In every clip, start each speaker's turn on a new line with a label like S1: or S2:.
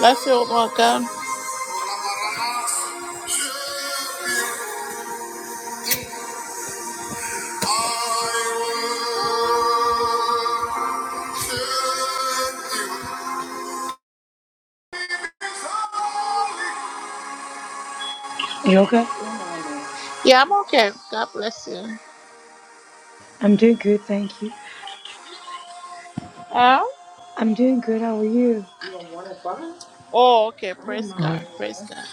S1: Left field, welcome.
S2: You okay?
S1: Yeah, I'm okay. God bless you.
S2: I'm doing good, thank you.
S1: Huh?
S2: I'm doing good. How are you?
S1: Oh, okay. Praise
S2: uh
S1: God. Praise God.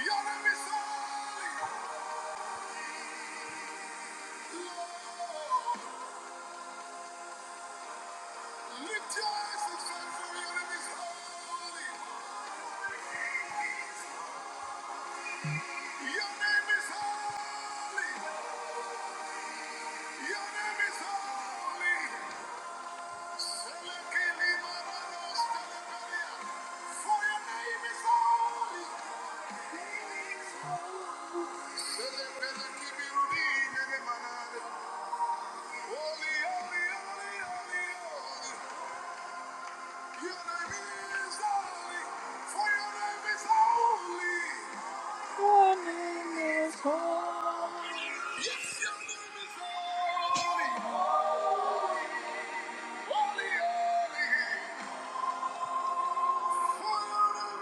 S1: Your name is holy. Lord, lift your eyes for your name is holy. Your name is holy. Your name is holy. Selekili maranos teleperia. For your name is holy. Selepele kibirudi nenemanade. Holy, holy, holy, holy, holy. Your name is holy. For your name is holy.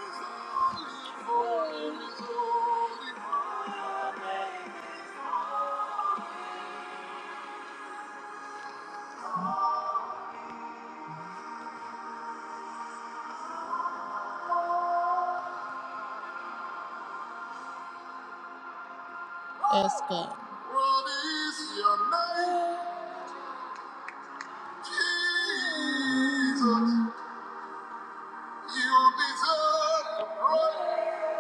S1: Yes, God. What is your name? Jesus. You deserve the praise.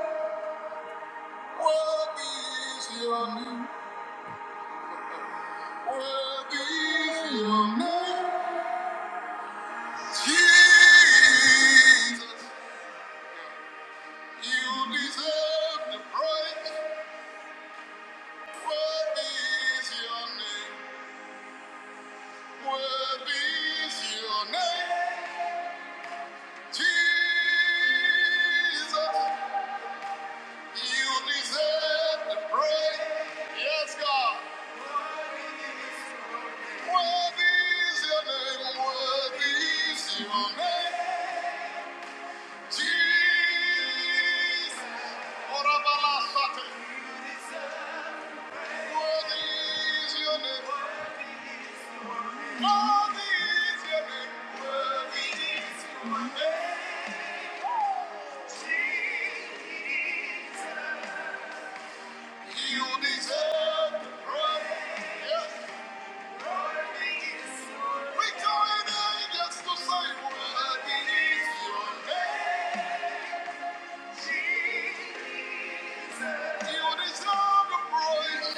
S1: What is your name? What is your name? Jesus. You deserve the praise. What is your name? What is your name? Jesus. You deserve to pray. Yes, God. Worthy is your name. Worthy is your name. Jesus. Orabalasate. Worthy is your name. Worthy is your name. Worthy is your name. You deserve to pray. Yes. We join angels to say, Worthy is your name. Jesus. You deserve the praise.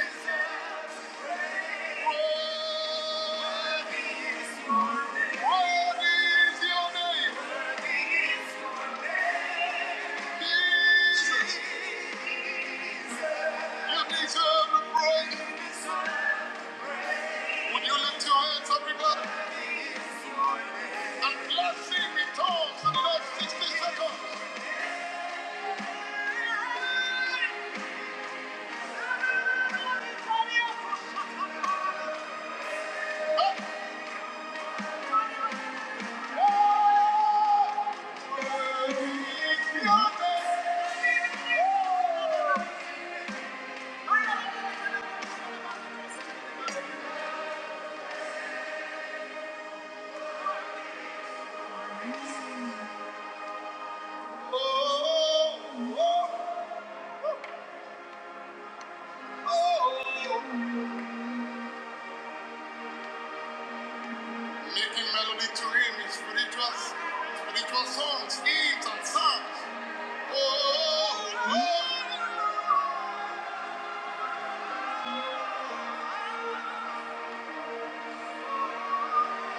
S1: What is your name? Jesus. You deserve the praise. Would you lift your hands, everybody, and bless him in tongues for the next 60 seconds? making melody to him in spiritual, spiritual songs, hymns and psalms. Oh, oh, oh, oh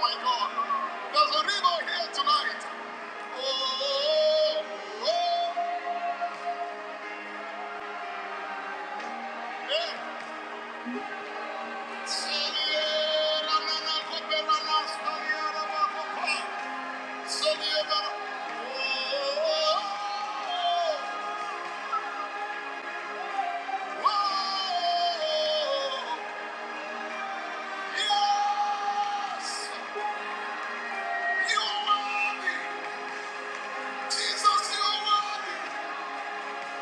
S1: my God. There's a river here tonight. Oh, oh, oh, oh, yeah. Salia, na, na, na, kopera, na, stalia, na, na, kopa. Salia, na, na. Oh, oh, oh, oh, oh. Yes! You are worthy! Jesus, you are worthy!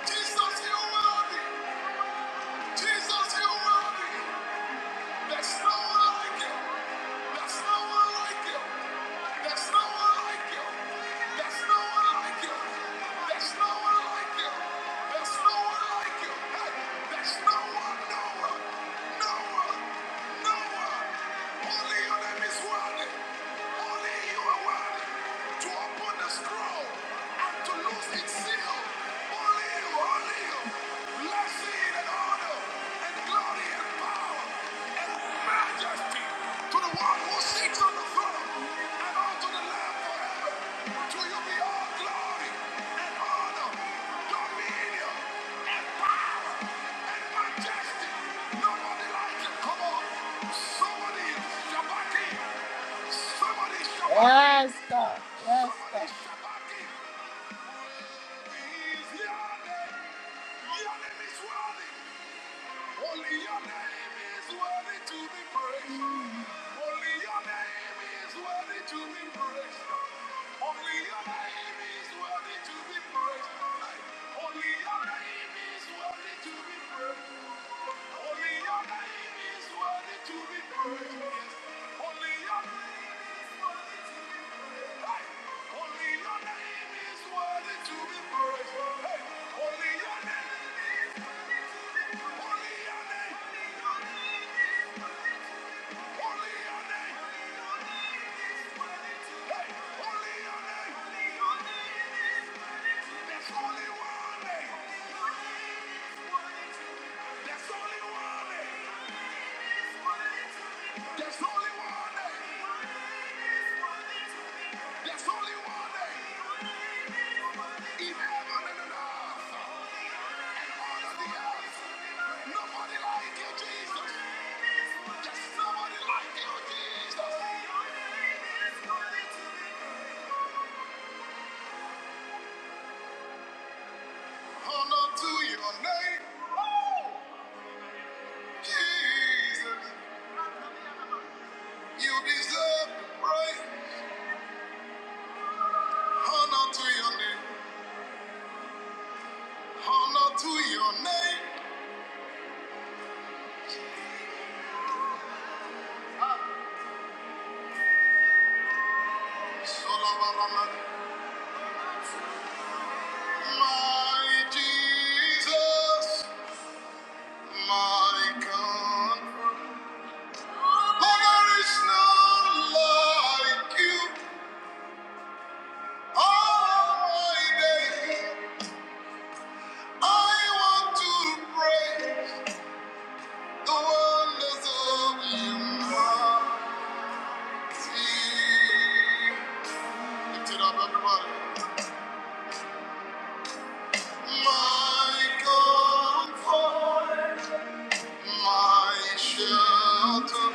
S1: Jesus, you are worthy! Jesus, you are worthy! There's no one like you! There's no one like you! There's no one like you! There's no one like you! There's no one like you! There's no one like you! Hey, there's no one, no one, no one, no one! Only your name is worthy! Only you are worthy! to open the scroll and to loose its seal. Only you, only you. Blessing and honor and glory and power and majesty to the one who sits on the throne and unto the Lamb forever. To you be all glory and honor, dominion, power. Yes, God. Yes, God. He is here. The enemy is worthy. Only your name is worthy to be praised. Only your name is worthy to be praised. Only your name is worthy to be praised. Only your name is worthy to be praised. Only your name is worthy to be praised. Yes. Only your name is worthy to be praised. Hey. Only your name is worthy to be praised. Hey. Only your name. is there's only one name. There's only one name in heaven and on earth and under the earth. Nobody like you, Jesus. There's nobody like you, Jesus. Honor to your name, Jesus. You deserve praise. Honor to your name. Honor to your name. Solabarama. My Jesus. My God, oh, there is none like you. All my days, I want to praise the wonders of your mercy. Lift it up, everybody. My comfort, my shelter,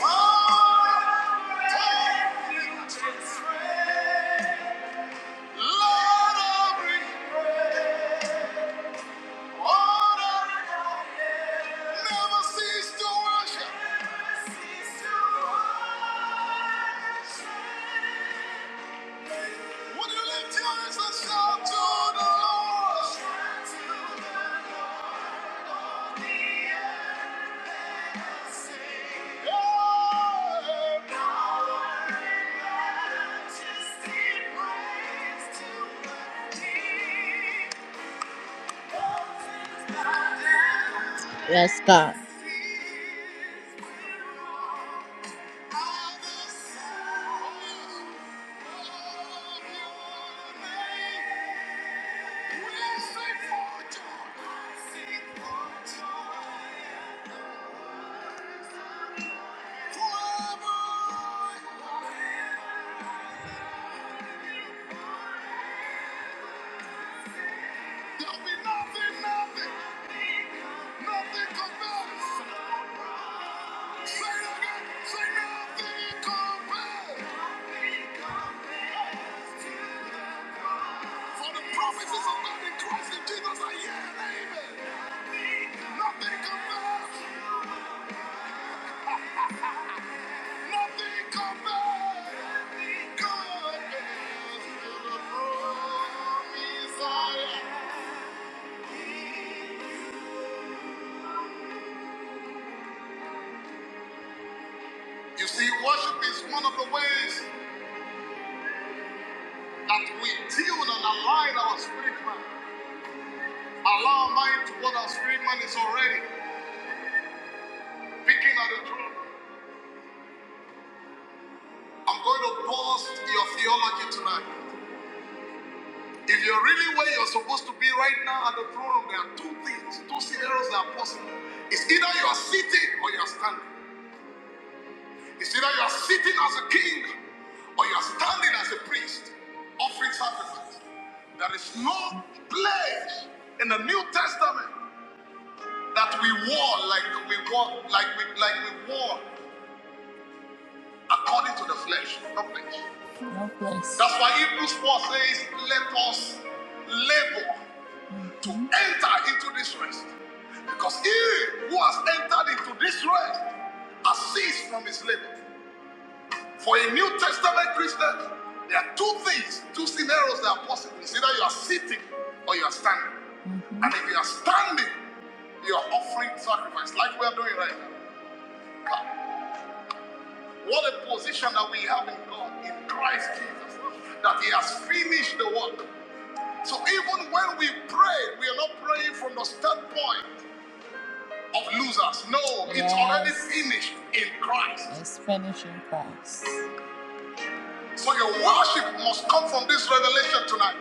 S1: my refuge and strength. praise. just Yeah. Yes, God. For the promises of God in Christ in Jesus are yea and amen. Nothing compares. Nothing compares. God is to the promise I am. You see, worship is one of the ways that we tune and align our spirit man. Allow our mind to what our spirit man is already picking at the truth. I'm going to pause your theology tonight. If you're really where you're supposed to be right now at the throne room, there are two things, two scenarios that are possible. It's either you are sitting or you are standing. It's either you are sitting as a king or you are standing as a priest, offering sacrifice. There is no place in the New Testament that we war like we war like we like we war according to the flesh. No place. No place. That's why Hebrews 4 says, let us labor. to enter into this rest. Because he who has entered into this rest has ceased from his labor. For a New Testament Christian, there are two things, two scenarios that are possible. It's either you are sitting or you are standing. Mhm. And if you are standing, you are offering sacrifice, like we are doing right now. What a position that we have in God, in Christ Jesus, that He has finished the work. So even when we pray, we are not praying from the standpoint of losers. No, yes. it's already Yes. finished in Christ. It's finished in Christ. So your worship must come from this revelation tonight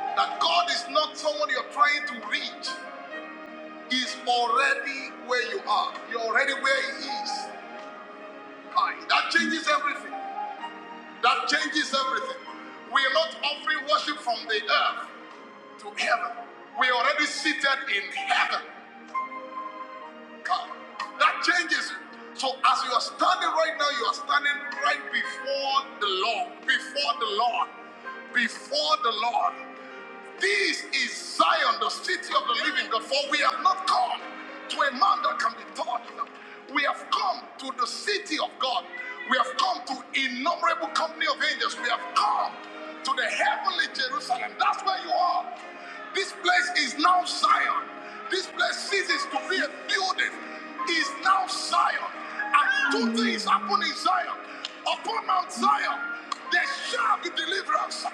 S1: that God is not someone you're trying to reach. He's already where you are. You're already where He is. That changes everything. That changes everything. We are not offering worship from the earth to heaven. We are already seated in heaven. come. That changes it. So as you are standing right now, you are standing right before the Lord, before the Lord, before the Lord. This is Zion, the city of the living God. For we have not come to a man that can be taught. We have come to the city of God. We have come to innumerable company of angels. We have come to the heavenly Jerusalem. That's where you are. This place is now Zion. This place ceases to be a building. Is now Zion. And two things happen in Zion. Upon Mount Zion, there shall be deliverance,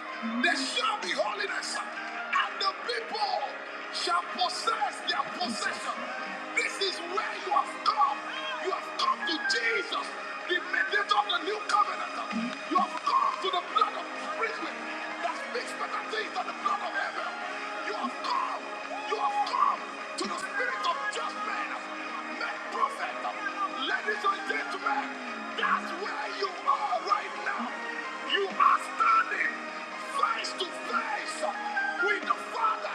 S1: there shall be holiness, and the people shall possess their possession. This is where you have come. You have come to Jesus, the mediator of the new covenant. You have come to the blood of sprinkling that speaks better things than the blood of Abel. You have come, you have come to the spirit of just men, men prophet, ladies and gentlemen. That's where you are right now. You are standing face to face with the Father.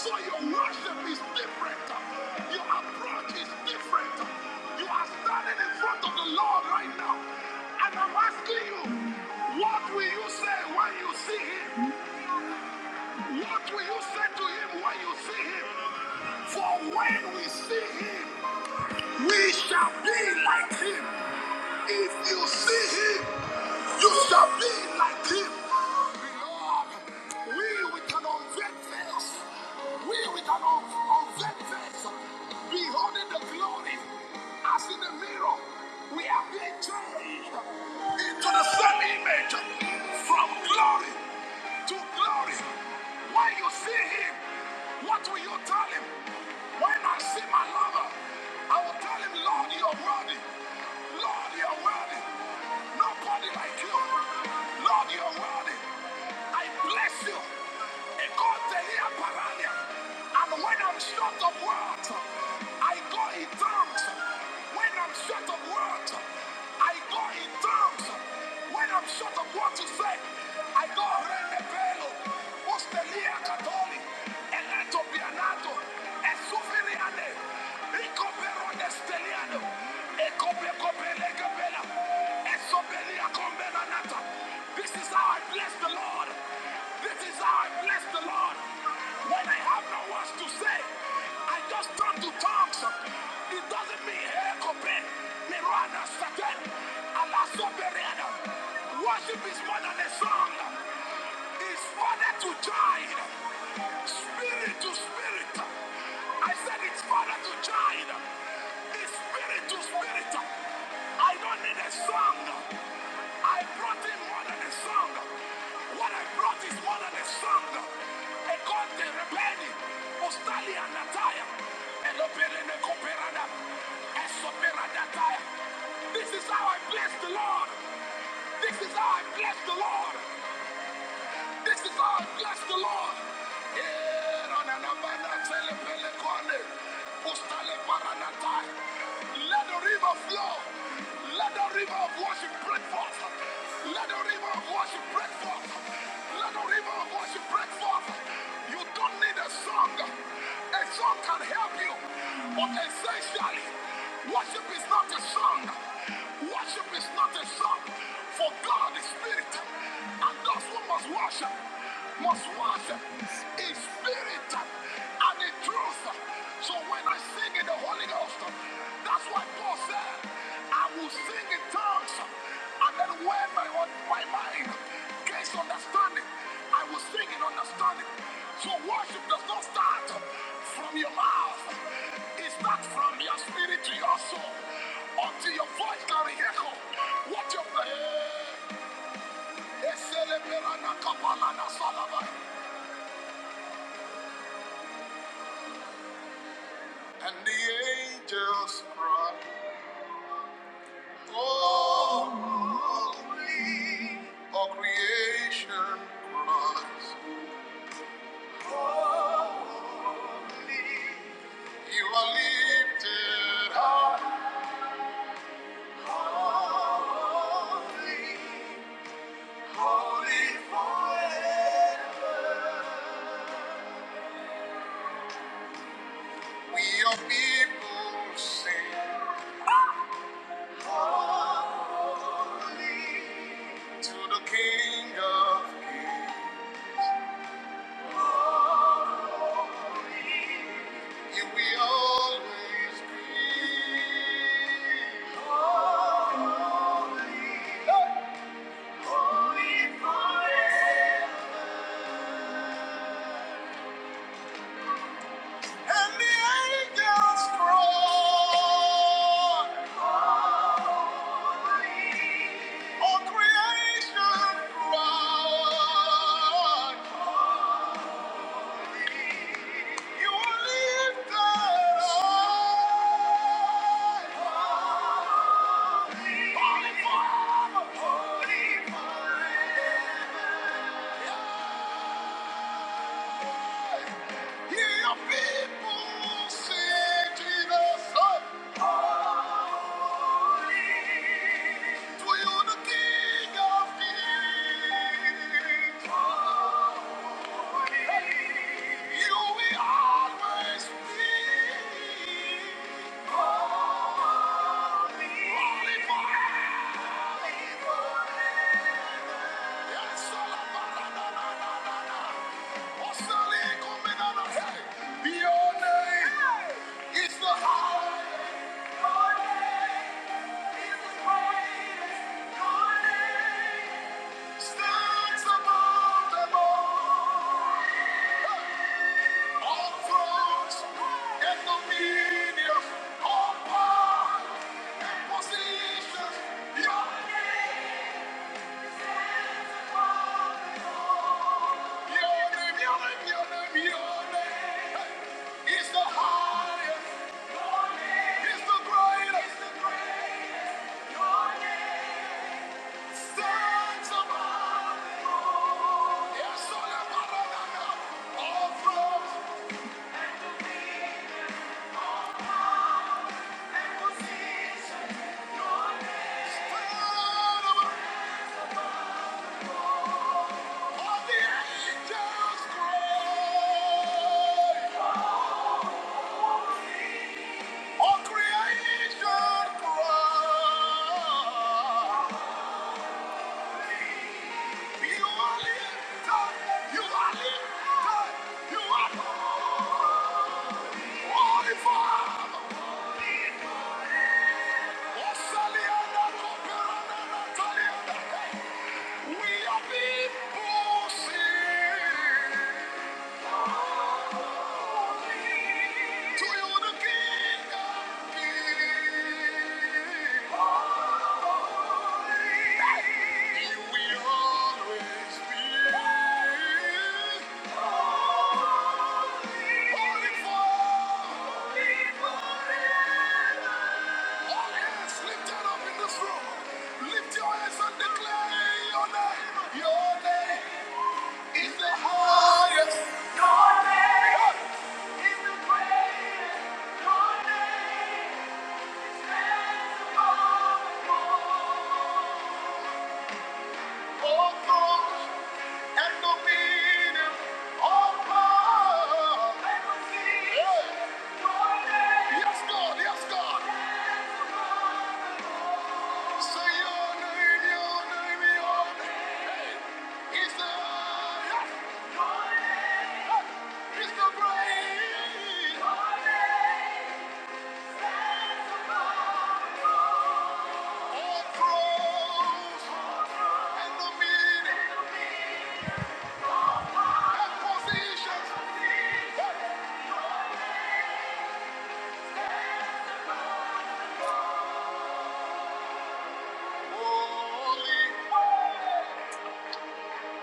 S1: So your worship is different. Your approach is different. You are standing in front of the Lord right now. And I'm asking you, what will you say when you see him? What will you say to him when you see him? For when we see him, we shall be like him. If you see him, you shall be like him. Beloved, we with an unveiled face, we with an un- unveiled face, beholding the glory as in the mirror, we are being changed to the same image from glory to glory. When you see him, what will you tell him? When I see my lover, I will tell him, Lord, you are worthy. Lord, you are worthy. Nobody like you. Lord, you are worthy. I bless you. Ecotelia parania. And when I'm short of words, I go in tongues. When I'm short of words, I go in tongues. When I'm short of what to say, I go rende ostelia catoli, elato pianato, e sufiliane, e copero desteliano, e cope copele capella, e sobelia combela This is how I bless the Lord. This is how I bless the Lord. When I have no words to say, I just turn to tongues. It doesn't mean hey, cope, mirana satan, buried. Worship is more than a song. It's father to join. Spirit to spirit. I said it's father to join. It's spirit to spirit. I don't need a song. I brought in more than a song. What I brought is more than a song. E conte rebelli, ostali anataya. E lo perene cooperada. E soperadataia. This is how I bless the Lord. This is our bless the Lord. This is our bless the Lord. Eh, rananabana telepele kone. Ustale paranatai. Let the river flow. Let the river of worship break forth. Let the river of worship break forth. Let the river of worship break forth. You don't need a song. A song can help you. But essentially, worship is not a song. Worship is not a song. For God is spirit. And those who must worship must worship in spirit and in truth. So when I sing in the Holy Ghost, that's why Paul said, I will sing in tongues and then when my, my mind gains understanding. I will sing in understanding. So worship does not start from your mouth. It's not from your spirit to your soul. Until your voice can echo. What your and the angels cry. Holy, glory, all creation cries. You are lifted high, holy, holy forever. We are people sing to the King of Kings. You will always be holy forever. And the angels cry. All creation cry. You lifted high. Holy Father, holy forever. Hear your people sing to the Son. To you, the King of Kings. You will always be holy. Holy Yes, Your name is the highest. Your name is the greatest. Your name stands above them all. All thrones and dominions, all positions, your name is above. Your name, your name, your name, your name is the highest. Your name is the greatest. Your name stands above. Yes, all above. All thrones. We are people. Lift your hands and declare your name. Your name is the highest. Your name is the greatest. Your name.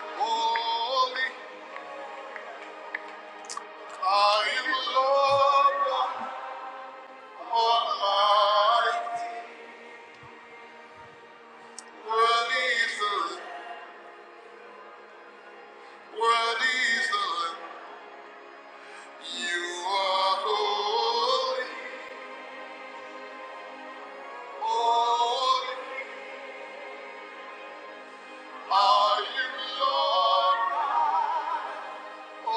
S1: Holy, holy, I am Lord Almighty. Worthy is the Lamb. Worthy is the Lamb. You are holy, holy. Are you Lord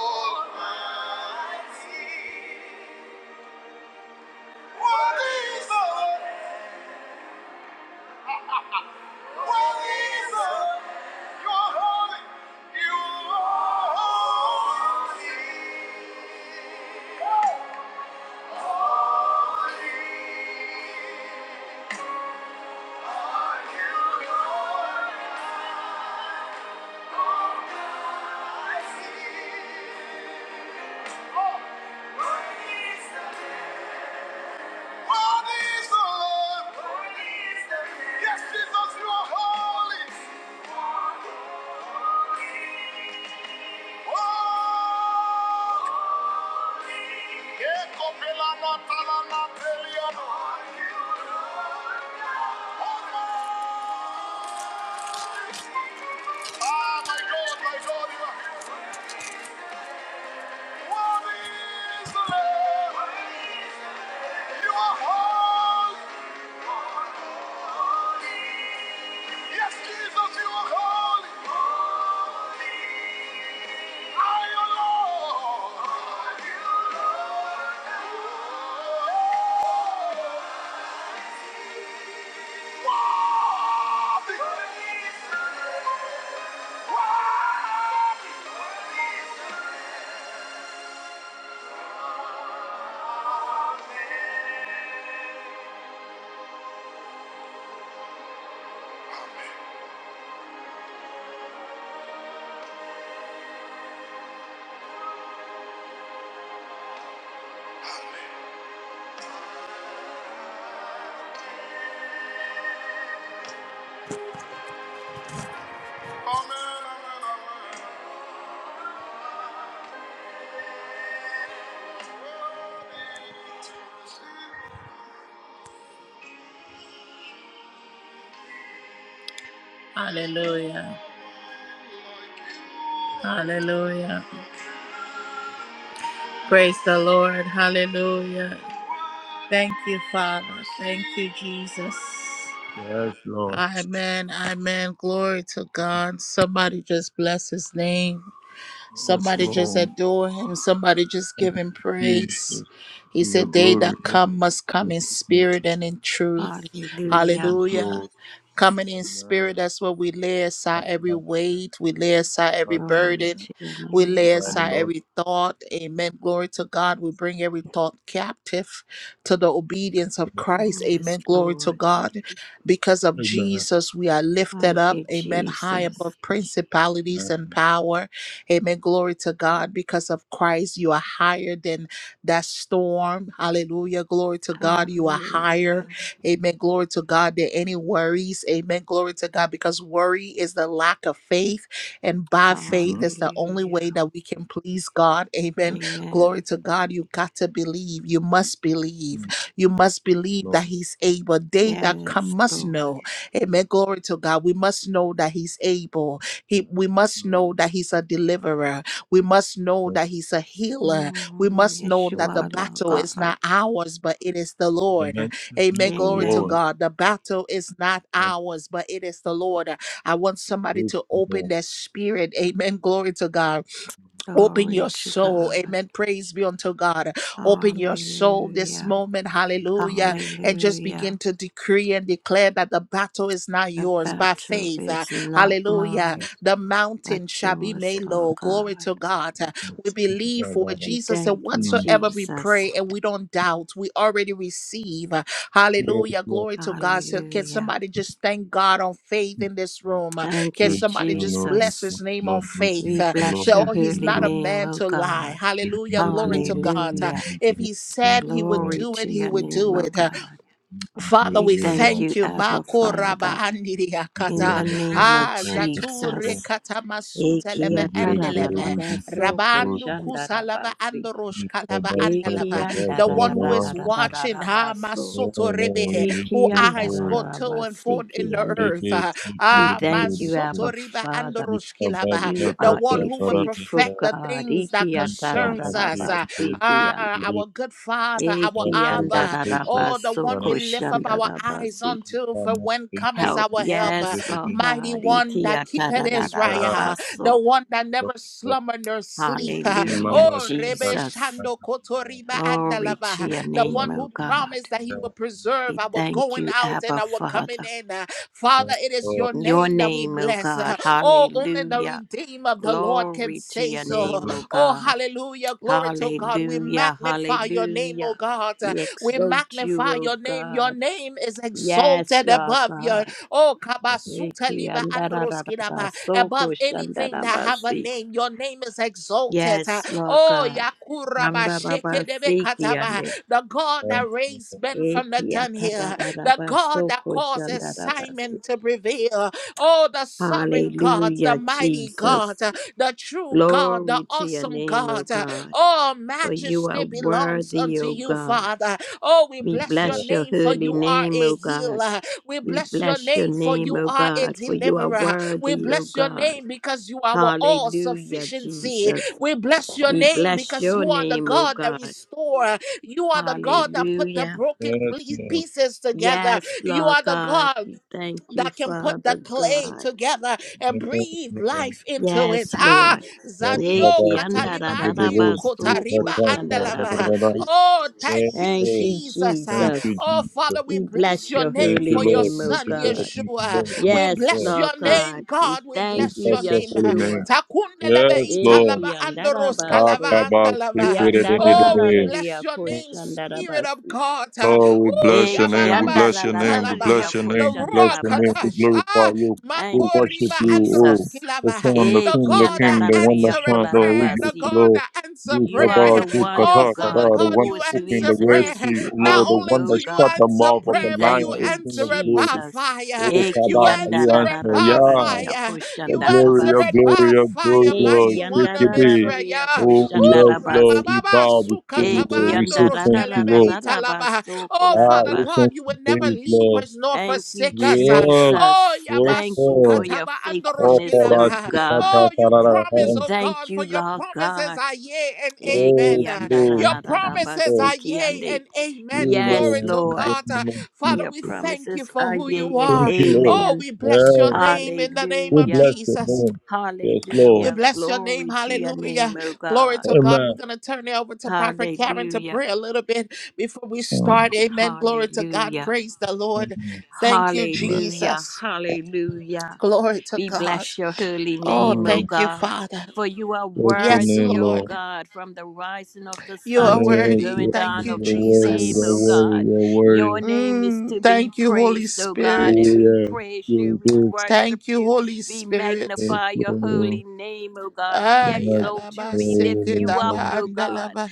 S1: Almighty? Worthy is the Lamb. Worthy is the Lamb. You are holy. You are holy. Yes, Jesus, you are holy. Holy. Ekopelana talana Ah, you are holy. Holy is the You are holy. Yes, holy. Hallelujah. Hallelujah. Praise the Lord. Hallelujah. Thank you, Father. Thank you, Jesus.
S3: Yes, Lord.
S1: Amen. Amen. Glory to God. Somebody just bless his name.
S3: Yes,
S1: Somebody just
S3: Lord.
S1: adore him. Somebody just
S3: Thank
S1: give him
S3: you,
S1: praise.
S3: Jesus, for
S1: He
S3: your
S1: said, They
S3: glory
S1: that
S3: and
S1: come must come
S3: your
S1: in
S3: goodness.
S1: spirit and in truth.
S4: Hallelujah.
S3: Yes,
S1: Hallelujah.
S3: Lord.
S1: Coming in spirit,
S3: Amen.
S1: that's where we lay aside every
S3: Amen. Yes,
S1: weight, we lay aside every
S3: God,
S4: Glory
S1: burden,
S4: to your
S1: we
S4: name, O
S1: lay
S3: God, the
S1: aside
S3: Lord.
S4: God.
S1: every thought. Amen. Glory to God. We bring every thought captive to the obedience
S3: Yes,
S1: of
S3: Lord.
S1: Christ.
S4: Yes,
S1: Amen. Glory to
S4: Lord.
S1: God. Because of
S3: Amen.
S1: Jesus, we are lifted
S4: Thank
S1: up.
S4: you,
S1: Amen. High above
S4: Jesus.
S3: Yes,
S1: principalities and
S3: yes,
S1: power. Amen. Glory to God. Because of Christ, you are higher than that storm. Hallelujah. Glory to God. You are higher.
S4: Hallelujah.
S3: yes.
S1: Amen. Glory to God. There any worries. Amen. Glory to God. Because worry is the lack of faith. And by faith
S3: Mhm.
S1: is the only way
S4: Hallelujah.
S1: that we can please God. Amen. Glory
S4: Amen.
S1: to God. You got to believe. You must believe.
S3: Mm.
S1: You must
S3: Yes,
S1: believe
S3: Lord.
S1: that He's able. They that come
S4: Yes,
S1: must
S4: Lord.
S1: know. Amen. Glory to God. We must know that He's able. He, we must
S3: Mm.
S1: know that He's a deliverer. We must know that
S3: Yes,
S1: He's a healer. We
S4: Mm,
S1: must know
S4: yes,
S3: yes.
S4: you
S1: that the
S4: are, Lord
S1: battle is
S4: God.
S1: not ours, but it is the
S3: The
S1: Lord.
S3: next
S1: Amen.
S3: thing,
S1: Glory to
S3: Lord,
S4: Amen.
S1: God. The battle is not
S3: and
S1: ours, but it is the Lord. I want somebody
S3: this
S1: to open
S3: Lord.
S1: their spirit. Amen. Glory to God
S3: Yes,
S1: Open
S4: Glory
S1: your
S4: to
S1: soul.
S4: God.
S1: Amen. Praise be unto God. Open your soul this
S4: Hallelujah.
S1: moment.
S3: yes,
S1: Hallelujah.
S3: Lord.
S1: And just begin
S4: Hallelujah.
S1: to decree and declare that the battle is not
S4: The
S1: yours
S3: Yes,
S1: by
S3: Lord.
S4: battle
S1: faith. uh,
S4: is not
S1: Hallelujah.
S4: mine,
S3: Yes,
S1: The
S4: but
S1: mountain shall be
S4: yours,
S1: made
S4: Lord
S1: low. Glory
S4: God.
S1: to God. Uh, We
S3: Lord. Yes,
S1: believe for
S3: Lord.
S4: We
S1: Jesus and
S4: thank you,
S3: Mm.
S1: whatsoever we
S4: Jesus.
S1: pray and we don't doubt, we already receive. Uh,
S3: Yes,
S1: Hallelujah. Glory to God. So can
S4: Hallelujah.
S1: somebody just thank God on faith in this
S3: Lord.
S1: room? Uh,
S4: Thank
S1: Can
S4: you,
S3: Thank
S1: somebody
S3: you,
S1: just
S3: Lord. We
S1: bless
S4: Jesus.
S1: his
S3: thank you,
S1: name on
S3: Lord. We thank
S1: faith?
S4: We
S3: you, Lord.
S4: bless
S1: So
S4: your
S3: We
S1: oh, he's
S3: thank
S4: holy
S3: you,
S1: not a
S3: Lord.
S4: name,
S1: man
S4: O
S1: to lie.
S4: God.
S3: Thank you,
S1: Hallelujah.
S3: Lord.
S1: Glory to
S3: Glory
S1: God.
S3: be to
S1: Uh,
S4: Hallelujah.
S3: you,
S1: If
S3: Lord.
S1: he said
S3: Thank
S1: he would
S4: Glory
S1: do it,
S4: to
S1: he
S4: your
S1: would
S4: name,
S1: do
S4: O
S1: it. Uh,
S4: God.
S1: Father,
S4: We
S1: we
S4: thank
S1: thank
S4: you,
S1: you.
S4: Abba
S1: Makoraba
S4: Father,
S3: you,
S4: in
S1: andiriakata.
S4: the
S3: Lord. Thank you, Lord.
S4: name
S3: Thank you, Lord. Thank you,
S4: of
S1: Ah,
S3: Lord. Thank you,
S1: zature
S3: Lord.
S4: Jesus.
S1: katamasute leve
S4: Ekia
S3: Give you the
S1: endeleve.
S3: glory.
S4: tarararaba
S3: Give you the
S4: soko
S3: glory.
S1: Rabandu kusalava
S4: shandarabasi.
S1: andorosh
S3: It's a
S1: kalava
S3: bad start,
S1: andalava.
S3: but
S4: Ekia
S3: that's
S1: The
S3: what
S1: one
S3: I'm
S1: who is
S3: around.
S1: watching, ah,
S4: ndararararararaba so.
S3: No,
S1: masoto
S3: no, we
S1: rebe,
S3: give you
S1: who
S4: Ekia
S3: the
S1: eyes
S3: glory.
S1: go to
S4: ndarararaba
S1: and fro in the
S3: Give
S4: sikiande.
S1: earth.
S3: it,
S1: Ah,
S3: give
S4: We
S3: you
S1: ah,
S4: thank
S3: the
S4: you, Abba
S1: masoto
S3: glory.
S1: riba
S4: Father.
S3: It's
S1: andorosh
S3: a bad
S1: kilaba.
S4: You
S3: start,
S1: The
S3: but
S4: are
S1: one
S4: a
S3: that's
S1: who
S3: what I'm
S1: will
S3: around. It's
S4: faithful
S3: a
S1: perfect the
S4: God.
S1: things that
S3: bad
S1: concerns
S3: start,
S1: us.
S3: but
S1: Ah,
S3: that's what
S4: Ikiatararabasikiand-
S1: ah,
S3: I'm around.
S1: our good Father, our
S3: Thank
S1: Abba,
S3: you,
S1: oh, the one we lift up our eyes
S4: Ikiandararabasokoshandarabasi.
S1: unto, for when cometh
S4: Help.
S1: our help up.
S4: Yes,
S1: uh,
S4: Lord
S1: Mighty
S4: God.
S1: one that keepeth Israel, uh,
S4: Ikiatarararabaso.
S1: the one that never slumber nor sleep. uh,
S4: Hallelujah,
S1: Oh, Rebe
S4: Jesus.
S1: Shando Kotoriba
S4: Glory to
S1: Andalava,
S4: your
S1: the
S4: name,
S1: one
S4: O
S1: who promised
S4: God.
S1: that he will preserve
S4: We
S1: our
S4: thank
S1: going
S4: you,
S1: out and
S4: Abba
S1: our coming
S4: Father.
S1: in. uh, Father, it is your
S4: Your
S1: name that we
S4: name, O
S1: bless. uh,
S4: God.
S1: Oh, only the
S4: Hallelujah.
S1: redeemed of the Lord can
S4: Glory to
S1: say
S4: your
S1: so.
S4: name, O
S1: Oh,
S4: God.
S1: hallelujah. Glory to God. We
S4: Hallelujah,
S1: magnify your name, oh
S4: hallelujah.
S1: God. uh,
S4: We
S1: We
S4: exalt you,
S1: magnify
S4: O
S1: your name. Your
S4: God.
S1: name is
S4: Yes,
S1: exalted
S4: Lord
S1: above your.
S4: God.
S1: Oh, kabasuta
S4: Eki
S1: liba
S4: andarararaba,
S1: androskidaba.
S4: soko
S1: Above anything that have a
S4: shandarabasi.
S1: name, your name is exalted. Uh,
S4: Yes, Lord
S1: Oh,
S4: God.
S1: yakuraba shekedebe
S4: Amdarabasi ki
S1: kataba.
S4: ande.
S1: The God that raised men from the
S4: Eki
S1: dunghill, the
S4: atarararaba,
S1: God that
S4: soko
S1: causes
S4: shandarabasi.
S1: Simon to prevail. Oh, the sovereign God, the
S4: Hallelujah,
S1: mighty God,
S4: Jesus.
S1: uh, the true God, the
S4: Glory to your
S1: awesome
S4: name, O
S1: God. Uh,
S4: God.
S1: Oh,
S4: For you are
S1: majesty belongs
S4: worthy,
S1: unto
S4: O
S1: you,
S4: God.
S1: Father. Oh, we
S4: We
S1: bless your
S4: bless your
S1: name for
S4: holy
S1: you are
S4: name,
S1: a
S4: O God.
S1: healer. We
S4: We
S1: bless your
S4: bless your
S1: name for
S4: name,
S1: you
S4: O
S1: are a
S4: God, for you are
S1: deliverer. We
S4: worthy, O
S1: bless your
S4: God.
S1: name because you are our all
S4: Hallelujah,
S1: sufficiency.
S4: Jesus.
S1: We bless your
S4: We
S1: name
S4: bless
S1: because
S4: your
S1: you are the
S4: name, O
S1: God that
S4: God.
S1: restore. You are the God that put the
S4: Hallelujah.
S1: broken ple- pieces together.
S4: Yes,
S1: You
S4: Lord
S1: are the
S4: God.
S1: God
S4: We thank you,
S1: that can put the
S4: Father
S1: clay
S4: God.
S1: together and breathe life into it.
S4: Yes,
S1: Ah,
S4: Lord.
S1: Zandio
S4: Neki
S1: katalibandi
S4: andarararabaso
S1: kotariba andalava.
S4: koshandarabasi.
S1: Oh, thank you,
S4: Thank you,
S1: Jesus. Ah,
S4: Jesus.
S1: Oh,
S3: Jesus.
S1: Father, we
S4: We
S1: bless
S4: bless
S1: your
S4: your
S3: Thank
S1: name
S4: holy
S3: you,
S1: for your
S3: Lord.
S4: name,
S3: Thank
S4: O
S1: son,
S3: you, Lord.
S4: God.
S3: Thank you,
S1: Yeshua.
S3: Lord. Thank
S1: We
S3: you,
S4: Yes,
S1: bless
S3: Lord.
S4: Lord
S1: your
S4: God.
S1: name,
S4: We
S1: God. We
S3: We
S4: thank
S1: bless
S4: you,
S3: bless
S1: your
S3: your
S1: name.
S3: holy
S1: Ah,
S4: Yeshua.
S3: name.
S1: Takundeleve
S3: Yes, Lord.
S1: italava
S4: Eki
S1: andoros
S4: andarabaso.
S1: kalava andalava. Oh, we
S3: Akabasikididididi.
S4: Yandararararia
S1: bless your name, Spirit of
S4: koshandarabasi.
S1: God. Ah,
S3: Lord, we
S1: Oh,
S3: bless your
S4: Eki
S3: name.
S1: yababa
S3: We bless your name. We
S1: sutalava.
S4: yandararararia
S3: bless your
S1: The
S3: name. We bless
S1: Ruach
S3: your name. We
S4: koshandarabasi.
S1: Kadash.
S3: glorify
S1: Ah,
S3: you. We
S4: Thank you,
S3: worship
S1: makoriba
S3: you.
S1: andros
S3: Oh,
S4: Jesus.
S3: the
S1: kilava.
S3: Son, the
S1: The God
S3: King,
S4: Eki
S3: the
S1: God that
S3: King, the one that
S4: andarararia
S1: answer a
S3: shines. Lord, we
S1: prayer,
S3: give
S1: the
S4: kolarabasi.
S3: you,
S1: God
S3: Lord.
S1: that answer
S3: You,
S4: You are
S3: Kabah,
S1: prayer.
S4: the one, O
S1: Oh,
S3: Zikata,
S1: Father
S4: God,
S3: The
S4: who
S1: God,
S3: one
S1: you
S3: that
S4: was, who
S3: opened
S1: answer
S3: the
S4: is, and
S3: Red
S4: is
S1: prayer.
S4: to
S3: Sea, oh
S1: Not
S3: Lord, the
S4: come,
S1: only
S3: one
S4: O
S1: do
S3: that
S1: you
S3: shut
S4: God.
S3: the
S1: answer
S3: mouth of
S4: We
S3: the
S1: prayer, but
S3: lion,
S1: you
S4: thank
S3: O
S4: you,
S3: King
S1: answer
S3: of
S1: it by
S3: glory.
S4: Jesus.
S1: fire.
S3: Oh,
S4: Eki
S1: You
S3: Kaba,
S1: answer
S3: you
S1: it
S3: answer,
S1: by
S3: yeah.
S4: andararararia
S1: fire.
S3: Your
S1: You
S3: glory,
S1: answer
S3: your
S4: koshandarabasi.
S1: it
S3: glory,
S1: by
S3: your glory,
S1: fire,
S3: Lord.
S1: mighty
S4: Eki
S3: Take
S1: one
S3: it
S1: of
S3: be.
S4: yandarararya
S1: Israel.
S3: Oh, yes,
S1: Ooh,
S3: Lord.
S4: koshandarabasi.
S3: We
S1: rabababa,
S3: bow before you,
S4: Eki
S3: Lord. We
S1: sukatabando,
S3: say thank you,
S1: roshkeleve,
S3: Lord.
S1: italaba.
S4: yandarararararabaso
S1: Oh,
S3: Ah,
S1: Father
S3: we
S1: God,
S3: ancient
S4: kolarabasi.
S1: you will never
S3: days,
S1: leave
S3: Lord.
S1: us nor
S4: Thank you,
S1: forsake us.
S3: Yes,
S1: Oh,
S4: Jesus.
S3: yes,
S4: Thank you for
S3: Lord.
S4: your
S1: yabasukataba
S3: Oh,
S4: faithfulness,
S3: for
S4: O
S3: us,
S1: andoroshkilava.
S3: we cut
S4: God.
S3: our
S1: Oh, you
S3: carara
S4: We
S1: promise,
S3: hand.
S1: oh
S4: thank
S1: God, for
S4: you,
S1: your
S4: Lord
S1: promises
S4: God.
S1: are yea and
S4: Eki
S1: amen. Uh,
S3: Yes,
S1: Your
S3: Lord.
S1: promises
S3: Thank
S4: yandararararabasi
S1: are yea
S4: kiyande.
S1: and
S3: you,
S1: amen.
S4: Yes,
S1: Glory
S3: Lord.
S1: to
S3: In
S4: Lord.
S3: the
S1: God. Uh,
S3: name of Jesus.
S1: Father,
S4: Your
S1: we thank you
S4: promises
S1: for
S4: are
S1: who
S4: yea
S1: you
S4: and
S3: Thank
S1: are.
S3: you, Lord.
S1: Oh,
S4: amen.
S1: we bless your
S3: Yes.
S1: name in the name
S3: We
S1: of
S4: Hallelujah.
S3: bless the
S1: Jesus.
S3: name. Yes,
S1: We
S3: Lord.
S4: Hallelujah.
S1: bless your name.
S4: Glory to your name,
S1: Hallelujah.
S4: O
S1: Glory
S4: God.
S1: to God.
S3: Amen.
S1: We're going to turn it over to Prophet Karen to
S4: Hallelujah.
S1: pray a little bit before we
S3: Amen.
S1: start. Amen. Glory to God.
S4: Hallelujah.
S1: Praise the Lord.
S3: Amen.
S1: Thank you,
S4: Hallelujah.
S1: Jesus.
S4: Hallelujah.
S1: Glory to
S4: We
S1: God.
S4: bless your holy
S1: Oh,
S4: name, O
S3: Amen.
S1: thank you,
S4: God,
S1: Father.
S4: for you are
S3: Bless the
S1: Yes,
S4: worthy,
S3: name,
S4: O
S1: Lord.
S3: Lord.
S4: God, from the rising of the
S1: You
S4: sun
S1: are
S4: to the
S3: Yes,
S1: worthy.
S3: yes,
S4: going
S1: Thank
S3: you're
S4: down
S1: you,
S4: of the
S3: worthy,
S4: same,
S3: you're
S4: O
S1: Jesus.
S3: worthy,
S4: God.
S3: you're worthy.
S4: Your name is
S1: Mm,
S4: to be
S1: thank you, Holy
S4: praised, O God, and
S3: Oh
S1: Spirit.
S4: we
S3: yeah,
S4: praise
S3: you're
S4: you, we
S3: good.
S4: worship
S1: Thank you,
S4: you,
S1: Holy
S4: we
S1: Spirit.
S3: Yes,
S4: magnify your
S3: Lord.
S4: holy name, O God.
S3: We
S4: We
S1: Ay,
S3: magnify
S4: exalt you,
S1: alaba,
S4: we lift
S3: your
S1: seke,
S3: name,
S4: you up,
S3: Lord.
S1: daba,
S4: O God
S1: andalaba.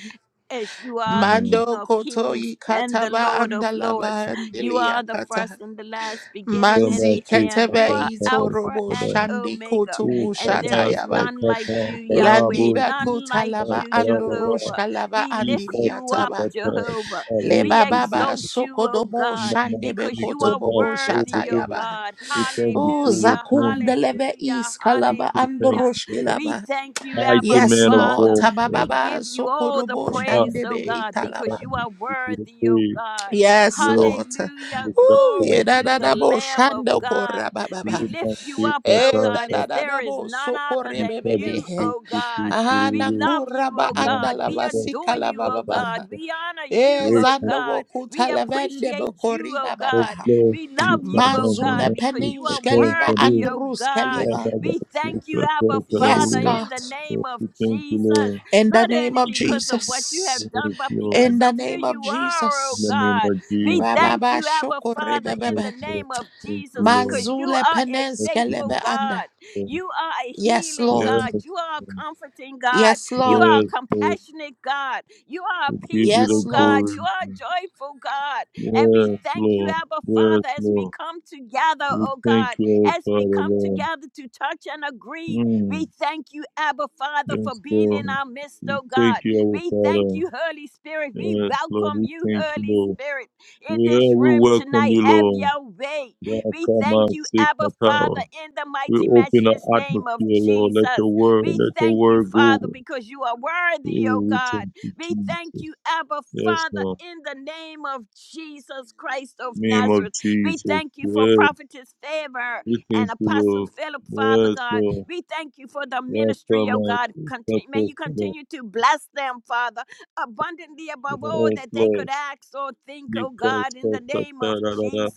S4: as you are the
S3: Mm.
S4: King
S1: Mando
S4: of
S1: koto
S4: kings and the
S1: ikataba
S4: Lord of lords.
S1: andalaba
S4: You are the
S1: andiliakata.
S4: first and the last, beginning and
S1: Manzi
S3: Saba
S4: the
S3: si
S4: end. You
S1: ketebe
S4: are
S3: kata kata
S1: ito
S4: Alpha
S1: robo
S3: kata.
S4: and
S1: shandi
S4: Omega,
S1: koto
S3: Oh,
S4: and there
S1: bushata
S3: saba
S4: is
S3: sa
S1: yaba.
S4: none like
S3: kata
S4: you,
S3: kata
S4: Yahweh,
S3: bo
S1: Landiba
S3: si
S4: none like
S3: kata
S1: kutalaba
S4: you,
S3: kata kata.
S4: Jehovah.
S1: andoroshkalaba
S4: We lift
S3: Ika
S4: you
S3: si
S4: up,
S1: andiriataba.
S3: kata
S4: Jehovah.
S3: kata
S1: Le
S4: We
S3: si
S1: baba
S3: kata.
S4: exalt you, O
S1: sokodobo
S4: God,
S3: Mama
S1: shandebe
S4: because
S3: si
S4: you are
S3: kata
S1: kotobobo
S3: oh bo
S4: worthy,
S3: bo.
S4: O
S1: shatayaba.
S4: God.
S3: We come
S1: Oh,
S3: before your
S4: Hallelujah,
S3: throne.
S1: zakundeleve
S4: hallelujah,
S3: We
S1: iskalava
S3: say thank
S4: hallelujah.
S3: you,
S4: We
S1: andoroshkilaba.
S4: thank you,
S3: mighty
S4: Abba
S1: Yes,
S3: man of
S1: Lord.
S4: Father.
S3: war.
S4: We
S1: Tabababa
S4: give you all the
S1: sokorobo
S3: Come on,
S4: praise,
S1: shandebe
S4: O God,
S3: time
S4: because
S1: italaba.
S4: you
S3: sun,
S4: are
S3: the beauty
S4: worthy, O
S3: days,
S4: God.
S1: Yes,
S3: where
S1: Lord.
S4: Hallelujah.
S3: you the
S1: Oh, yeah,
S4: Glory
S1: da
S4: to
S1: da
S4: the
S1: da bo
S4: Lamb of
S3: you the
S1: yedadadabo
S4: God.
S1: shandokorababa.
S4: We
S3: beauty
S4: lift
S3: of
S4: you up, oh
S1: Eh,
S3: the
S1: da
S4: God,
S3: sun,
S1: da
S4: as
S1: da
S4: there
S1: da
S4: is
S1: bo dadadadabo
S4: none other
S3: the
S4: than
S3: trouble,
S1: sokorebebebe.
S4: you,
S3: the beauty,
S4: oh
S3: the
S4: God. We
S1: Ahana
S3: beauty,
S4: love you,
S1: kuraba
S4: oh
S3: yeah,
S4: God.
S3: the
S4: We
S1: andalava
S3: sun,
S4: adore you,
S1: sikalava
S3: the
S4: oh
S3: sun,
S1: baba.
S4: God.
S3: the
S4: We honor
S1: Eh,
S4: you,
S3: great,
S4: oh
S1: zando
S4: God.
S1: woku
S4: We
S1: televende
S4: appreciate you,
S1: bokoriba
S4: oh
S3: the
S4: God.
S1: babaha.
S3: flow,
S4: We love
S3: the
S4: you,
S3: summer,
S4: oh
S1: Manzule
S4: God,
S3: the
S4: because
S3: sun,
S4: you
S3: the
S1: peninsh
S4: are
S3: sun,
S1: keliva
S3: the
S4: worthy,
S3: you
S4: oh
S1: andrus
S4: God.
S3: I
S1: keliva.
S3: got the
S4: We
S3: sun,
S4: thank you,
S3: the
S4: Abba
S3: sun, the I
S1: Yes,
S4: Father,
S3: will worship
S4: in
S1: God.
S4: the name
S3: you.
S4: of
S3: We
S4: Jesus,
S1: In the
S4: not
S1: name
S4: only
S1: of
S3: Thank
S4: because of what you
S1: Jesus.
S3: you,
S4: have
S3: Lord.
S4: done,
S3: Thank
S4: but
S3: you Lord,
S4: because
S1: In
S3: in
S1: the
S4: of who
S1: name of
S4: you are, oh
S3: the
S1: Jesus.
S3: name
S4: God.
S3: of
S4: We
S3: Jesus,
S4: thank
S1: Rababa
S4: you, Abba Father, in
S3: yes,
S4: the
S1: shokoribebebe.
S3: Lord,
S4: name of
S3: thank you,
S4: Jesus, because
S3: Lord,
S4: you
S1: Manzule
S4: are a
S1: penens
S3: thank
S4: faithful
S3: you,
S1: keleve anda.
S4: God.
S3: Lord,
S4: You are a
S1: Yes,
S4: healing
S3: yes.
S1: Lord.
S4: God. You are a
S3: Lord.
S4: comforting God.
S1: Yes,
S4: You
S1: Lord.
S4: are a
S3: Yes, Lord.
S4: compassionate God. You are
S3: We
S4: a
S3: give you
S4: peaceful
S1: Yes,
S3: the
S4: God.
S1: Lord.
S4: You
S3: glory.
S4: are a joyful God. And we
S3: Yes,
S4: thank you,
S3: Lord.
S4: Abba
S3: Yes,
S4: Father, as we
S3: Lord.
S4: come together,
S3: We
S4: oh
S3: thank
S4: God,
S3: you, our
S4: as
S3: Father,
S4: we come
S3: Lord.
S4: together to touch and agree. We
S3: Mm.
S4: thank you, Abba Father, for
S3: Yes,
S4: being in
S3: Lord.
S4: our midst,
S3: We
S4: oh
S3: thank
S4: God.
S3: you, our
S4: We thank
S3: Father.
S4: you, Holy Spirit. We
S3: Yes, Lord.
S4: welcome
S3: We
S4: you,
S3: thank you,
S4: Holy
S3: Lord.
S4: Spirit in
S3: Yeah,
S4: this
S3: we
S4: room
S3: welcome
S4: tonight.
S3: you,
S4: Have
S3: Lord.
S4: your way.
S3: Yeah,
S4: We
S3: come
S4: thank
S3: and
S4: you,
S3: seek my
S4: Abba
S3: tower.
S4: Father, in the
S3: We
S4: mighty,
S3: open the
S4: matchless
S3: atmosphere,
S4: name of
S3: Lord. Let
S4: Jesus.
S3: your word,
S4: We
S3: let your
S4: thank you,
S3: word go.
S4: Father, because you are
S3: Yeah,
S4: worthy, oh
S3: we thank
S4: God.
S3: you,
S4: We thank
S3: Jesus.
S4: you, Abba
S3: Yes,
S4: Father,
S3: Lord.
S4: in the name of Jesus Christ of
S3: Name of
S4: Nazareth. We
S3: Jesus.
S4: thank you for
S3: Yes,
S4: Prophetess Favor
S3: We thank
S4: and
S3: you,
S4: Apostle
S3: Lord.
S4: Philip, Father
S3: Yes,
S4: God.
S3: Lord.
S4: We thank you for the
S3: Yes,
S4: ministry, oh
S3: Lord.
S4: God.
S3: Yes,
S4: Contin- may you
S3: Lord.
S4: continue to bless them, Father abundantly above all
S3: Yes,
S4: that they
S3: Lord.
S4: could ask or think,
S3: You
S4: oh
S3: cast
S4: God, in
S3: us
S4: the
S3: up,
S4: name
S3: da,
S4: of
S3: da, da, da.
S4: Jesus.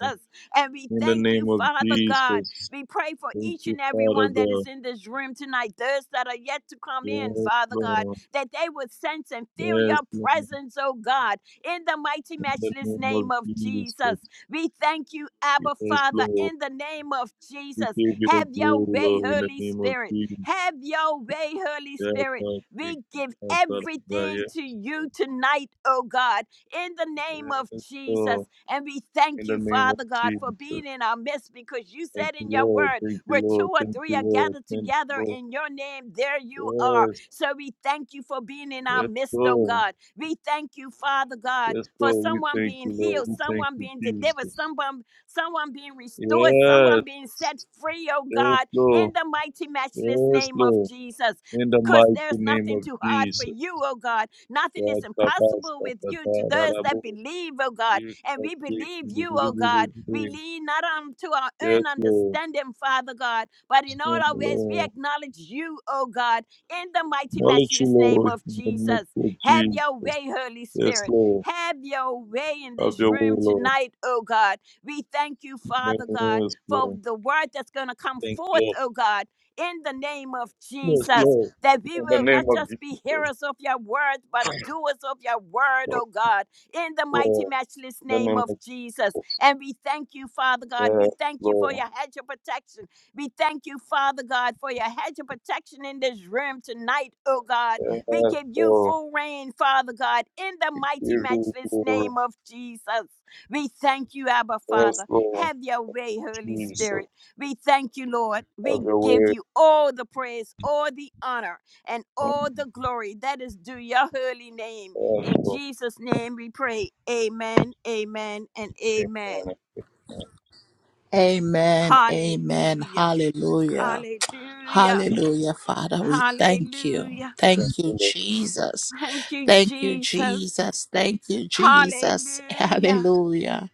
S4: And we
S3: In the
S4: thank you,
S3: name of
S4: Father God.
S3: Jesus.
S4: We pray for
S3: Thank
S4: each
S3: you,
S4: and every
S3: Father
S4: one that
S3: God.
S4: is in this room tonight, those that are yet to come in,
S3: Yes,
S4: Father God,
S3: Lord.
S4: that they would sense and feel
S3: Yes,
S4: your
S3: Lord.
S4: presence, oh God, in the mighty,
S3: In the
S4: matchless
S3: name of
S4: name of
S3: Jesus.
S4: Jesus. We thank you, Abba
S3: Yes,
S4: Father,
S3: Lord.
S4: in the name of
S3: We
S4: Jesus.
S3: give you the
S4: Have your
S3: glory,
S4: way,
S3: Lord, in the
S4: Holy
S3: name of
S4: Spirit.
S3: Jesus.
S4: Have your way, Holy
S3: Yes,
S4: Spirit
S3: Lord. Yes,
S4: we give
S3: Lord.
S4: everything to you tonight, oh God, in the name of
S3: Yes,
S4: Jesus.
S3: Lord.
S4: And we
S3: In
S4: thank
S3: the
S4: you,
S3: name of
S4: Father God, for
S3: Jesus.
S4: being in our midst because you
S3: Thank
S4: said
S3: you,
S4: in your
S3: Lord.
S4: word,
S3: Thank you,
S4: where two
S3: Lord.
S4: or
S3: Thank
S4: three
S3: you,
S4: are
S3: Lord.
S4: gathered
S3: Thank
S4: together
S3: you,
S4: in your name, there you
S3: Lord.
S4: are.
S3: Yes.
S4: So we thank you for being in our
S3: Let's
S4: midst, oh
S3: go.
S4: God. We thank you, Father God,
S3: Let's go.
S4: for
S3: We
S4: someone
S3: thank you,
S4: being
S3: Lord.
S4: healed,
S3: We thank
S4: someone
S3: you,
S4: being delivered,
S3: Jesus.
S4: someone, someone being restored,
S3: Yes.
S4: someone being set free, oh
S3: Yes,
S4: God, in
S3: Lord.
S4: the mighty, matchless
S3: Yes,
S4: name of
S3: Lord.
S4: Jesus
S3: In the
S4: because
S3: mighty
S4: there's
S3: name
S4: nothing
S3: of
S4: too hard for
S3: Jesus.
S4: you, oh God. Nothing
S3: God,
S4: is
S3: kabas,
S4: impossible with you to
S3: kabata,
S4: those
S3: rarabu.
S4: that believe, oh God.
S3: Yes,
S4: And
S3: Lord.
S4: we believe you, oh God. We lean not on to our
S3: Yes,
S4: own
S3: Lord.
S4: understanding, Father God, but in all
S3: Stand
S4: our ways we
S3: alone.
S4: acknowledge you, oh God, in the mighty,
S3: Acknowledge you,
S4: matchless name
S3: Lord.
S4: of
S3: In the
S4: Jesus.
S3: midst of
S4: Have your
S3: Jesus.
S4: way, Holy
S3: Yes,
S4: Spirit.
S3: Lord.
S4: Have your way in
S3: Have
S4: this
S3: your way,
S4: room
S3: Lord.
S4: tonight, oh God. We thank you,
S3: Yes,
S4: Father God, for
S3: Lord.
S4: the word that's going to come
S3: Thank you,
S4: forth,
S3: Lord.
S4: oh God in the name of
S3: Yes,
S4: Jesus
S3: Lord.
S4: that we
S3: In the
S4: will
S3: name
S4: not
S3: of
S4: just be
S3: Jesus,
S4: hearers of your word, but doers of your word,
S3: Lord.
S4: oh God, in the mighty,
S3: Lord.
S4: matchless
S3: In the
S4: name
S3: name
S4: of
S3: of
S4: Jesus.
S3: Jesus.
S4: And we thank you, Father God. We
S3: Yes,
S4: thank you for
S3: Lord.
S4: your hedge of protection. We thank you, Father God, for your hedge of protection in this room tonight, oh God. We
S3: Yes,
S4: give you
S3: Lord.
S4: full reign, Father God, in the
S3: Give
S4: mighty,
S3: you
S4: matchless
S3: glory.
S4: name of Jesus. We thank you, Abba
S3: Yes,
S4: Father.
S3: Lord.
S4: Have your way, Holy
S3: Jesus.
S4: Spirit. We thank you, Lord.
S3: Have
S4: We
S3: your
S4: give
S3: way.
S4: you all the praise, all the honor, and all the glory that is due your holy name.
S3: Yes,
S4: In
S3: Lord.
S4: Jesus' name we pray. Amen, amen, and amen.
S3: Amen. Amen.
S1: Amen. Amen.
S4: Hallelujah.
S1: Hallelujah.
S4: Hallelujah.
S1: Hallelujah, Father. We thank you.
S4: Hallelujah.
S3: Thank
S1: Thank you,
S3: you, Lord.
S1: Jesus.
S4: Thank you,
S1: Thank you,
S4: Jesus.
S1: Jesus. Thank you, Jesus.
S4: Hallelujah.
S1: Hallelujah.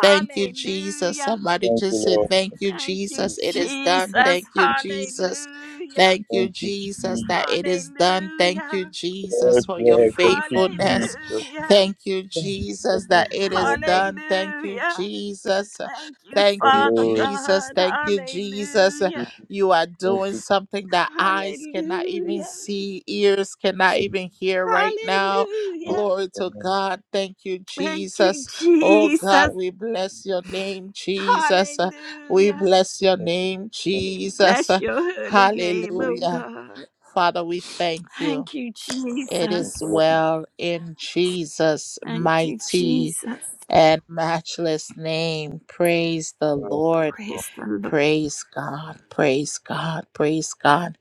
S1: Thank you, Jesus. Somebody
S3: Thank you,
S1: just say,
S3: Lord.
S1: Thank you,
S4: Thank you,
S1: Jesus.
S3: Jesus.
S1: It is done.
S3: Thank
S4: Jesus.
S1: Thank you,
S3: you, Jesus.
S1: Jesus.
S4: Hallelujah.
S1: Thank you,
S3: Thank you,
S1: Jesus,
S3: Jesus.
S1: that it is done. Thank
S4: Hallelujah.
S1: you,
S3: Yes,
S1: Jesus, for your
S3: Lord. Thank you, Jesus.
S1: faithfulness.
S3: Yes,
S4: Hallelujah.
S1: Thank you, Jesus, that it is
S3: Lord. Yes,
S1: done. Thank you,
S4: Hallelujah.
S1: Jesus.
S4: Thank you,
S1: Thank you,
S4: Father
S3: Lord.
S1: Jesus.
S4: God.
S1: Thank you, Jesus.
S4: Hallelujah.
S1: You are
S3: Thank
S1: doing
S3: you,
S1: something that eyes cannot even
S4: Hallelujah.
S1: see, ears cannot even hear right now.
S4: Hallelujah.
S1: Glory to
S3: Jesus.
S1: God. Thank you,
S4: Thank you,
S1: Jesus. Oh God,
S4: Jesus.
S3: Yes,
S1: we bless your name, Jesus. Uh, We
S4: Hallelujah.
S1: bless your
S3: yes,
S1: name,
S4: We
S1: Jesus.
S4: bless
S1: Uh,
S4: your holy name, oh
S1: Hallelujah.
S4: God.
S1: Father, we thank you.
S4: Thank you,
S1: It
S4: Jesus.
S1: is
S3: yes.
S1: well in Jesus'
S4: Thank you,
S1: mighty
S4: Jesus.
S1: and matchless name. Praise the Lord.
S4: Praise the Lord.
S1: Praise God. Praise God. Praise God.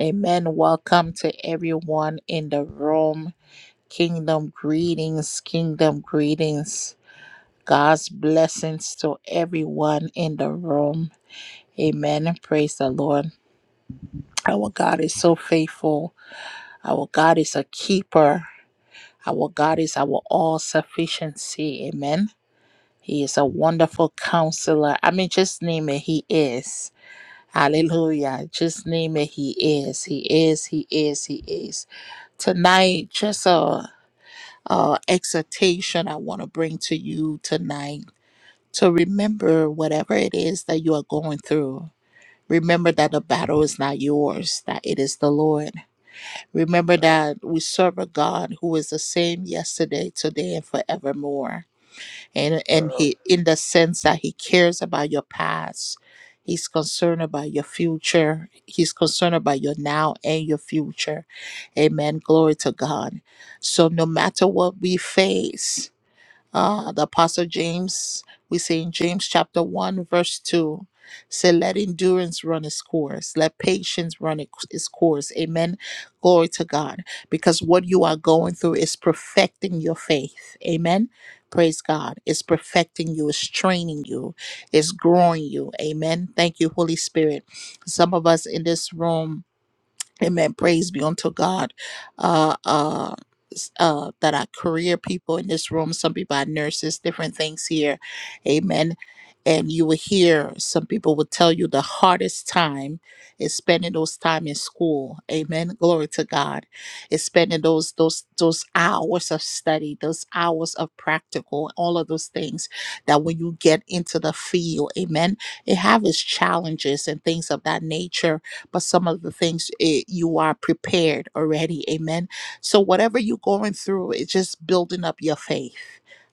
S1: Amen. Welcome to everyone in the room. Kingdom greetings. Kingdom greetings. God's blessings to everyone in the room. Amen. praise the Lord. Our God is so faithful. Our God is a keeper. Our God is our all sufficiency. Amen. He is a wonderful counselor. I mean, just name it. He is. Hallelujah. Just name it. He is. He is. He is. He is. Tonight, just a, a exhortation I want to bring to you tonight So remember, whatever it is that you are going through, remember that the battle is not yours, that it is the Lord. Remember that we serve a God who is the same yesterday, today, and forevermore. And, and he, in the sense that he cares about your past, he's concerned about your future, he's concerned about your now and your future. Amen. Glory to God. So no matter what we face, uh, the Apostle James, we say in James chapter 1, verse 2, say, Let endurance run its course, let patience run it- its course. Amen. Glory to God. Because what you are going through is perfecting your faith. Amen. Praise God. It's perfecting you, it's training you, it's growing you. Amen. Thank you, Holy Spirit. Some of us in this room, Amen. Praise be unto God. Uh, uh, s- uh, that are career people in this room. Some people are nurses, different things here. Amen. And you will hear some people will tell you the hardest time is spending those time in school. Amen. Glory to God. Is spending those those those hours of study, those hours of practical, all of those things that when you get into the field, amen, it have its challenges and things of that nature but some of the things eh, you are prepared already. Amen. So, whatever you're going through, it's just building up your faith.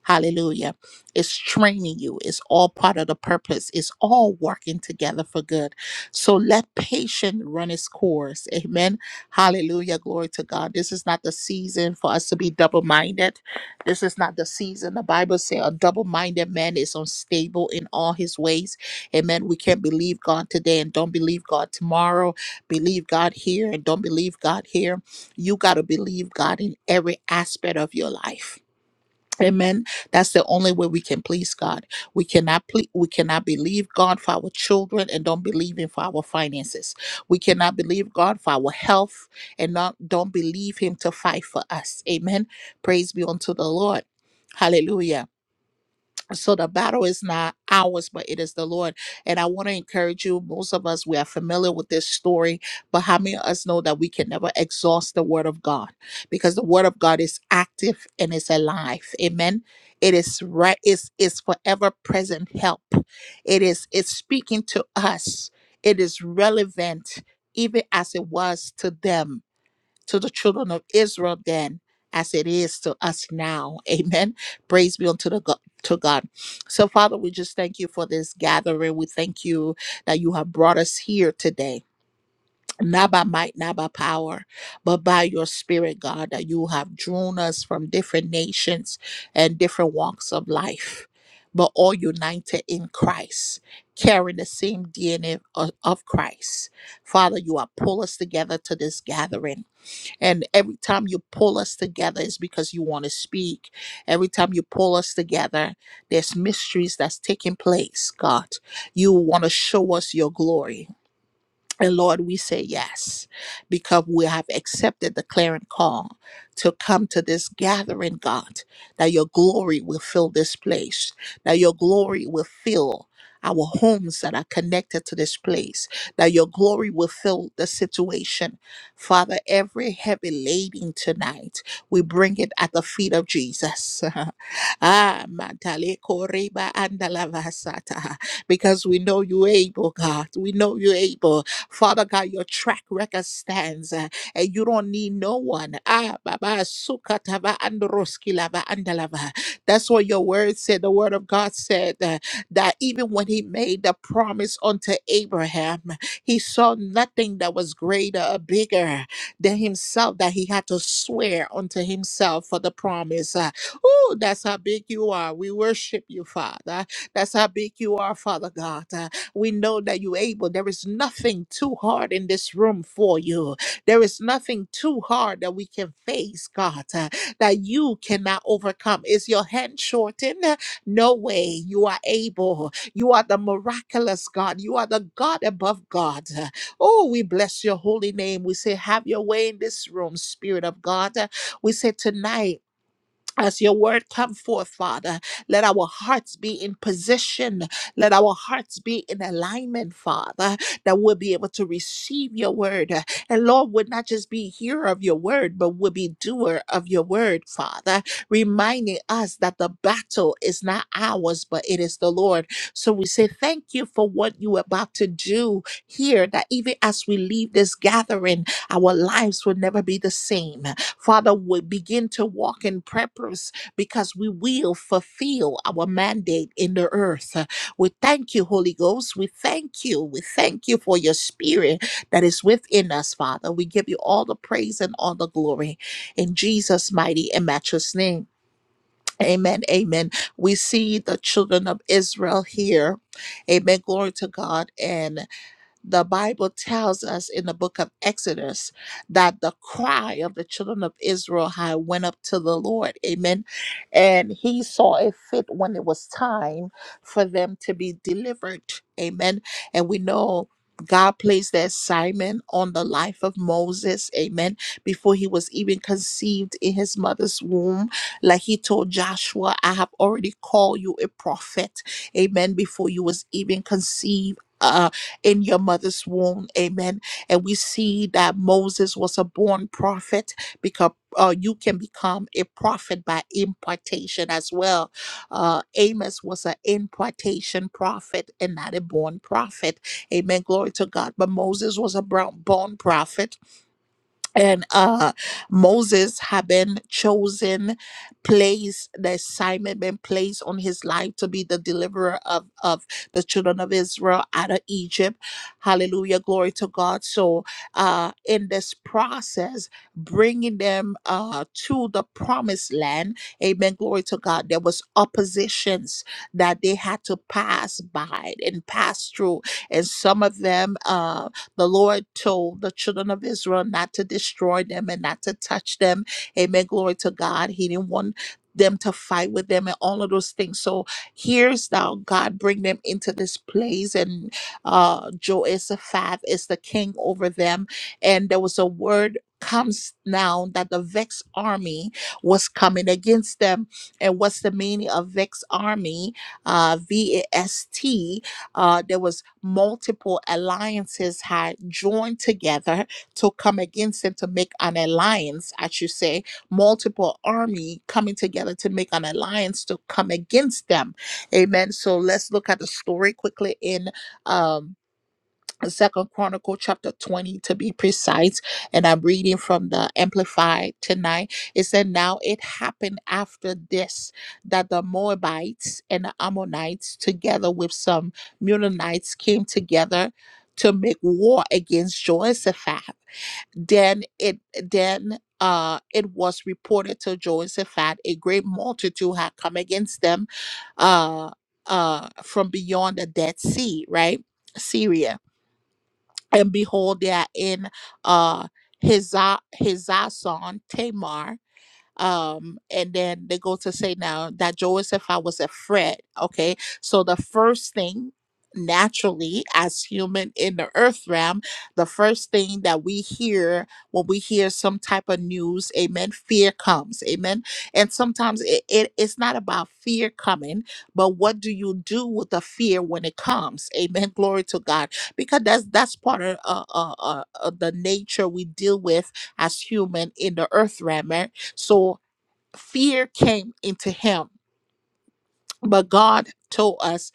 S1: Hallelujah. It's training you. It's all part of the purpose. It's all working together for good. So let patience run its course. Amen. Hallelujah. Glory to God. This is not the season for us to be double minded. This is not the season. The Bible says a double minded man is unstable in all his ways Amen. We can't believe God today and don't believe God tomorrow. Believe God here and don't believe God here. You got to believe God in every aspect of your life. Amen. That's the only way we can please God. We cannot ple- we cannot believe God for our children and don't believe him for our finances. We cannot believe God for our health and not don't believe him to fight for us. Amen. Praise be unto the Lord. Hallelujah so the battle is not ours, but it is the Lord. And I want to encourage you. Most of us we are familiar with this story, but how many of us know that we can never exhaust the Word of God because the Word of God is active and it's alive. Amen. It is right. It's it's forever present help. It is it's speaking to us. It is relevant even as it was to them to the children of Israel then as it is to us now. Amen. Praise be unto the God. To God. So, Father, we just thank you for this gathering. We thank you that you have brought us here today, not by might, not by power, but by your Spirit, God, that you have drawn us from different nations and different walks of life, but all united in Christ, carrying the same DNA of, of Christ. Father, you have pulled us together to this gathering. And every time you pull us together is because you want to speak. Every time you pull us together, there's mysteries that's taking place, God. You want to show us your glory. And Lord, we say yes because we have accepted the clarion call to come to this gathering, God, that your glory will fill this place, that your glory will fill our homes that are connected to this place, that your glory will fill the situation. Father, every heavy laden tonight, we bring it at the feet of Jesus. ah, Matale Koreba Andalavasata. Because we know you're able, God. We know you're able Father God, your track record stands uh, and you don't need no one. Ah, Baba, Sukatava, Androskilava, Andalava. That's what your word said. The word of God said uh, that even when he made the promise unto Abraham, he saw nothing that was greater or bigger than himself that he had to swear unto himself for the promise. Uh, oh, that's how big you are. We worship you, Father. That's how big you are, Father God. Uh, we know that you're able. There is nothing too hard in this room for you. There is nothing too hard that we can face, God, uh, that you cannot overcome. Is your hand shortened? No way. You are able. You are the miraculous God. You are the God above God. Oh, we bless your holy name. We say, have your way in this room, Spirit of God. We say, tonight, as your word come forth, Father, let our hearts be in position. Let our hearts be in alignment, Father, that we'll be able to receive your word. And Lord, we'll not just be hearer of your word, but we'll be doer of your word, Father, reminding us that the battle is not ours, but it is the Lord. So we say thank you for what you're about to do here, that even as we leave this gathering, our lives will never be the same Father, we begin to walk in purpose because we will fulfill our mandate in the earth. We thank you, Holy Ghost. We thank you. We thank you for your spirit that is within us, Father. We give you all the praise and all the glory in Jesus' mighty and matchless name. Amen. Amen. We see the children of Israel here. Amen. Glory to God. and the Bible tells us in the book of Exodus that the cry of the children of Israel had went up to the Lord. Amen. And he saw it fit when it was time for them to be delivered. Amen. And we know God placed the assignment on the life of Moses, amen, before he was even conceived in his mother's womb. Like he told Joshua, I have already called you a prophet, amen, before you was even conceived uh, in your mother's womb. Amen. And we see that Moses was a born prophet because uh, you can become a prophet by impartation as well. Uh, Amos was an impartation prophet and not a born prophet. Amen. Glory to God. But Moses was a brown- born prophet and uh moses had been chosen placed the assignment been placed on his life to be the deliverer of of the children of israel out of egypt hallelujah glory to god so uh in this process bringing them uh to the promised land amen glory to god there was oppositions that they had to pass by and pass through and some of them uh, the Lord told the children of Israel not to destroy them and not to touch them. Amen. Glory to God. He didn't want them to fight with them and all of those things. So here's now God bring them into this place and uh Joasaphat is the king over them. And there was a word comes now that the vexed army was coming against them. And what's the meaning of vexed army? Uh V-A-S-T. Uh, there was multiple alliances had joined together to come against him to make an alliance, I should say, multiple army coming together to make an alliance to come against them. Amen. So let's look at the story quickly in um Second Chronicle chapter 20 to be precise, and I'm reading from the Amplified tonight. It said, Now it happened after this that the Moabites and the Ammonites, together with some Munanites, came together to make war against Jehoshaphat. Then it then uh, it was reported to Jehoshaphat a great multitude had come against them uh, uh, from beyond the Dead Sea, right? Syria and behold, they are in uh Hizah, Hizah son Tamar, um, and then they go to say now that Joseph I was afraid. Okay, so the first thing naturally as human in the earth realm the first thing that we hear when we hear some type of news amen fear comes amen and sometimes it, it, it's not about fear coming but what do you do with the fear when it comes amen glory to god because that's that's part of uh, uh, uh, uh, the nature we deal with as human in the earth realm right? So fear came into him. But God told us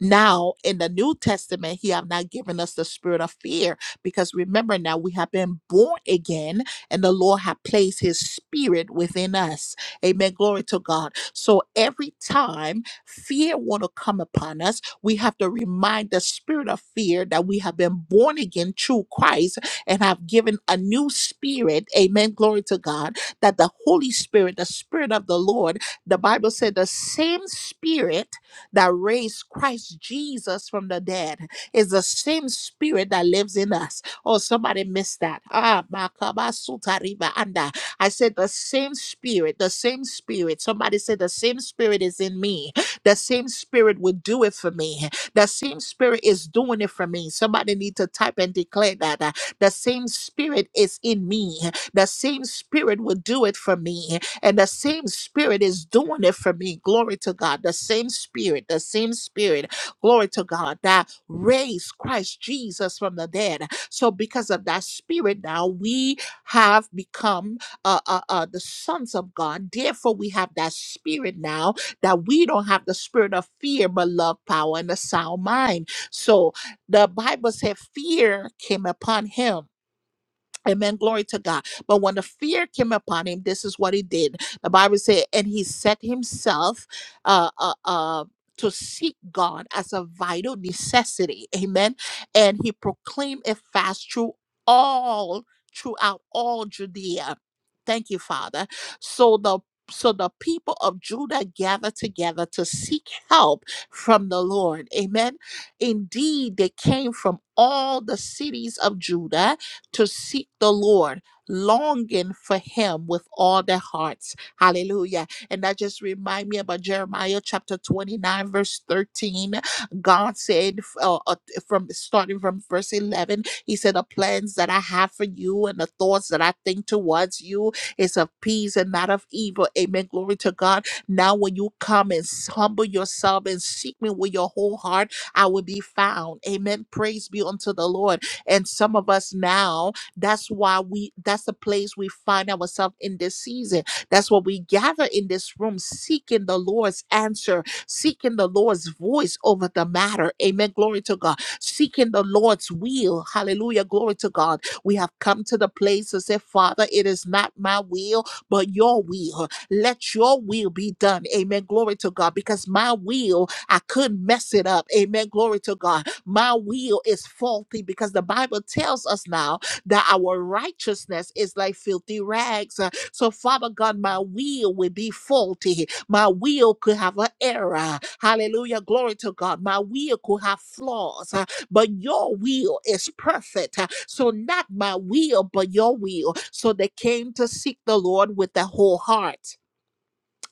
S1: now in the new testament he have not given us the spirit of fear because remember now we have been born again and the lord have placed his spirit within us amen glory to god so every time fear want to come upon us we have to remind the spirit of fear that we have been born again through christ and have given a new spirit amen glory to god that the holy spirit the spirit of the lord the bible said the same spirit that raised Christ Jesus from the dead is the same spirit that lives in us. Oh, somebody missed that. Ah, makaba sutariba anda. I said the same spirit, the same spirit. Somebody said the same spirit is in me. The same spirit will do it for me. The same spirit is doing it for me. Somebody need to type and declare that. uh, The same spirit is in me. The same spirit will do it for me. And the same spirit is doing it for me. Glory to God. The same spirit, the same spirit, glory to God, that raised Christ Jesus from the dead. So, because of that spirit, now we have become uh, uh, uh, the sons of God. Therefore, we have that spirit now that we don't have the spirit of fear, but love, power, and a sound mind. So, the Bible said fear came upon him Amen. Glory to God. But when the fear came upon him, this is what he did. The Bible said, and he set himself uh, uh, uh, to seek God as a vital necessity. Amen. And he proclaimed a fast through all, throughout all Judea. Thank you, Father. So the so the people of Judah gathered together to seek help from the Lord. Amen. Indeed, they came from all the cities of Judah to seek the Lord, longing for him with all their hearts. Hallelujah. And that just remind me about Jeremiah chapter 29, verse 13. God said uh, uh, from starting from verse 11, he said, the plans that I have for you and the thoughts that I think towards you is of peace and not of evil. Amen. Glory to God. Now when you come and s- humble yourself and seek me with your whole heart, I will be found. Amen. Praise be unto the Lord. And some of us now, that's why we, that's the place we find ourselves in this season. That's what we gather in this room, seeking the Lord's answer, seeking the Lord's voice over the matter. Amen. Glory to God. Seeking the Lord's will. Hallelujah. Glory to God. We have come to the place to say, Father, it is not my will, but your will. Let your will be done. Amen. Glory to God. Because my will, I could mess it up. Amen. Glory to God. My will is faulty because the Bible tells us now that our righteousness is like filthy rags. Uh, So, Father God, my will will be faulty. My will could have an error. Hallelujah. Glory to God. My will could have flaws, uh, but your will is perfect. Uh, So, not my will, but your will. So, they came to seek the Lord with their whole heart.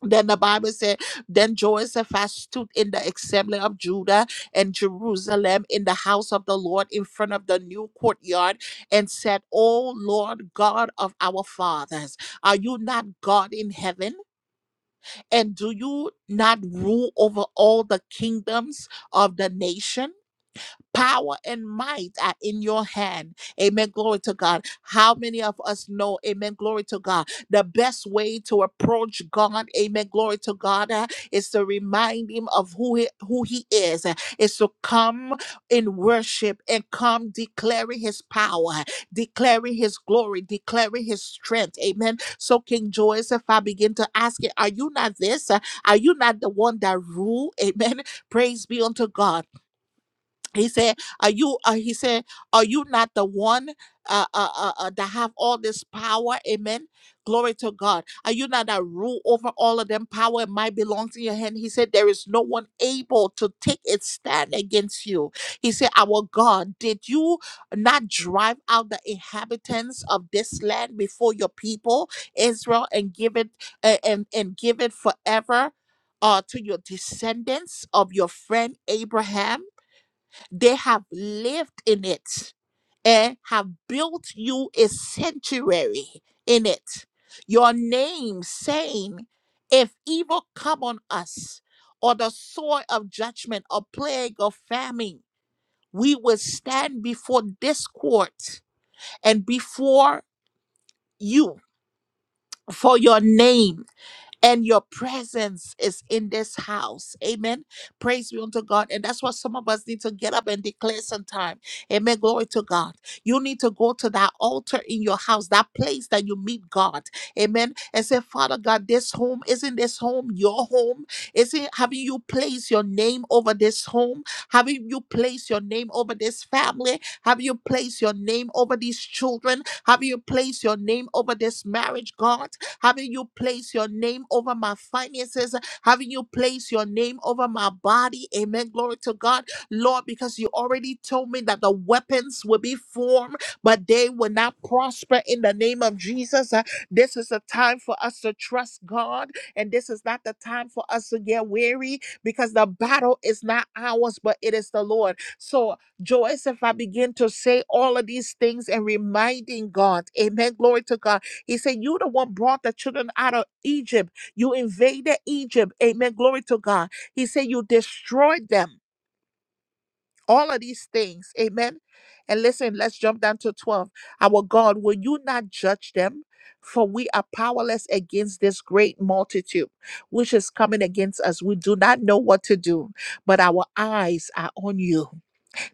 S1: Then the Bible said, Then Joseph stood in the assembly of Judah and Jerusalem in the house of the Lord in front of the new courtyard and said, O Lord God of our fathers, are you not God in heaven? And do you not rule over all the kingdoms of the nation? Power and might are in your hand. Amen. Glory to God. How many of us know, amen, glory to God, the best way to approach God, amen, glory to God, uh, is to remind him of who he, who he is, uh, is to come in worship and come declaring his power, declaring his glory, declaring his strength. Amen. So King Joseph, I begin to ask it, are you not this? Uh, Are you not the one that rule? Amen. Praise be unto God he said are you uh, he said are you not the one uh, uh, uh, uh, that have all this power amen glory to god are you not that rule over all of them power and might belongs in your hand he said there is no one able to take its stand against you he said our god did you not drive out the inhabitants of this land before your people israel and give it uh, and and give it forever uh, to your descendants of your friend abraham they have lived in it and have built you a sanctuary in it. Your name saying, if evil come on us, or the sword of judgment, or plague, or famine, we will stand before this court and before you for your name and your presence is in this house. Amen. Praise be unto God. And that's what some of us need to get up and declare sometime. Amen. Glory to God. You need to go to that altar in your house, that place that you meet God. Amen. And say, Father God, this home, isn't this home your home? Isn't having you place your name over this home? Having you place your name over this family? Have you placed your name over these children? Have you placed your name over this marriage, God? Having you place your name over my finances, having you place your name over my body. Amen. Glory to God, Lord, because you already told me that the weapons will be formed, but they will not prosper in the name of Jesus. Uh, This is a time for us to trust God, and this is not the time for us to get weary because the battle is not ours, but it is the Lord. So, Joyce, if I begin to say all of these things and reminding God, amen, glory to God he said, You the one brought the children out of Egypt. You invaded Egypt. Amen. Glory to God. He said, You destroyed them. All of these things. Amen. And listen, let's jump down to 12. Our God, will you not judge them? For we are powerless against this great multitude which is coming against us. We do not know what to do, but our eyes are on you.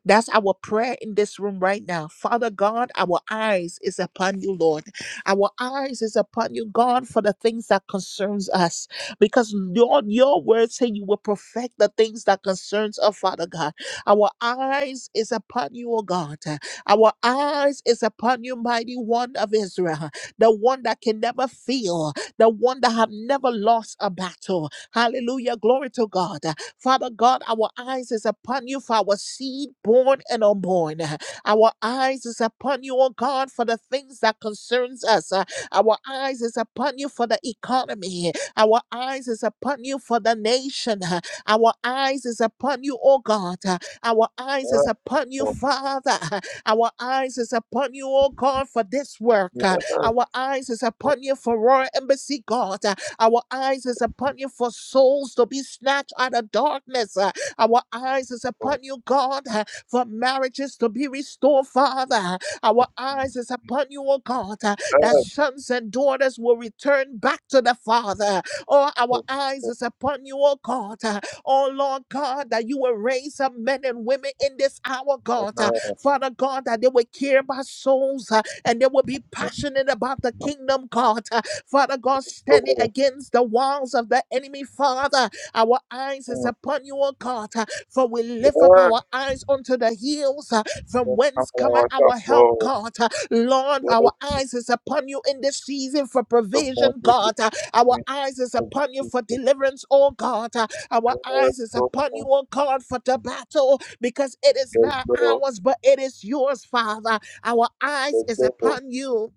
S1: That's our prayer in this room right now. Father God, our eyes is upon you, Lord. Our eyes is upon you, God, for the things that concerns us. Because Lord, your word say you will perfect the things that concerns us, Father God. Our eyes is upon you, O God. Our eyes is upon you, mighty one of Israel, the one that can never fail, the one that have never lost a battle. Hallelujah. Glory to God. Father God, our eyes is upon you for our seed born and unborn. Our eyes is upon you, oh God, for the things that concerns us. Uh, Our eyes is upon you for the economy. Our eyes is upon you for the nation. Uh, Our eyes is upon you, oh God. Uh, Our eyes is upon you, Father. Uh, Our eyes is upon you, oh God, for this work. Uh, Our eyes is upon you for Royal Embassy, God. Uh, our eyes is upon you for souls to be snatched out of darkness. uh, Our eyes is upon you, God, uh, for marriages to be restored, Father. Our eyes is upon you, O God, uh, that sons and daughters will return back to the Father. Oh, our eyes is upon you, O God. uh, Oh, Lord God, that you will raise up men and women in this hour, God. uh, Father God, that they will care about souls uh, and they will be passionate about the kingdom, God. uh, Father God, standing against the walls of the enemy, Father, our eyes is upon you, O God, uh, for we lift up our eyes unto the hills, uh, from whence cometh our help, God. Uh, Lord, our eyes is upon you in this season for provision, God. Uh, Our eyes is upon you for deliverance, oh God. Uh, Our eyes is upon you, oh God, for the battle, because it is not ours, but it is yours, Father. Our eyes is upon you.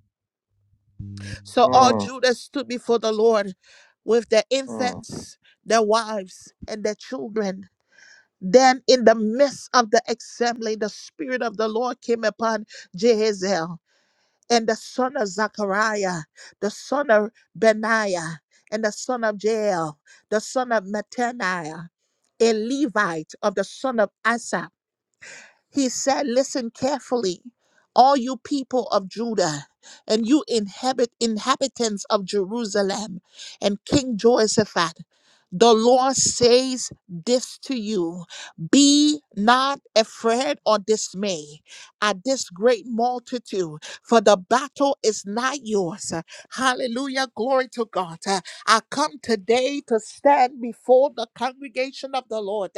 S1: So all Judah stood before the Lord with their infants, their wives, and their children. Then, in the midst of the assembly, the Spirit of the Lord came upon Jehaziel and the son of Zachariah, the son of Benaiah, and the son of Jael, the son of Mattaniah, a Levite of the son of Asaph he said, Listen carefully, all you people of Judah, and you inhabit inhabitants of Jerusalem, and King Jehoshaphat. The Lord says this to you Be not afraid or dismay at this great multitude, for the battle is not yours. Hallelujah. Glory to God. Uh, I come today to stand before the congregation of the Lord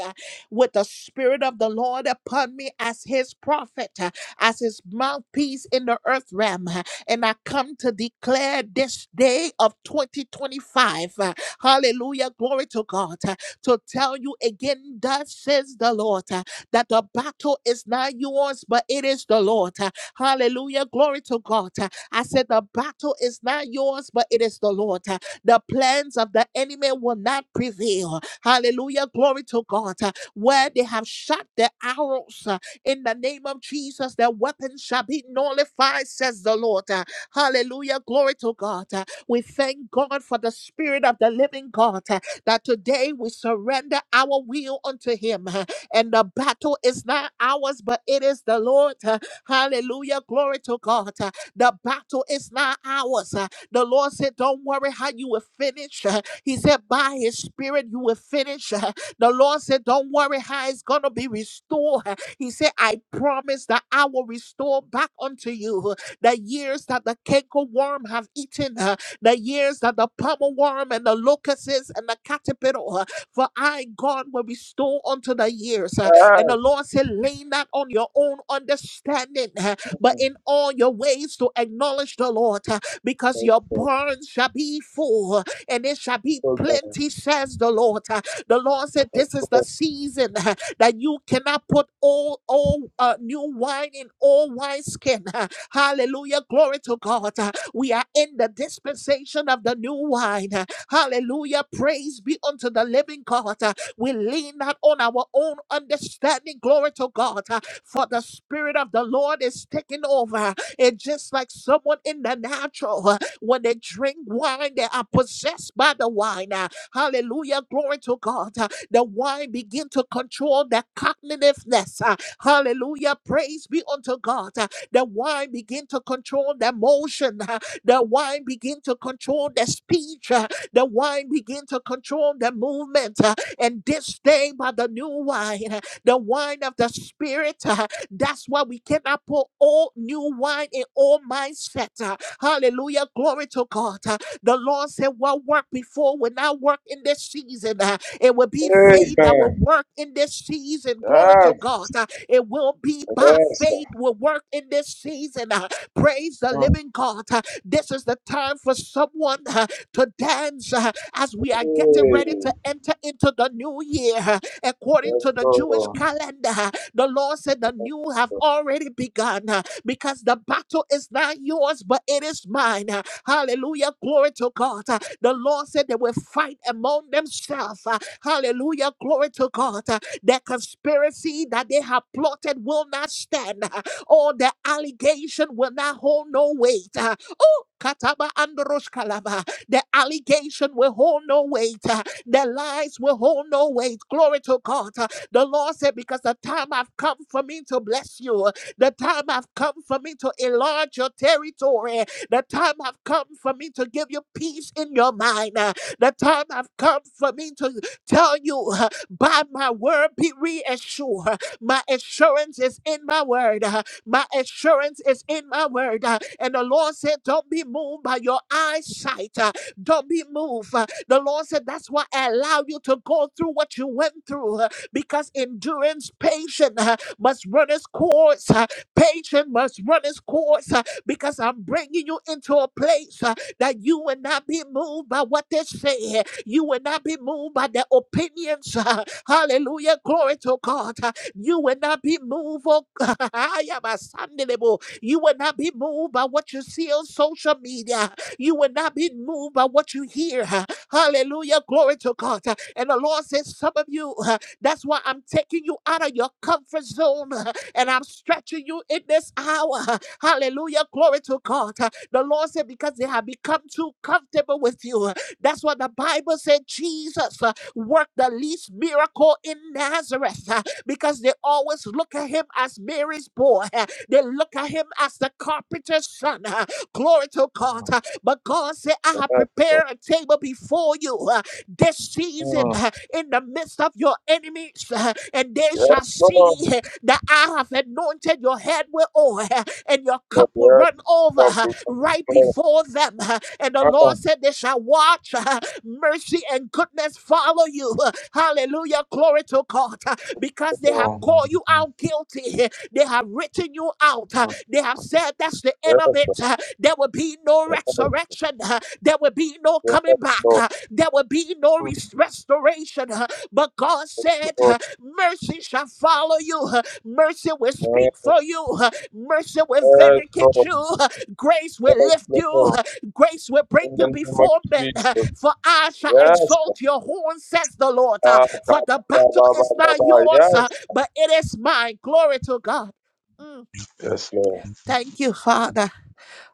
S1: with the Spirit of the Lord upon me as his prophet, uh, as his mouthpiece in the earth realm. uh, And I come to declare this day of 2025, uh, hallelujah, glory to God, uh, to tell you again, thus says the Lord, uh, that the battle is not yours, but it is the Lord. uh, Hallelujah, glory to God. uh, I said, the battle is not yours, but it is the Lord. uh, The plans of the enemy will not prevail. Hallelujah, glory to God. uh, where they have shot their arrows uh, in the name of Jesus. Their weapons shall be nullified, says the Lord. Uh, Hallelujah. Glory to God. Uh, We thank God for the Spirit of the living God uh, that today we surrender our will unto Him. uh, And the battle is not ours, but it is the Lord. uh, Hallelujah. Glory to God. Uh, The battle is not ours. uh, The Lord said, Don't worry how you will finish. uh, He said, By His Spirit, you will finish. The Lord said, Don't worry how it's going to be restored. He said, I promise that I will restore back unto you the years that the canker worm have eaten, uh, the years that the pommel worm and the locusts and the caterpillar, uh, for I, God, will restore unto the years. uh, And the Lord said, Lean not on your own understanding, uh, but in all your ways to acknowledge the Lord, uh, because your barns shall be full uh, and it shall be plenty, says the Lord. The Lord said, This is the season that you cannot put all, all uh, new wine in all wineskin. Hallelujah. Glory to God. Uh, We are in the dispensation of the new wine. Uh, Hallelujah. Praise be unto the living God. Uh, We lean not on our own understanding. Glory to God. Uh, For the Spirit of the Lord is taking over. It's just like someone in the natural. Uh, When they drink wine, they are possessed by the wine. Uh, Hallelujah. Glory to God. Uh, The wine begin to control their cognitiveness. Uh, Hallelujah. Praise be unto God. Uh, The wine begin to control their motion. Uh, The wine begin to control their speech. Uh, The wine begin to control their movement. Uh, And this day by the new wine, uh, the wine of the spirit, uh, that's why we cannot put all new wine in all mindset. uh, Hallelujah. Glory to God. The Lord said, What worked before will not work in this season. Uh, It will be faith that will work in this season. Glory to God. Uh, It will be by faith will work in this season. Uh, Praise the living God. Uh, This is the time for someone uh, to dance uh, as we are getting ready
S3: Hey,
S1: to enter into the new year. Uh, According
S3: Let's
S1: to the Jewish
S3: go.
S1: calendar, uh, the Lord said the
S3: Let's
S1: new have already begun. Uh, because the battle is not yours, but it is mine. Uh, Hallelujah. Glory to God. Uh, The Lord said they will fight among themselves. Uh, Hallelujah. Glory to God. Uh, The conspiracy that they have plotted will not stand, Uh, or the allegation will not hold no weight. Uh, Oh, Kataba Androsh Kalaba. The allegation will hold no weight. Uh, The lies will hold no weight. Glory to God. Uh, The Lord said, Because the time I've come for me to bless you the time have come for me to enlarge your territory. The time have come for me to give you peace in your mind. Uh, The time have come for me to tell you, uh, by my word, be reassured. My assurance is in my word. Uh, My assurance is in my word. Uh, And the Lord said, Don't be moved by your eyesight. Uh, Don't be moved. Uh, The Lord said, That's why I allow you to go through what you went through because endurance, patience uh, must run its course. uh, Patience must run its course uh, because I'm bringing you into a place uh, that you will not be moved by what they say. You will not be moved by their opinions. uh, Hallelujah. Glory to God. uh, You will not be moved. Oh, I am a Sunday label. You will not be moved by what you see on social media. You will not be moved by what you hear. uh, Hallelujah. Glory to God. uh, And the Lord says, Some of you, uh, that's why I'm taking you out of your comfort zone and I'm stretching you in this hour. Hallelujah. Glory to God. The Lord said, because they have become too comfortable with you. That's what the Bible said. Jesus uh, worked the least miracle in Nazareth uh, because they always look at him as Mary's boy. uh, They look at him as the carpenter's son. uh, Glory to God.
S3: go.
S1: uh, But God said, I have
S3: Let's go.
S1: prepared a table before you. uh, this season
S3: Mm.
S1: uh, in the midst of your enemies, uh, and they
S3: Yes,
S1: shall
S3: go.
S1: see uh, that I have anointed your head with oil, uh, and your cup will
S3: Yes.
S1: run over
S3: Stop.
S1: uh,
S3: Yes.
S1: right
S3: go.
S1: before them. uh, And the
S3: Ah,
S1: Lord
S3: go.
S1: said, They shall watch uh, mercy and goodness follow you. uh, Hallelujah. Glory to God. uh, Because they have
S3: Mm.
S1: called you out guilty. They have written you out. uh, They have said that's the
S3: Yes.
S1: end of it. uh, There will be no
S3: Yes.
S1: resurrection. uh, There will be no coming
S3: Yes,
S1: back.
S3: go.
S1: uh, There will be no
S3: Mm.
S1: res- restoration. uh, But God said,
S3: Go.
S1: uh, Mercy shall follow you. uh, Mercy will
S3: Yes.
S1: speak for you. uh, Mercy will
S3: Yes,
S1: vindicate
S3: go.
S1: you. uh, Grace will lift
S3: Yes,
S1: you.
S3: go.
S1: uh, grace will bring
S3: In the
S1: you
S3: name of
S1: before men.
S3: Jesus.
S1: For I shall
S3: Yes.
S1: exalt your horn, says the Lord.
S3: Ah, ba,
S1: For the
S3: ba, ba,
S1: battle
S3: ba,
S1: is
S3: ba,
S1: not
S3: ba.
S1: yours,
S3: Yes.
S1: but it is mine. Glory to God. Mm.
S3: Yes, Lord.
S1: Thank you, Father.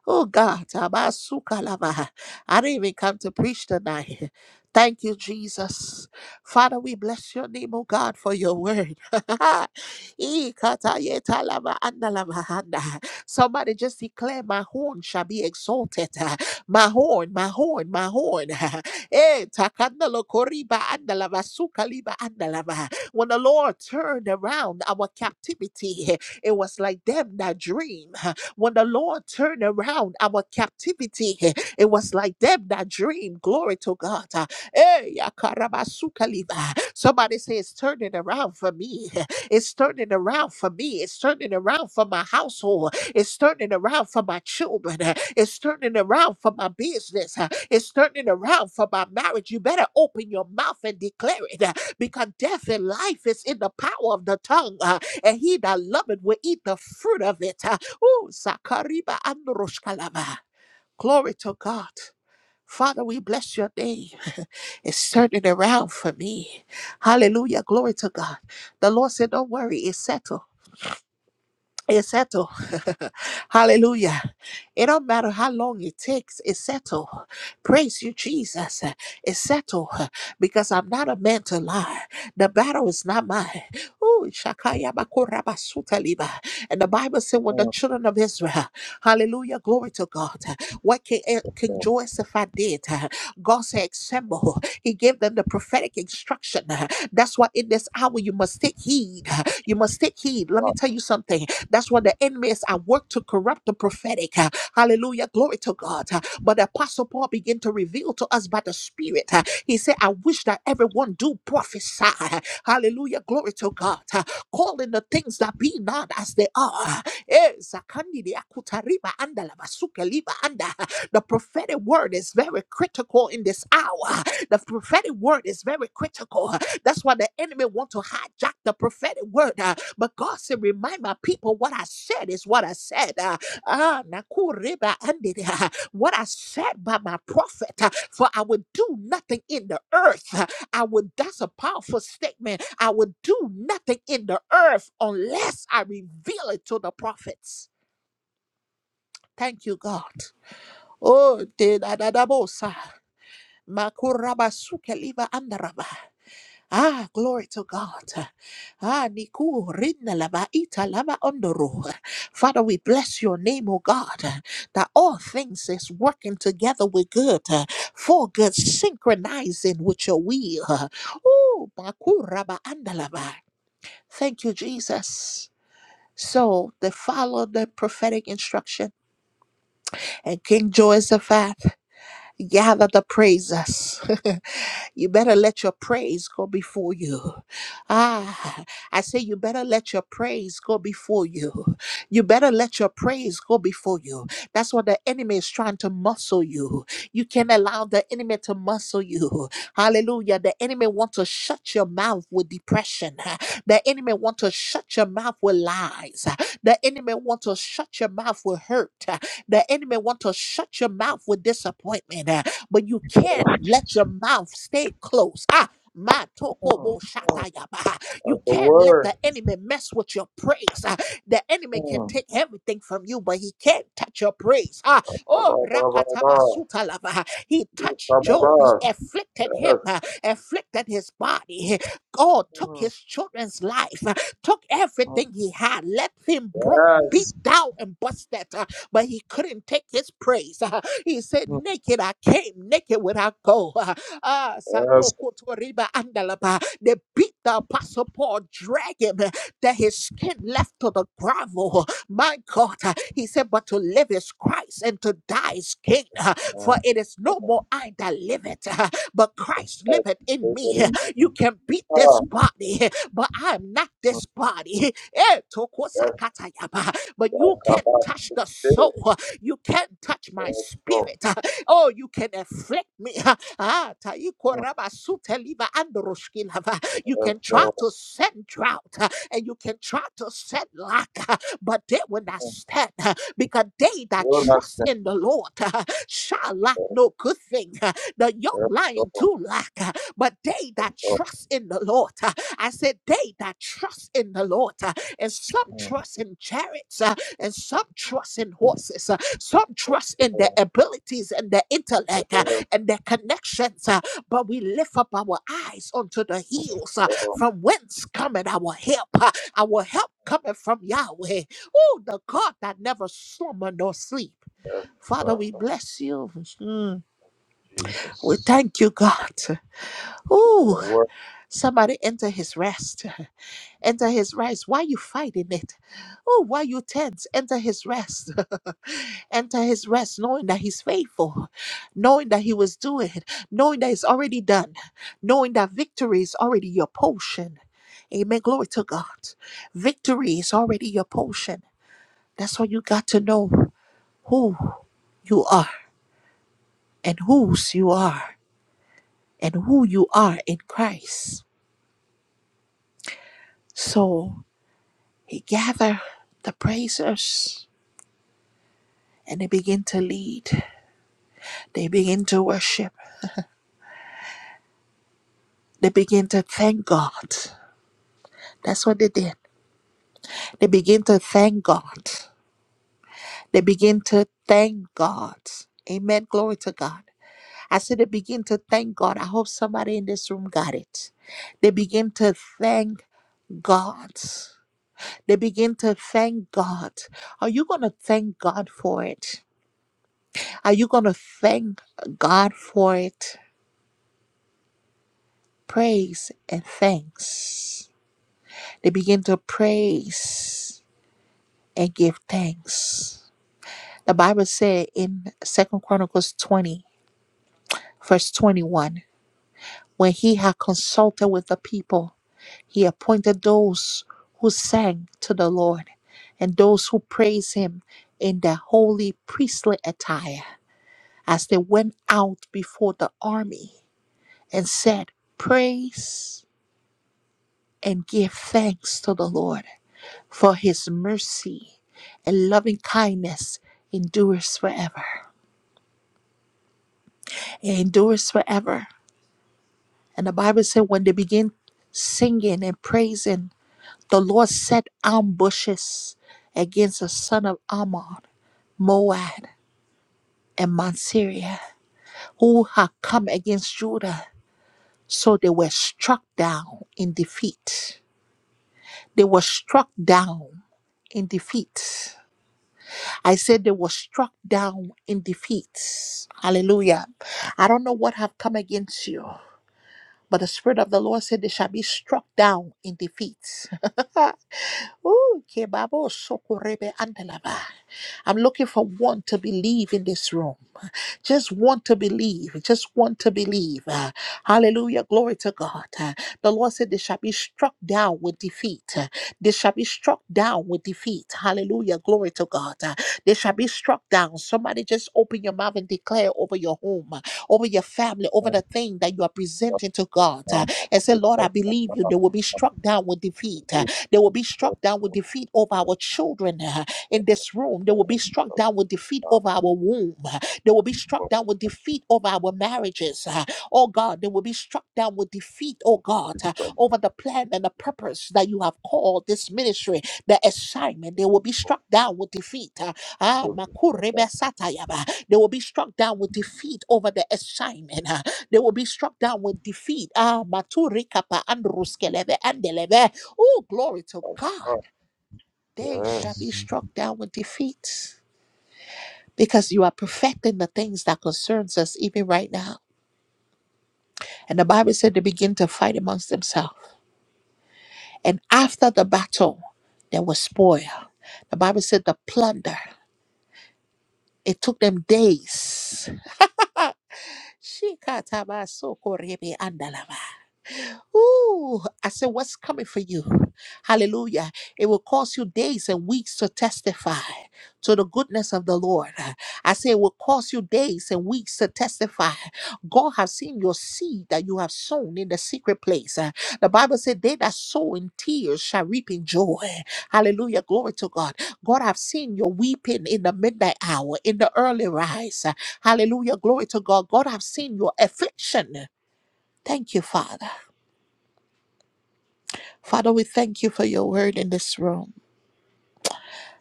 S1: Oh God, Abasukalava. I didn't even come to preach tonight. Thank you, Jesus. Father, we bless your name, oh God, for your word. Ikatayetalava andalava handa. Somebody just declare, My horn shall be exalted. My horn, my horn, my horn. Eh, takandalo koriba andalava sukaliba andalava. When the Lord turned around our captivity, it was like them that dream. When the Lord turned around our captivity, it was like them that dream. Glory to God. Hey, yakarabasukaliba. Somebody say it's turning around for me. It's turning around for me. It's turning around for my household. It's turning around for my children. It's turning around for my business. It's turning around for my marriage. You better open your mouth and declare it uh, because death and life is in the power of the tongue. Uh, And he that loveth will eat the fruit of it. Uh, Oh, Zakariba and Roshkalaba. Glory to God. Father, we bless your name. It's turning around for me. Hallelujah. Glory to God. The Lord said, Don't worry, it's settled. It's settled. Hallelujah. It don't matter how long it takes, it's settled. Praise you, Jesus. It's settled because I'm not a man to lie. The battle is not mine. Ooh, shakaya bakura basuta liba. And the Bible said, when the
S3: Mm.
S1: children of Israel, hallelujah, glory to God, what King, eh, King
S3: Mm.
S1: Joseph did, God said, assemble. He gave them the prophetic instruction. That's why in this hour you must take heed. You must take heed. Let me
S3: Ah,
S1: tell you something. That's what the enemies are work to corrupt the prophetic. Uh, Hallelujah. Glory to God. Uh, But the Apostle Paul began to reveal to us by the Spirit. uh, He said, I wish that everyone do prophesy. Hallelujah. Glory to God. Uh, Calling the things that be not as they are. Eh, Zakandi de akuta anda la basuke liba anda. The prophetic word is very critical in this hour. The prophetic word is very critical. That's why the enemy want to hijack the prophetic word. But God said, Remind my people what I said is what I said. Uh, ah, Nakuriba andidi, uh, what I said by my prophet, uh, for I would do nothing in the earth. uh, I would, that's a powerful statement. I would do nothing in the earth unless I reveal it to the prophets. Thank you, God. Oh, de da da da bosa. Makuraba suke liva andaraba. Ah, glory to God. Ah, Niku Rinna Laba Ita Laba Ondoru. Father, we bless your name, O God, that all things is working together with good, for good, synchronizing with your will. Oh, Bakuraba Andalaba. Thank you, Jesus. So they followed the prophetic instruction, and King Jehoshaphat gather the praises. you better let your praise go before you. Ah, I say you better let your praise go before you. You better let your praise go before you. That's what the enemy is trying to muscle you. You can't allow the enemy to muscle you. Hallelujah. The enemy wants to shut your mouth with depression. The enemy wants to shut your mouth with lies. The enemy wants to shut your mouth with hurt. The enemy want to shut your mouth with disappointment, uh, but you can not let
S3: mm.
S1: your mouth stay closed. Ah, my toko
S3: Mm.
S1: bo You
S3: That's the
S1: can't let
S3: word.
S1: the enemy mess with your praise. ah. The enemy can
S3: Hmm.
S1: take everything from you, but he can't touch your praise. Ah,
S3: Yes.
S1: oh,
S3: Mm.
S1: rakataba lava. He touched Job. He afflicted him, ah, afflicted his body. God took his children's life, ah, took everything he had, let him broke, beat
S3: Yes.
S1: down, and busted but he couldn't take his praise. He said,
S3: Mm.
S1: Naked I came, naked would I go. Ah,
S3: yes
S1: Sanoko Toriba Andalaba. They beat the apostle Paul, drag him, that his skin left to the gravel. My God, he said, But to live is Christ and to die is gain. For
S3: Mm.
S1: it is no more I that live it, but Christ
S3: Right.
S1: liveth
S3: They
S1: in
S3: get
S1: me.
S3: in there.
S1: You can beat
S3: Ah.
S1: this body, but I'm not
S3: Mm.
S1: this body. Eh,
S3: yes.
S1: tokosakatayaba but
S3: I
S1: you
S3: come
S1: can't
S3: back to
S1: touch
S3: the
S1: the
S3: city.
S1: soul. You can't touch my
S3: yes, Go.
S1: spirit. Oh, you can afflict me. Ah, taiko
S3: Mm.
S1: raba sute liva androshki lava.
S3: Yes,
S1: You can try
S3: Go.
S1: to send drought uh, and you can try to send lack, uh, but they will not
S3: Mm.
S1: stand uh, because they that
S3: Will not
S1: trust
S3: stand.
S1: in the Lord uh, shall lack
S3: yes,
S1: no good thing. The young
S3: yes,
S1: lion
S3: Go.
S1: too lack, uh, but they
S3: yes,
S1: that
S3: Go.
S1: trust in the Lord, uh, I said, they that trust in the Lord. uh, and some
S3: Mm.
S1: trust in chariots, uh, and some trust in horses, uh, some
S3: yes,
S1: trust in their
S3: Go.
S1: abilities and their
S3: yes,
S1: intellect uh,
S3: Go. yes,
S1: and their connections. uh, but we lift up our eyes onto the hills
S3: Ah I
S1: uh,
S3: come
S1: from whence cometh our help. uh, our help cometh from Yahweh. Oh, the God that never slumber nor sleep.
S3: back.
S1: Father, we bless you. Mm. We
S3: Jesus.
S1: thank you, God.
S3: Give me the
S1: Ooh,
S3: word.
S1: somebody enter his rest. Enter his rest. Why you fighting it? Oh, why you tense? Enter his rest. Enter his rest, knowing that he's faithful, knowing that he was doing, knowing that it's already done, knowing that victory is already your potion. Amen. Glory to God. Victory is already your potion. That's all you got to know who you are and whose you are and who you are in Christ. So he gathered the praisers and they begin to lead. They begin to worship. They begin to thank God. That's what they did. They begin to thank God. They begin to thank God. Amen. Glory to God. I said they begin to thank God. I hope somebody in this room got it. They begin to thank God. They begin to thank God. Are you going to thank God for it? Are you going to thank God for it? Praise and thanks. They begin to praise and give thanks. The Bible said in Second Chronicles 20, verse 21, when he had consulted with the people, he appointed those who sang to the Lord and those who praised him in their holy priestly attire as they went out before the army and said, Praise and give thanks to the Lord for his mercy and loving kindness endures forever. It endures forever. And the Bible said when they began singing and praising, the Lord set ambushes against the son of Ammon, Moab, and Mount Syria, who had come against Judah. So they were struck down in defeat. They were struck down in defeat. I said they were struck down in defeat. Hallelujah. I don't know what have come against you. But the Spirit of the Lord said they shall be struck down in defeat. Ooh, kebabo sokorebe andalaba. I'm looking for one to believe in this room. Just want to believe. Just want to believe. Uh, hallelujah. Glory to God. Uh, the Lord said they shall be struck down with defeat. Uh, they shall be struck down with defeat. Hallelujah. Glory to God. Uh, they shall be struck down. Somebody just open your mouth and declare over your home over your family, over
S3: Mm.
S1: the thing that you are
S3: Yes.
S1: presenting to God.
S3: Now, I
S1: uh, and
S3: will give
S1: say,
S3: you
S1: Lord, I
S3: the- the-
S1: believe you.
S3: the-
S1: They will be struck down with defeat. uh,
S3: the-
S1: they will be
S3: the-
S1: struck down with defeat over our children uh, in this room. They will be struck
S3: the-
S1: down with defeat
S3: the-
S1: over our womb. uh, they will be struck
S3: Well,
S1: down with defeat over our marriages. uh, oh God, they will be struck down with defeat, oh
S3: well,
S1: God,
S3: it's
S1: uh,
S3: like,
S1: over the plan and the purpose that you have called this ministry, the assignment. They will be struck
S3: well,
S1: down with defeat. Uh, Ah,
S3: those are like
S1: makurebe
S3: that,
S1: satayaba. They will be struck down with defeat over the assignment. ah. They will be struck down with defeat. Ah, maturikapa and ruskeleve and deleve. Oh, glory to
S3: like,
S1: God.
S3: oh,
S1: They shall be
S3: Yes.
S1: struck down with defeat. Because you are perfecting the things that concerns us even right now. And the Bible said they begin to fight amongst themselves. And after the battle, there was spoil. The Bible said the plunder. It took them days. Shikatabasokorebeandalaba. Ooh, I said, what's coming for you? Hallelujah. It will cause you days and weeks to testify to the goodness of the Lord. I say it will cause you days and weeks to testify. God has seen your seed that you have sown in the secret place. Uh, The Bible said, They that sow in tears shall reap in joy. Hallelujah. Glory to God. God have seen your weeping in the midnight hour, in the early rise. Uh, Hallelujah. Glory to God. God have seen your affliction. Thank you, Father. Father, we thank you for your word in this room.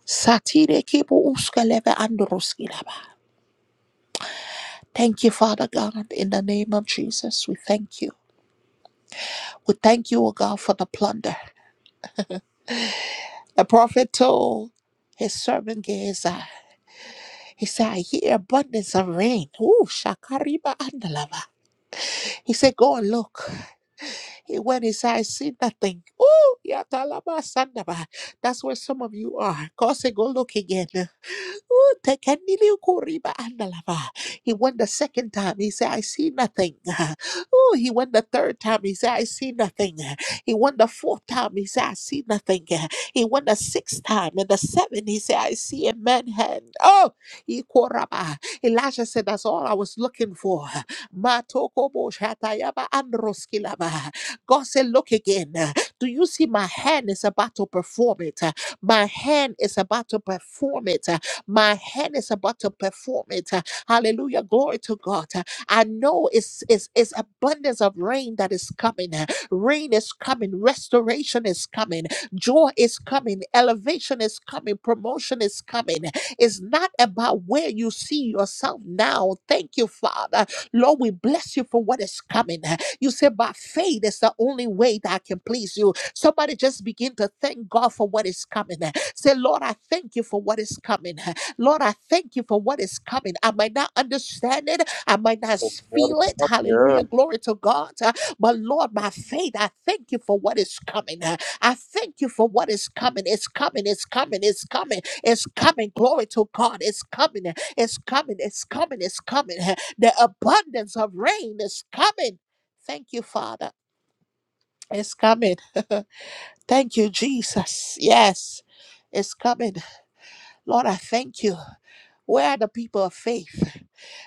S1: Satire kibu uskalebe androskilaba. Thank you, Father God, in the name of Jesus. We thank you. We thank you, O God, for the plunder. The prophet told his servant Gehazi, he said, I hear abundance of rain. Ooh, shakariba andalava. He said, go and look. He went inside, see nothing. Ooh, yatalaba sandaba. That's where some of you are. God said, go look again. Ooh, tekenili ukuriba andalava. He went the second time. He said, I see nothing. Oh, he went the third time. He said, I see nothing. He went the fourth time. He said, I see nothing. He went the sixth time. And the seventh, he said, I see a man hand. Oh, ikoraba. Elijah said, That's all I was looking for. Matokobo shatayaba androskilaba. God said, Look again. Do you see my hand is about to perform it? My hand is about to perform it. My hand is about to perform it. Uh, Hallelujah. Glory to God. Uh, I know it's, it's, it's abundance of rain that is coming. Uh, Rain is coming. Restoration is coming. Joy is coming. Elevation is coming. Promotion is coming. It's not about where you see yourself now. Thank you, Father. Lord, we bless you for what is coming. You said, by faith is the only way that I can please you. Somebody just begin to thank God for what is coming. Say, Lord, I thank you for what is coming. Lord, I thank you for what is coming. I might not understand it, I might not
S3: So What
S1: feel
S3: is
S1: it.
S3: up here?
S1: Hallelujah. Glory to God. Uh, But Lord, my faith, I thank you for what is coming. Uh, I thank you for what is coming. It's coming. It's coming. It's coming. It's coming. Glory to God. It's coming. uh, It's coming. It's coming. It's coming. Uh, The abundance of rain is coming. Thank you, Father. It's coming. Thank you, Jesus. Yes, it's coming. Lord, I thank you. Where are the people of faith?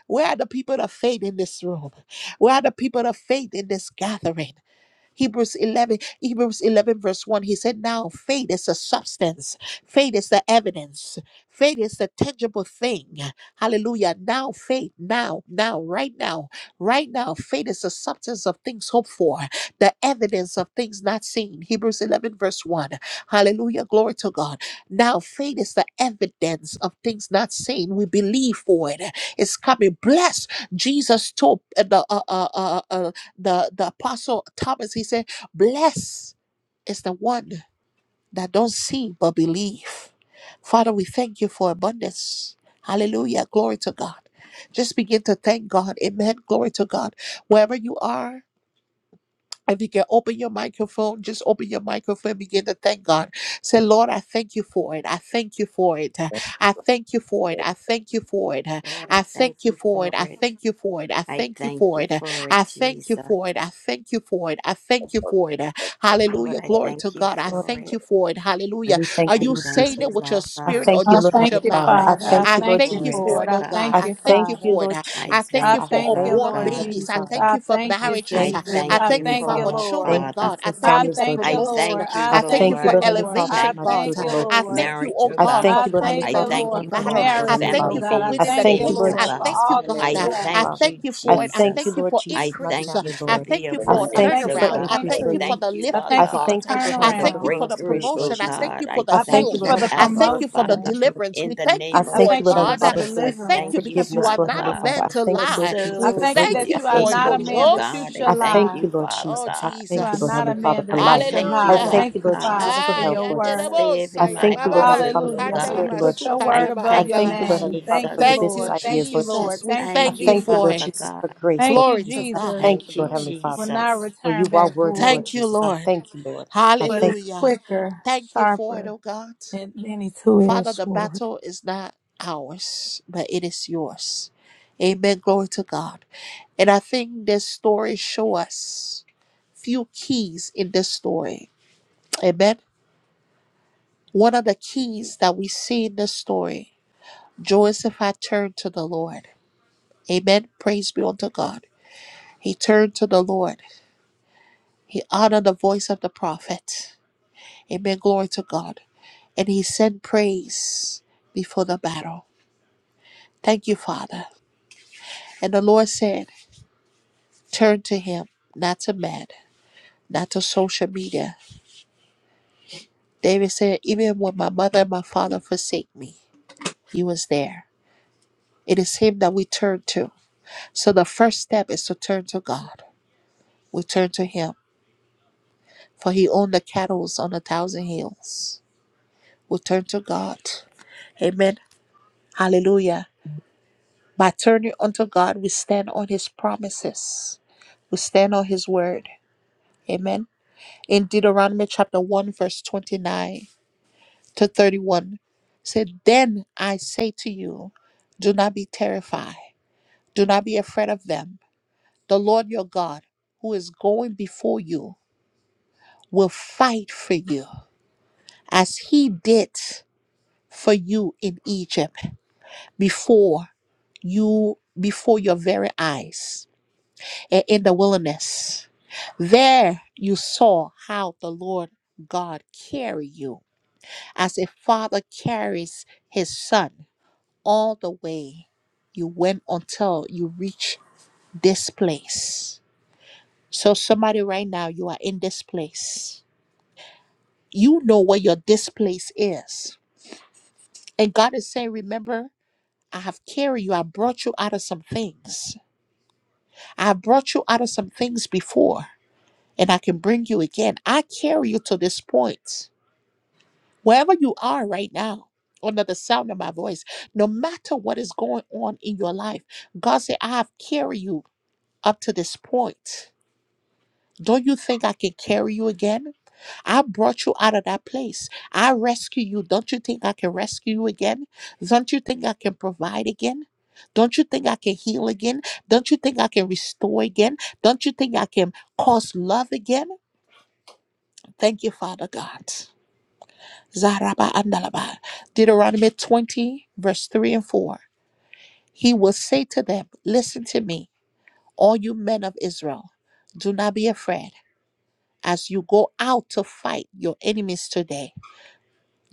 S1: Where are the people of faith in this room? Where are the people of faith in this gathering? Hebrews 11, Hebrews 11, verse 1, he said, Now faith is a substance, faith is the evidence, faith is the tangible thing. Hallelujah. Now faith, now, now, right now, right now, faith is the substance of things hoped for, the evidence of things not seen. Hebrews 11, verse 1. Hallelujah. Glory to God. Now faith is the evidence of things not seen. We believe for it. It's coming. Bless Jesus told uh, the uh, uh, uh, uh, the the apostle Thomas, he said, "Blessed is the one that don't see but believe." Father, we thank you for abundance. Hallelujah. Glory to God. Just begin to thank God. Amen. Glory to God. Wherever you are, if you can open your microphone, just open your microphone, begin to thank God. Say, Lord, I thank you for it. I thank you for it. Uh,
S3: That's
S1: I thank you for it.
S3: the-
S1: I thank you for it. Uh,
S4: Lord,
S1: I
S4: I thank
S1: thank you
S4: you
S1: for
S4: for
S1: it. I
S4: it.
S1: thank you for it. I
S4: I
S1: thank you
S4: thank
S1: for
S4: you
S1: it. Uh,
S4: for it,
S1: I thank you
S4: Jesus.
S1: for it. I thank you for it. I thank
S3: that's
S1: you
S3: what-
S1: for it. Uh,
S3: that's
S4: Lord,
S1: Hallelujah.
S4: I
S1: Glory to
S4: thank you
S1: God. I
S5: Lord,
S4: for it.
S1: thank you for it. Hallelujah.
S5: we
S1: Are
S5: thank you,
S4: I
S1: you
S5: Lord
S4: thank
S1: saying
S5: Jesus.
S1: it
S4: you,
S1: with your
S4: Lord
S5: I
S1: spirit
S4: God.
S1: or
S5: thank you,
S6: I
S1: just
S5: Lord
S1: with your
S6: thank
S5: Heavenly
S6: you,
S5: Father.
S1: mouth?
S5: I
S1: Uh,
S4: I
S6: Father. I
S5: thank
S4: thank
S1: I
S5: you,
S4: you
S5: Lord
S6: thank
S1: thank
S6: you
S4: for
S1: you
S4: it,
S5: Jesus.
S6: for
S1: for
S6: it.
S4: oh
S1: it,
S6: I
S1: oh God.
S5: I
S6: thank
S4: God.
S1: I
S6: you,
S1: thank
S5: thank
S1: you
S5: you,
S6: Father.
S1: for it.
S5: Lord
S1: Uh,
S4: I
S1: I
S5: Jesus.
S1: thank
S6: I
S1: you
S5: I
S4: thank
S1: for
S4: you,
S6: thank you,
S5: thank
S4: Lord
S1: unborn
S5: you,
S6: Lord
S4: God.
S5: Heavenly
S1: babies. I
S6: Jesus.
S5: Father.
S1: thank
S6: I
S1: you for
S6: thank
S5: I
S6: you,
S1: marriages.
S4: I
S5: thank
S1: Uh,
S5: you,
S6: Jesus.
S1: I
S5: Lord
S4: thank
S6: I
S4: you
S1: thank you
S5: Heavenly
S6: thank
S1: for
S6: you,
S1: our
S4: for
S5: Father. I
S6: Lord.
S5: thank
S1: children,
S4: Father.
S5: you
S1: God.
S5: for
S1: I thank
S6: I
S1: you
S5: families,
S1: for
S6: thank
S5: Lord
S6: you,
S4: I
S5: Jesus.
S1: promotion.
S6: Lord.
S4: thank you,
S6: I
S5: I
S1: I thank you
S6: thank
S5: thank you,
S6: you,
S1: for
S4: Lord.
S5: Lord Heavenly
S6: Lord.
S5: Father, for
S6: I
S4: Thank
S1: elevation,
S5: my
S4: you
S1: God.
S6: thank
S5: children,
S6: you,
S4: for
S5: Lord
S1: I
S5: Jesus.
S6: Lord.
S1: thank you,
S4: marriage,
S1: oh
S4: oh
S5: I
S1: God,
S4: God.
S5: thank
S1: for
S6: I
S5: you, Lord Heavenly
S6: thank
S1: fighting
S4: I
S1: the
S6: you,
S5: Father,
S4: thank
S6: Lord,
S1: legal
S4: you
S5: for
S6: for
S5: my
S4: for
S1: battle.
S5: job,
S4: my
S5: Lord
S1: I
S5: Heavenly
S6: marriages,
S1: thank
S6: oh
S1: you
S4: family
S5: Father.
S6: God.
S1: for
S6: I
S4: being
S5: I
S1: winning the
S6: thank you,
S5: thank you,
S4: saved,
S1: case.
S4: oh
S5: Lord
S1: I
S6: Lord, for
S4: God.
S1: thank
S5: Jesus, for
S1: you,
S6: all
S5: my
S6: that
S1: God.
S5: marriage,
S4: I
S6: you
S1: I
S5: Lord
S3: what-
S5: Heavenly
S1: I
S3: everything
S6: have.
S4: thank
S5: Father.
S1: thank
S4: you,
S1: you
S5: I
S1: for it. I
S5: thank you,
S1: thank
S4: Jesus.
S1: you
S5: Lord
S1: for
S5: Jesus,
S4: I
S5: for my
S1: increase.
S4: thank you
S5: family,
S1: I
S4: for
S5: Lord.
S1: thank
S4: the
S3: is
S1: you
S5: I
S1: for a
S6: I
S3: alive and
S5: thank
S4: abundance,
S5: you
S6: thank you
S4: oh
S5: for
S6: for
S1: turnaround.
S4: God.
S1: I
S5: increase,
S4: I
S1: thank
S3: well.
S1: you
S5: Lord
S1: for
S6: increase.
S1: the
S4: thank you,
S5: Jesus.
S6: I
S4: Lord
S5: I
S1: lifting,
S6: thank you
S4: God,
S6: for
S1: God.
S5: thank you, Lord
S1: I
S4: for
S5: Heavenly
S4: the
S1: thank
S5: Father,
S1: you
S6: turnaround.
S5: for
S1: for the
S4: breakthrough,
S5: restoration,
S4: oh
S5: Lord
S1: promotion. I
S5: Jesus.
S1: thank
S4: God.
S1: you for
S4: I
S1: the
S5: I
S6: I thank
S5: thank
S6: you
S5: you,
S4: thank
S1: healing.
S5: Lord
S6: for
S4: you,
S6: the
S5: Heavenly
S1: I
S5: Father,
S4: Abba
S1: thank
S5: for
S1: you for the
S4: Father.
S6: promotion.
S5: reconciliation, Lord
S1: deliverance.
S5: Jesus.
S4: In
S1: We
S4: the
S1: thank
S5: I
S1: you
S4: name
S6: I
S4: of
S1: for
S5: thank you,
S1: it,
S6: thank
S5: Lord
S6: you for
S5: Heavenly
S1: God.
S6: the
S5: Father,
S4: Jesus,
S1: We
S4: I
S5: for
S1: thank
S6: deliverance.
S1: you
S4: thank you,
S1: because you
S5: forgiveness,
S1: are
S4: Father
S5: Lord
S1: not
S5: Heavenly
S1: a
S4: God,
S5: Father.
S1: man
S5: I
S1: to
S4: for
S5: thank you, Lord
S1: lie.
S5: Jesus,
S6: I
S1: We
S5: for
S6: thank
S4: souls,
S6: you
S4: for
S1: thank
S5: grace
S6: that
S1: you
S4: your
S5: and
S6: you are
S1: for it,
S5: mercy,
S6: not
S5: Lord
S6: a
S1: Holy
S4: kingdom, oh
S6: man
S5: Jesus.
S6: that
S1: Ghost.
S6: you
S4: God. I
S6: shall
S5: I
S4: thank
S6: lie.
S5: thank
S4: you,
S5: you, Lord
S4: Father
S1: Oh,
S5: Jesus. I
S4: God.
S6: You
S5: thank
S6: are
S5: you, Lord
S1: Jesus.
S6: not a
S5: Heavenly Father,
S6: man
S5: for
S6: that
S4: I
S6: you
S5: life.
S6: should
S4: thank
S5: I
S4: you,
S6: lie.
S1: Hallelujah.
S4: Lord
S5: thank
S6: Thank
S5: you,
S6: you,
S5: Lord
S4: God,
S5: Jesus,
S6: Father,
S5: for
S6: for
S1: Ah,
S5: health,
S6: your
S5: Lord
S4: for
S5: Jesus.
S6: word.
S5: I
S4: saving
S1: yandelebosaya,
S4: my
S5: thank you, Lord Heavenly
S1: bababai,
S5: Father,
S4: household,
S5: for
S4: oh
S6: Hallelujah. For you
S4: God.
S5: prosperity,
S1: kandalama,
S5: Lord
S6: put your
S5: Jesus.
S6: word
S4: I
S1: sukaraba,
S5: I
S6: above your
S4: thank
S5: thank
S4: you,
S5: you, Lord
S1: andalama.
S6: name.
S5: Heavenly Father,
S6: Thank
S5: for
S6: you,
S5: the
S4: Jesus.
S1: Thank
S5: business
S1: you,
S6: Lord. Thank
S5: ideas,
S6: you,
S5: Lord
S6: Lord.
S1: Jesus.
S5: Jesus.
S1: We
S6: Thank you,
S5: I
S4: Thank
S1: thank
S4: you,
S1: you
S5: thank you,
S1: for
S5: Lord
S6: Jesus.
S4: Father
S1: it.
S5: Jesus,
S4: God.
S5: for grace,
S6: Thank
S5: Lord
S6: you,
S1: Glory to
S5: Jesus. I
S6: Jesus.
S1: God.
S5: thank you,
S4: Thank you,
S5: Lord Heavenly
S6: Will
S5: Father,
S6: not
S4: Jesus.
S5: for
S6: return
S5: you are
S6: back
S5: worthy, Lord
S1: Thank
S6: void,
S1: you,
S5: Jesus. I
S1: Lord.
S5: thank you, Lord. I
S6: but
S5: thank
S6: it's
S1: Hallelujah.
S6: quicker,
S1: Thank you for it,
S6: sharper
S1: oh God.
S6: than any two-edged
S1: Father, the
S6: sword.
S1: battle is not ours, but it is yours. Amen. Glory to God. And I think this story shows us few keys in this story. Amen One of the keys that we see in this story, Joseph had turned to the Lord. Amen. Praise be unto God. He turned to the Lord. He honored the voice of the prophet. Amen. Glory to God. And he sent praise before the battle. Thank you, Father. And the Lord said, Turn to him, not to man, not to social media. David said, Even when my mother and my father forsake me, he was there. It is him that we turn to. So the first step is to turn to God. We turn to Him, for He owned the cattle on a thousand hills. We turn to God. Amen. Hallelujah. By turning unto God, we stand on His promises, we stand on His word. Amen. In Deuteronomy chapter 1, verse 29 to 31, said, Then I say to you, do not be terrified, do not be afraid of them. The Lord your God, who is going before you, will fight for you as He did for you in Egypt before you before your very eyes and in the wilderness. There you saw how the Lord God carried you as a father carries his son all the way you went until you reach this place. So somebody right now you are in this place. You know where your this place is. And God is saying, remember, I have carried you. I brought you out of some things. I brought you out of some things before, and I can bring you again. I carry you to this point. Wherever you are right now, under the sound of my voice, no matter what is going on in your life, God said, I have carried you up to this point. Don't you think I can carry you again? I brought you out of that place. I rescue you. Don't you think I can rescue you again? Don't you think I can provide again? Don't you think I can heal again? Don't you think I can restore again? Don't you think I can cause love again? Thank you, Father God. Zaraba andalaba. Deuteronomy 20, verse 3 and 4. He will say to them, Listen to me, all you men of Israel, do not be afraid as you go out to fight your enemies today.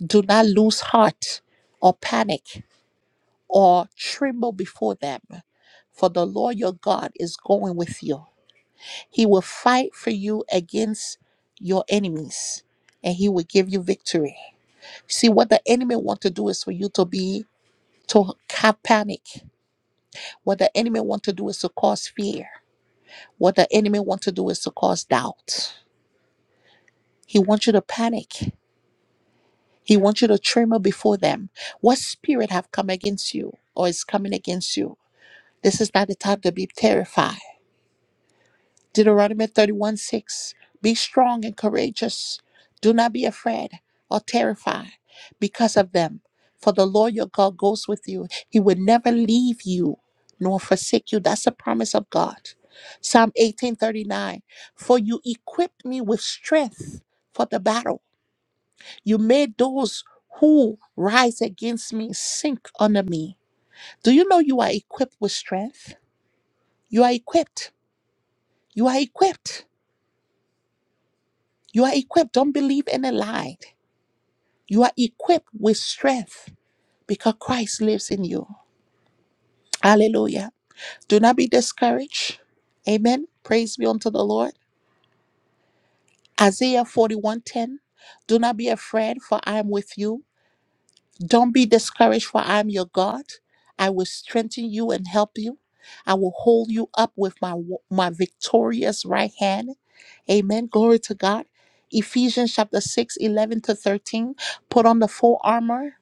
S1: Do not lose heart or panic or tremble before them, for the Lord your God is going with you. He will fight for you against your enemies and he will give you victory. See what the enemy want to do is for you to be to have panic. What the enemy want to do is to cause fear. What the enemy want to do is to cause doubt. He wants you to panic. He wants you to tremble before them. What spirit have come against you or is coming against you? This is not the time to be terrified. Deuteronomy 31 6. Be strong and courageous. Do not be afraid or terrified because of them. For the Lord your God goes with you. He will never leave you nor forsake you. That's the promise of God. Psalm eighteen thirty nine. For you equipped me with strength for the battle. You made those who rise against me sink under me. Do you know you are equipped with strength? You are equipped. You are equipped. You are equipped. Don't believe any lie. You are equipped with strength because Christ lives in you. Hallelujah. Do not be discouraged. Amen. Praise be unto the Lord. Isaiah 41:10. Do not be afraid, for I am with you. Don't be discouraged, for I am your God. I will strengthen you and help you. I will hold you up with my wo- my victorious right hand. Amen. Glory to God. Ephesians chapter 6, 11 to 13. Put on the full armor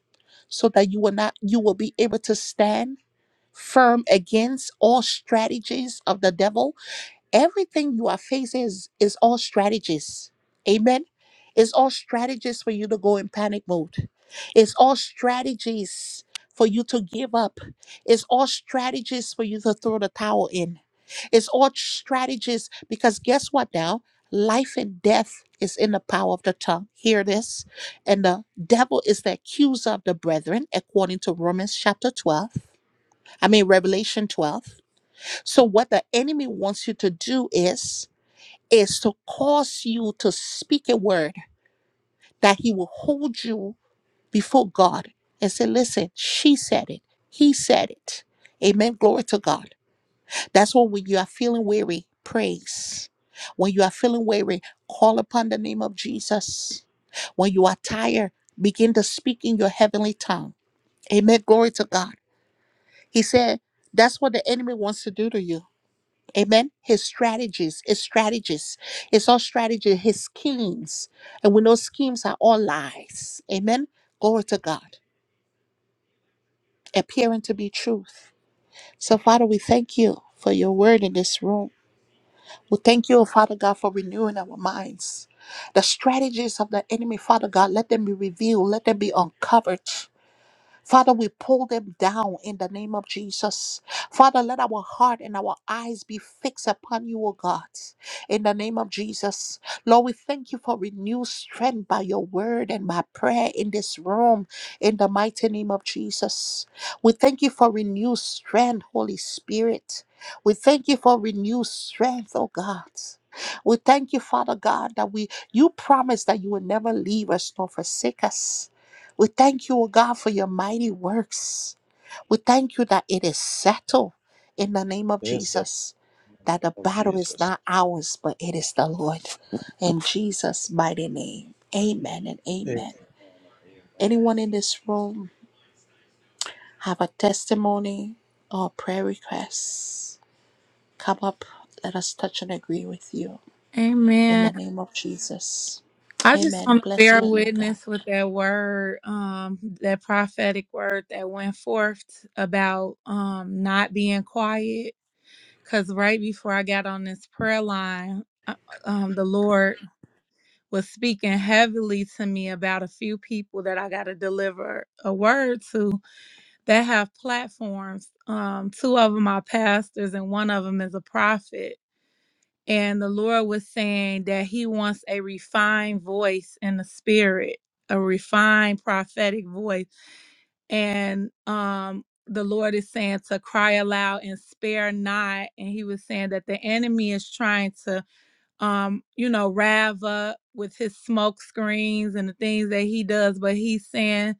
S1: so that you will not you will be able to stand firm against all strategies of the devil. Everything you are facing is, is all strategies. Amen. It's all strategies for you to go in panic mode it's all strategies for you to give up. It's all strategies for you to throw the towel in. It's all strategies because guess what now? Life and death is in the power of the tongue. Hear this. And the devil is the accuser of the brethren, according to Romans chapter 12. I mean, Revelation 12. So, what the enemy wants you to do is, is to cause you to speak a word that he will hold you before God and say, listen, she said it, he said it. Amen. Glory to God. That's why when you are feeling weary, praise. When you are feeling weary, call upon the name of Jesus. When you are tired, begin to speak in your heavenly tongue. Amen. Glory to God. He said, that's what the enemy wants to do to you. Amen. His strategies, his strategies, it's all strategy, his schemes. And we know schemes are all lies. Amen. Glory to God. appearing to be truth. So, Father, we thank you for your word in this room. We thank you, oh, Father God, for renewing our minds. The strategies of the enemy, Father God, let them be revealed, let them be uncovered. Father, we pull them down in the name of Jesus. Father, let our heart and our eyes be fixed upon you, O God, in the name of Jesus. Lord, we thank you for renewed strength by your word and by prayer in this room, in the mighty name of Jesus. We thank you for renewed strength, Holy Spirit. We thank you for renewed strength, oh God. We thank you, Father God, that we you promised that you will never leave us nor forsake us. We thank you, O God, for your mighty works. We thank you that it is settled in the name of
S3: Yes, in
S1: Jesus,
S3: the name
S1: that the
S3: of
S1: battle is
S3: Jesus.
S1: not ours, but it is the Lord. In Jesus' mighty name, amen and
S3: Amen.
S1: amen. Anyone in this room have a testimony or prayer request? Come up, let us touch and agree with you in
S6: Amen.
S1: the name of Jesus.
S6: I just
S1: Amen.
S6: want to
S1: Bless
S6: bear
S1: you, woman of God.
S6: witness with that word, um, that prophetic word that went forth about um, not being quiet. because right before I got on this prayer line, uh, um, the Lord was speaking heavily to me about a few people that I got to deliver a word to that have platforms. Um, two of them are pastors, and one of them is a prophet. And the Lord was saying that He wants a refined voice in the spirit, a refined prophetic voice and um the lord is saying to cry aloud and spare not and he was saying that the enemy is trying to um you know rev up with his smoke screens and the things that he does but he's saying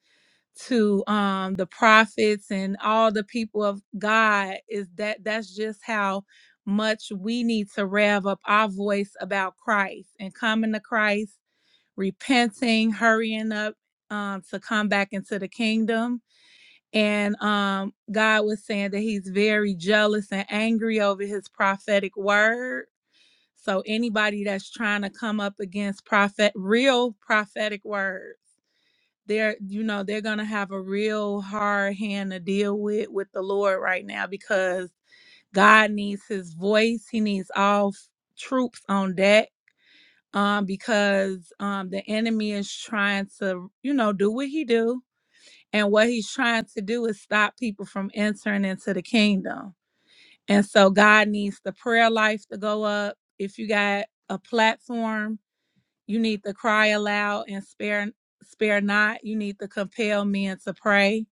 S6: to um the prophets and all the people of god is that that's just how much we need to rev up our voice about christ and coming to christ repenting hurrying up um, to come back into the kingdom and um God was saying that he's very jealous and angry over his prophetic word. So anybody that's trying to come up against prophet real prophetic words, they're you know, they're going to have a real hard hand to deal with with the Lord right now because God needs his voice. He needs all f- troops on deck um because um the enemy is trying to, you know, do what he do and what he's trying to do is stop people from entering into the kingdom. And so God needs the prayer life to go up. If you got a platform, you need to cry aloud and spare spare not. You need to compel men to pray.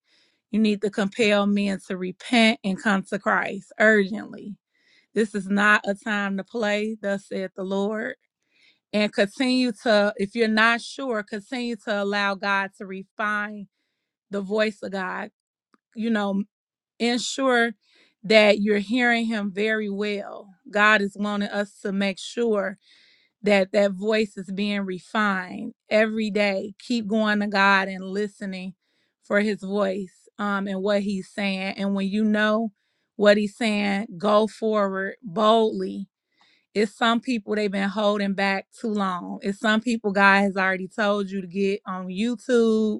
S6: You need to compel men to repent and come to Christ urgently. This is not a time to play, thus saith the Lord. And continue to, if you're not sure, continue to allow God to refine the voice of God you know ensure that you're hearing him very well. God is wanting us to make sure that that voice is being refined every day. Keep going to God and listening for his voice um, and what he's saying. And when you know what he's saying, go forward boldly. It's some people they've been holding back too long. It's some people God has already told you to get on YouTube,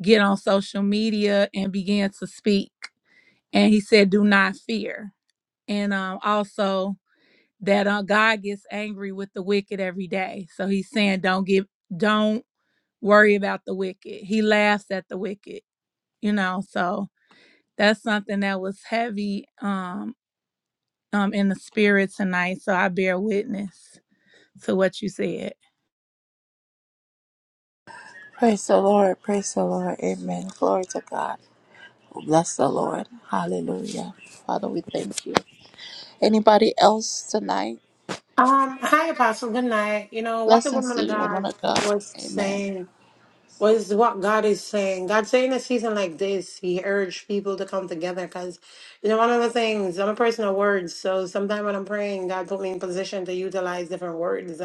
S6: get on social media, and begin to speak and he said do not fear and um also that uh, god gets angry with the wicked every day so he's saying don't give don't worry about the wicked he laughs at the wicked you know so that's something that was heavy um um in the spirit tonight so i bear witness to what you said
S1: Praise the Lord. Praise the Lord. Amen. Glory to God. Bless the Lord. Hallelujah. Father, we thank you. Anybody else tonight?
S7: Um, hi, Apostle. Good night. You know what the
S1: Blessings
S7: woman
S1: to
S7: of
S1: you, woman
S7: God
S1: of God.
S7: was
S1: Amen.
S7: saying was what God is saying. God saying in a season like this, He urged people to come together because, you know, one of the things I'm a person of words, so sometimes when I'm praying, God put me in position to utilize different words,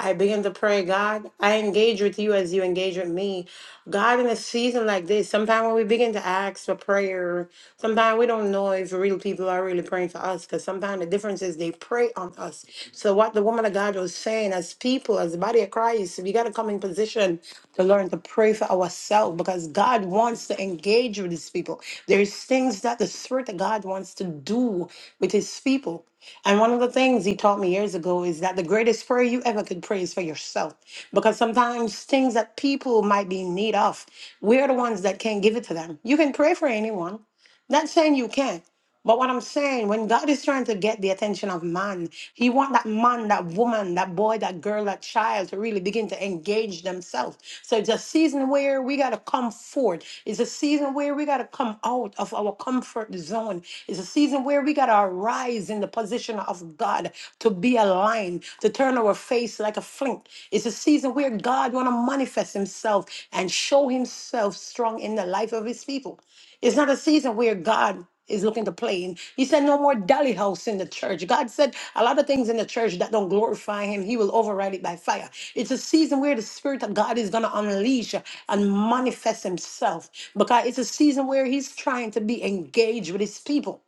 S7: I begin to pray, God, I engage with you as you engage with me. God, in a season like this, sometimes when we begin to ask for prayer, sometimes we don't know if real people are really praying for us because sometimes the difference is they pray on us. So, what the woman of God was saying, as people, as the body of Christ, we got to come in position to learn to pray for ourselves because God wants to engage with his people. There's things that the Spirit of God wants to do with his people. And one of the things he taught me years ago is that the greatest prayer you ever could pray is for yourself. Because sometimes things that people might be in need of, we're the ones that can't give it to them. You can pray for anyone. Not saying you can't, but what I'm saying, when God is trying to get the attention of man, He want that man, that woman, that boy, that girl, that child to really begin to engage themselves. So it's a season where we gotta come forth. It's a season where we gotta come out of our comfort zone. It's a season where we gotta arise in the position of God to be aligned, to turn our face like a flint. It's a season where God wanna manifest Himself and show Himself strong in the life of His people. It's not a season where God is looking to play. And he said, no more dolly house in the church. God said a lot of things in the church that don't glorify him, he will override it by fire. It's a season where the Spirit of God is going to unleash and manifest himself because it's a season where he's trying to be engaged with his people.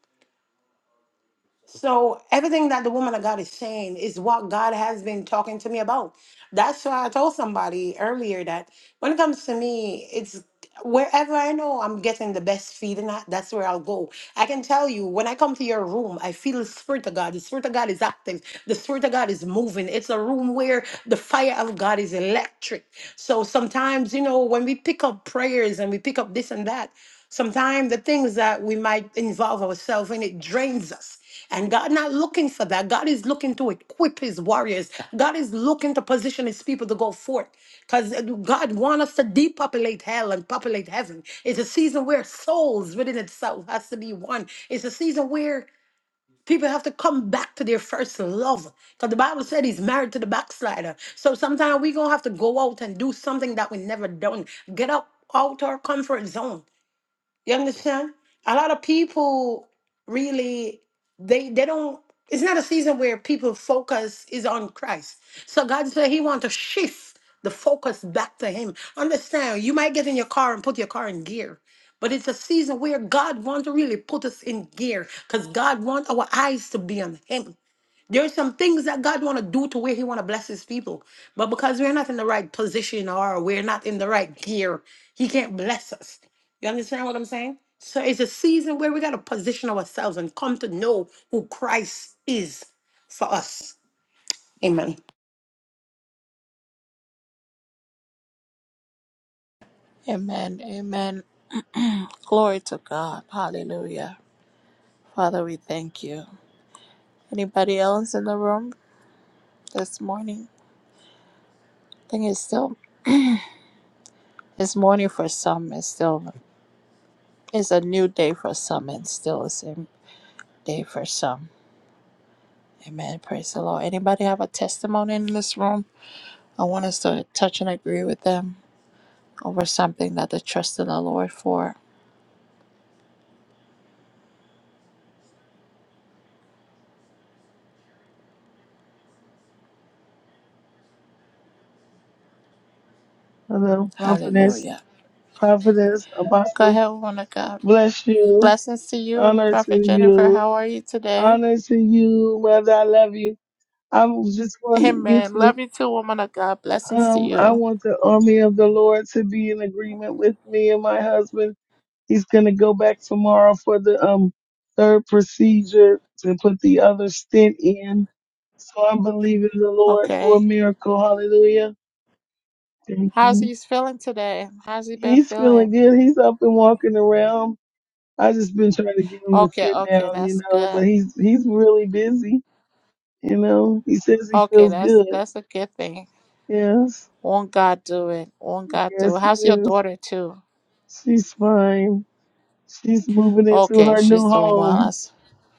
S7: So everything that the woman of God is saying is what God has been talking to me about. That's why I told somebody earlier that when it comes to me, it's wherever I know I'm getting the best feeding at, that's where I'll go. I can tell you when I come to your room, I feel the spirit of God. The spirit of God is active. The spirit of God is moving. It's a room where the fire of God is electric. So sometimes, you know, when we pick up prayers and we pick up this and that, sometimes the things that we might involve ourselves in, it drains us. And God not looking for that. God is looking to equip his warriors. God is looking to position his people to go forth. Because God wants us to depopulate hell and populate heaven. It's a season where souls within itself has to be one. It's a season where people have to come back to their first love. Because the Bible said he's married to the backslider. So sometimes we're gonna have to go out and do something that we never done. Get up out our comfort zone. You understand? A lot of people really they they don't it's not a season where people focus is on Christ. So God said he wants to shift the focus back to him. Understand, you might get in your car and put your car in gear. But it's a season where God wants to really put us in gear because God wants our eyes to be on him. There's some things that God want to do to where He want to bless His people, but because we're not in the right position or we're not in the right gear, He can't bless us. You understand what I'm saying? So it's a season where we got to position ourselves and come to know who Christ is for us. Amen.
S1: Amen. Amen. Glory to God. Hallelujah. Father, we thank you. Anybody else in the room this morning? I think it's still it's morning for some. It's still it's a new day for some and still the same day for some. Amen. Praise the Lord. Anybody have a testimony in this room? I want us to touch and agree with them. over something that they trust in the Lord for.
S8: Hello, prophetess,
S1: Hallelujah.
S8: prophetess,
S1: Go
S8: apostle.
S1: ahead, woman of God.
S8: Bless you.
S1: Blessings to you,
S8: Honor to
S1: Prophet Jennifer.
S8: you.
S1: How are you today?
S8: Honor to you, mother. I love you. I just want you to. get
S1: Amen.
S8: you.
S1: Love you too, woman of God. Blessings to
S8: Um, I
S1: you.
S8: want the army of the Lord to be in agreement with me and my husband. He's gonna go back tomorrow for the um third procedure to put the other stent in. So I'm believing the Lord for a
S1: Okay.
S8: miracle. Hallelujah. Thank
S1: How's
S8: you.
S1: he feeling today? How's he been
S8: He's feeling
S1: feeling?
S8: good. He's up and walking around I just been trying to get him to
S1: Okay,
S8: sit
S1: okay,
S8: down, you
S1: that's
S8: know,
S1: good.
S8: but he's he's really busy, you know. He says he
S1: Okay,
S8: feels
S1: that's
S8: good.
S1: that's a good thing.
S8: Yes,
S1: Won't God do it? Won't God do
S8: yes,
S1: it?
S8: he
S1: How's your
S8: is.
S1: daughter too?
S8: She's fine. She's moving into
S1: Okay,
S8: her new
S1: she's doing well.
S8: home.
S1: That's,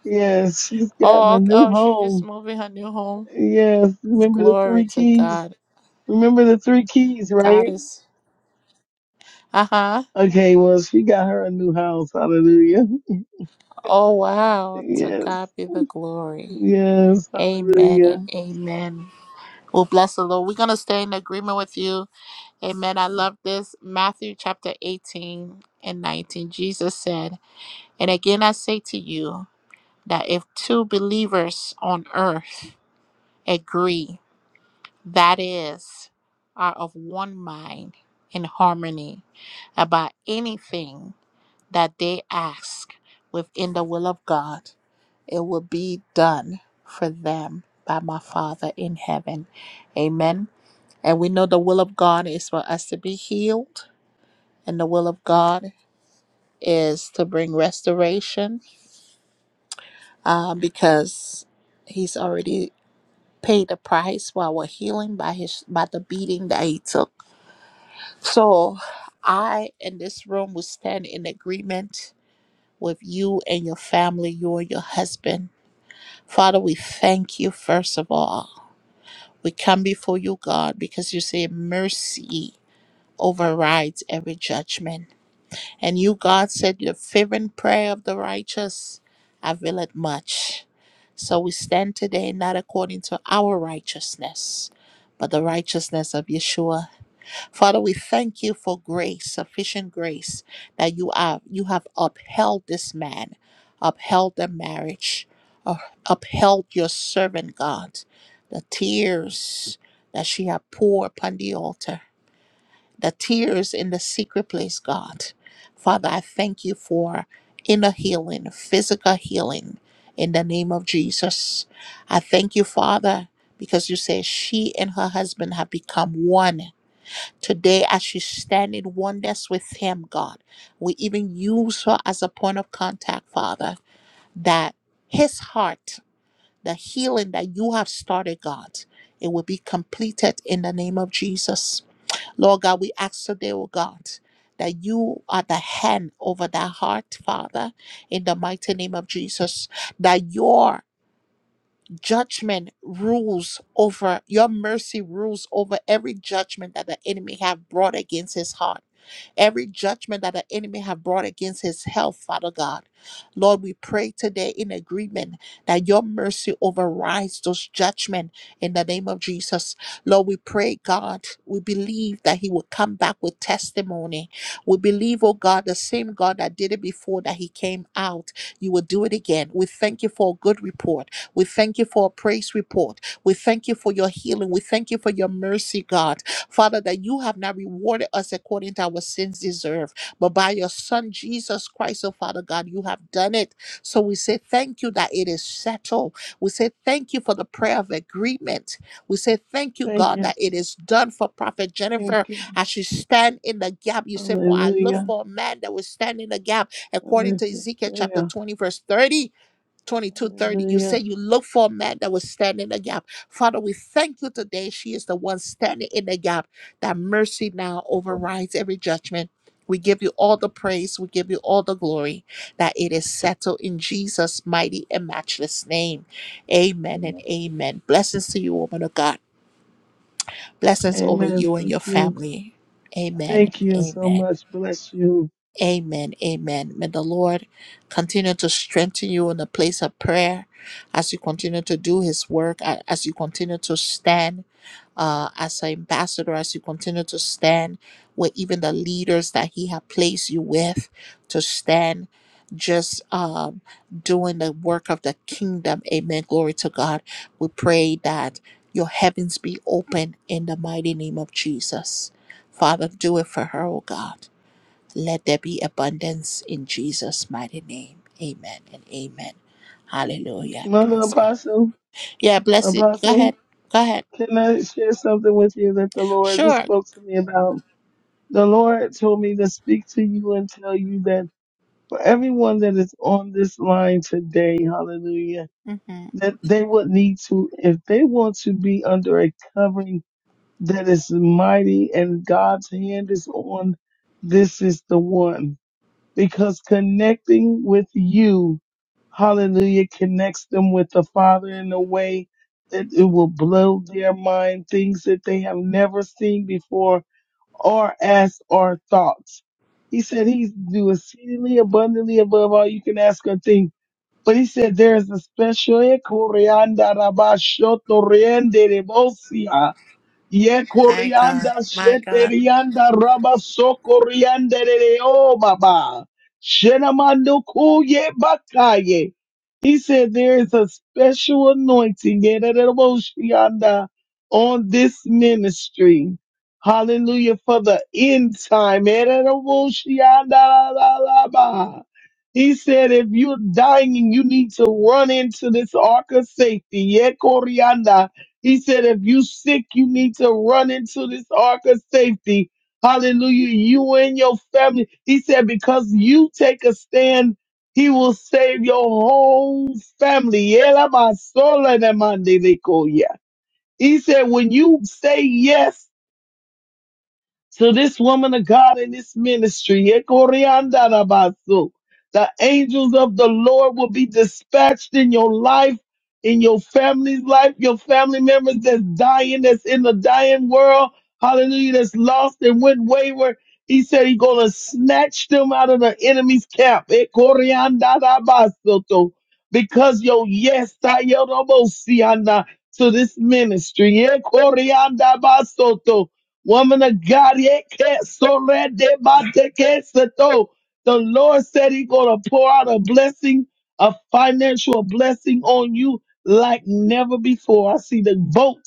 S8: Yes, she's gotten
S1: oh,
S8: a
S1: okay,
S8: new
S1: oh, she's just
S8: home.
S1: moving her new home.
S8: Yes, remember the
S1: Glory
S8: three
S1: to
S8: keys?
S1: God.
S8: Remember the three keys,
S1: God
S8: right?
S1: is Uh-huh.
S8: Okay, well, she got her a new house. Hallelujah.
S1: Oh wow. To
S8: Yes,
S1: God be the glory.
S8: yes,
S1: Amen
S8: hallelujah.
S1: and amen. Well bless the Lord. We're gonna stay in agreement with you. Amen. I love this. Matthew chapter 18 and 19. Jesus said, And again I say to you that if two believers on earth agree, that is, are of one mind in harmony about anything that they ask within the will of God. It will be done for them by my Father in heaven. Amen. And we know the will of God is for us to be healed, and the will of God is to bring restoration uh, because He's already paid the price for our healing by his by the beating that he took. So I in this room will stand in agreement with you and your family, you and your husband. Father, we thank you first of all We come before you, God, because you say mercy overrides every judgment. And you, God, said the fervent prayer of the righteous availeth much. So we stand today not according to our righteousness, but the righteousness of Yeshua. Father, we thank you for grace, sufficient grace that you are you have upheld this man, upheld the marriage, uh, upheld your servant God. The tears that she had poured upon the altar, the tears in the secret place, God. Father, I thank you for inner healing, physical healing in the name of Jesus. I thank you, Father, because you say she and her husband have become one Today, as she stand in oneness with him, God, we even use her as a point of contact, Father, that his heart, the healing that you have started, God, it will be completed in the name of Jesus. Lord God, we ask today, oh God, that you are the hand over that heart, Father, in the mighty name of Jesus, that your judgment rules over your mercy rules over every judgment that the enemy have brought against his heart every judgment that the enemy have brought against his health, Father God. Lord, we pray today in agreement that your mercy overrides those judgment in the name of Jesus. Lord, we pray, God, we believe that he will come back with testimony. We believe, oh God, the same God that did it before that he came out, you will do it again. We thank you for a good report. We thank you for a praise report. We thank you for your healing. We thank you for your mercy, God. Father, that you have not rewarded us according to our sins deserve, but by your Son Jesus Christ, oh Father God, you have done it. So we say thank you that it is settled. We say thank you for the prayer of agreement. We say thank you,
S8: Thank
S1: God,
S8: you,
S1: that it is done for Prophet
S8: thank
S1: Jennifer
S8: you.
S1: as she stand in the gap. You said, For I look
S8: Hallelujah.
S1: for a man that will stand in the gap according
S8: Hallelujah.
S1: to Ezekiel
S8: Yeah.
S1: chapter 20, verse 30. Twenty-two 30. you
S8: Hallelujah.
S1: say you look for a man that will stand in the gap father we thank you today she is the one standing in the gap that mercy now overrides every judgment we give you all the praise we give you all the glory that it is settled in jesus mighty and matchless name amen
S3: Amen.
S1: and amen blessings to you woman of god blessings over
S8: Amen.
S1: you and
S8: Thank
S1: your
S8: you.
S1: family amen
S8: Thank you
S1: and
S8: so
S1: amen
S8: much. Bless you.
S1: Amen. Amen. May the Lord continue to strengthen you in the place of prayer as you continue to do his work, a- as you continue to stand uh, as an ambassador, as you continue to stand with even the leaders that he has placed you with to stand just um, doing the work of the kingdom. Amen. Glory to God. We pray that your heavens be open in the mighty name of Jesus. Father, do it for her, oh God. Let there be abundance in Jesus' mighty name. Amen and amen. Hallelujah.
S8: Mother
S1: Praise God.
S8: Apostle,
S1: Yeah, bless it. Go ahead.
S8: Apostle,
S1: Go ahead.
S8: can I share something with you that the Lord just
S1: Sure.
S8: spoke to me about? The Lord told me to speak to you and tell you that for everyone that is on this line today, hallelujah,
S1: hmm
S8: that they would need to, if they want to be under a covering that is mighty and God's hand is on, this is the one. because connecting with you, hallelujah, connects them with the Father in a way that it will blow their mind, things that they have never seen before or asked or thought. He said he's do exceedingly abundantly above all you can ask or think. But he said there is a special Ye
S1: My God.
S8: korianda
S1: My God.
S8: sheterianda raba sokorianda o baba. Shenamando kuye bakaye. He said there is a special anointing yededereboshianda, on this ministry. Hallelujah for the end time. Yedereboshianda la la la ba. He said, if you're dying, you need to run into this ark of safety. Ye korianda he said, if you sick, you need to run into this ark of safety. Hallelujah. You and your family. He said, because you take a stand, he will save your whole family. He said, when you say yes to this woman of God in this ministry. Ekoriandarabasu. The angels of the Lord will be dispatched in your life, in your family's life, your family members that's dying, that's in the dying world. Hallelujah, that's lost and went wayward. He said he's going to snatch them out of the enemy's camp. Ekoriandarabasu. Because your yes, Tayerobosiana, to this ministry. Ekoriandarabasu Woman of God, ye can't so red de bate que se to. the Lord said He's gonna pour out a blessing, a financial blessing on you like never before. I see the vote.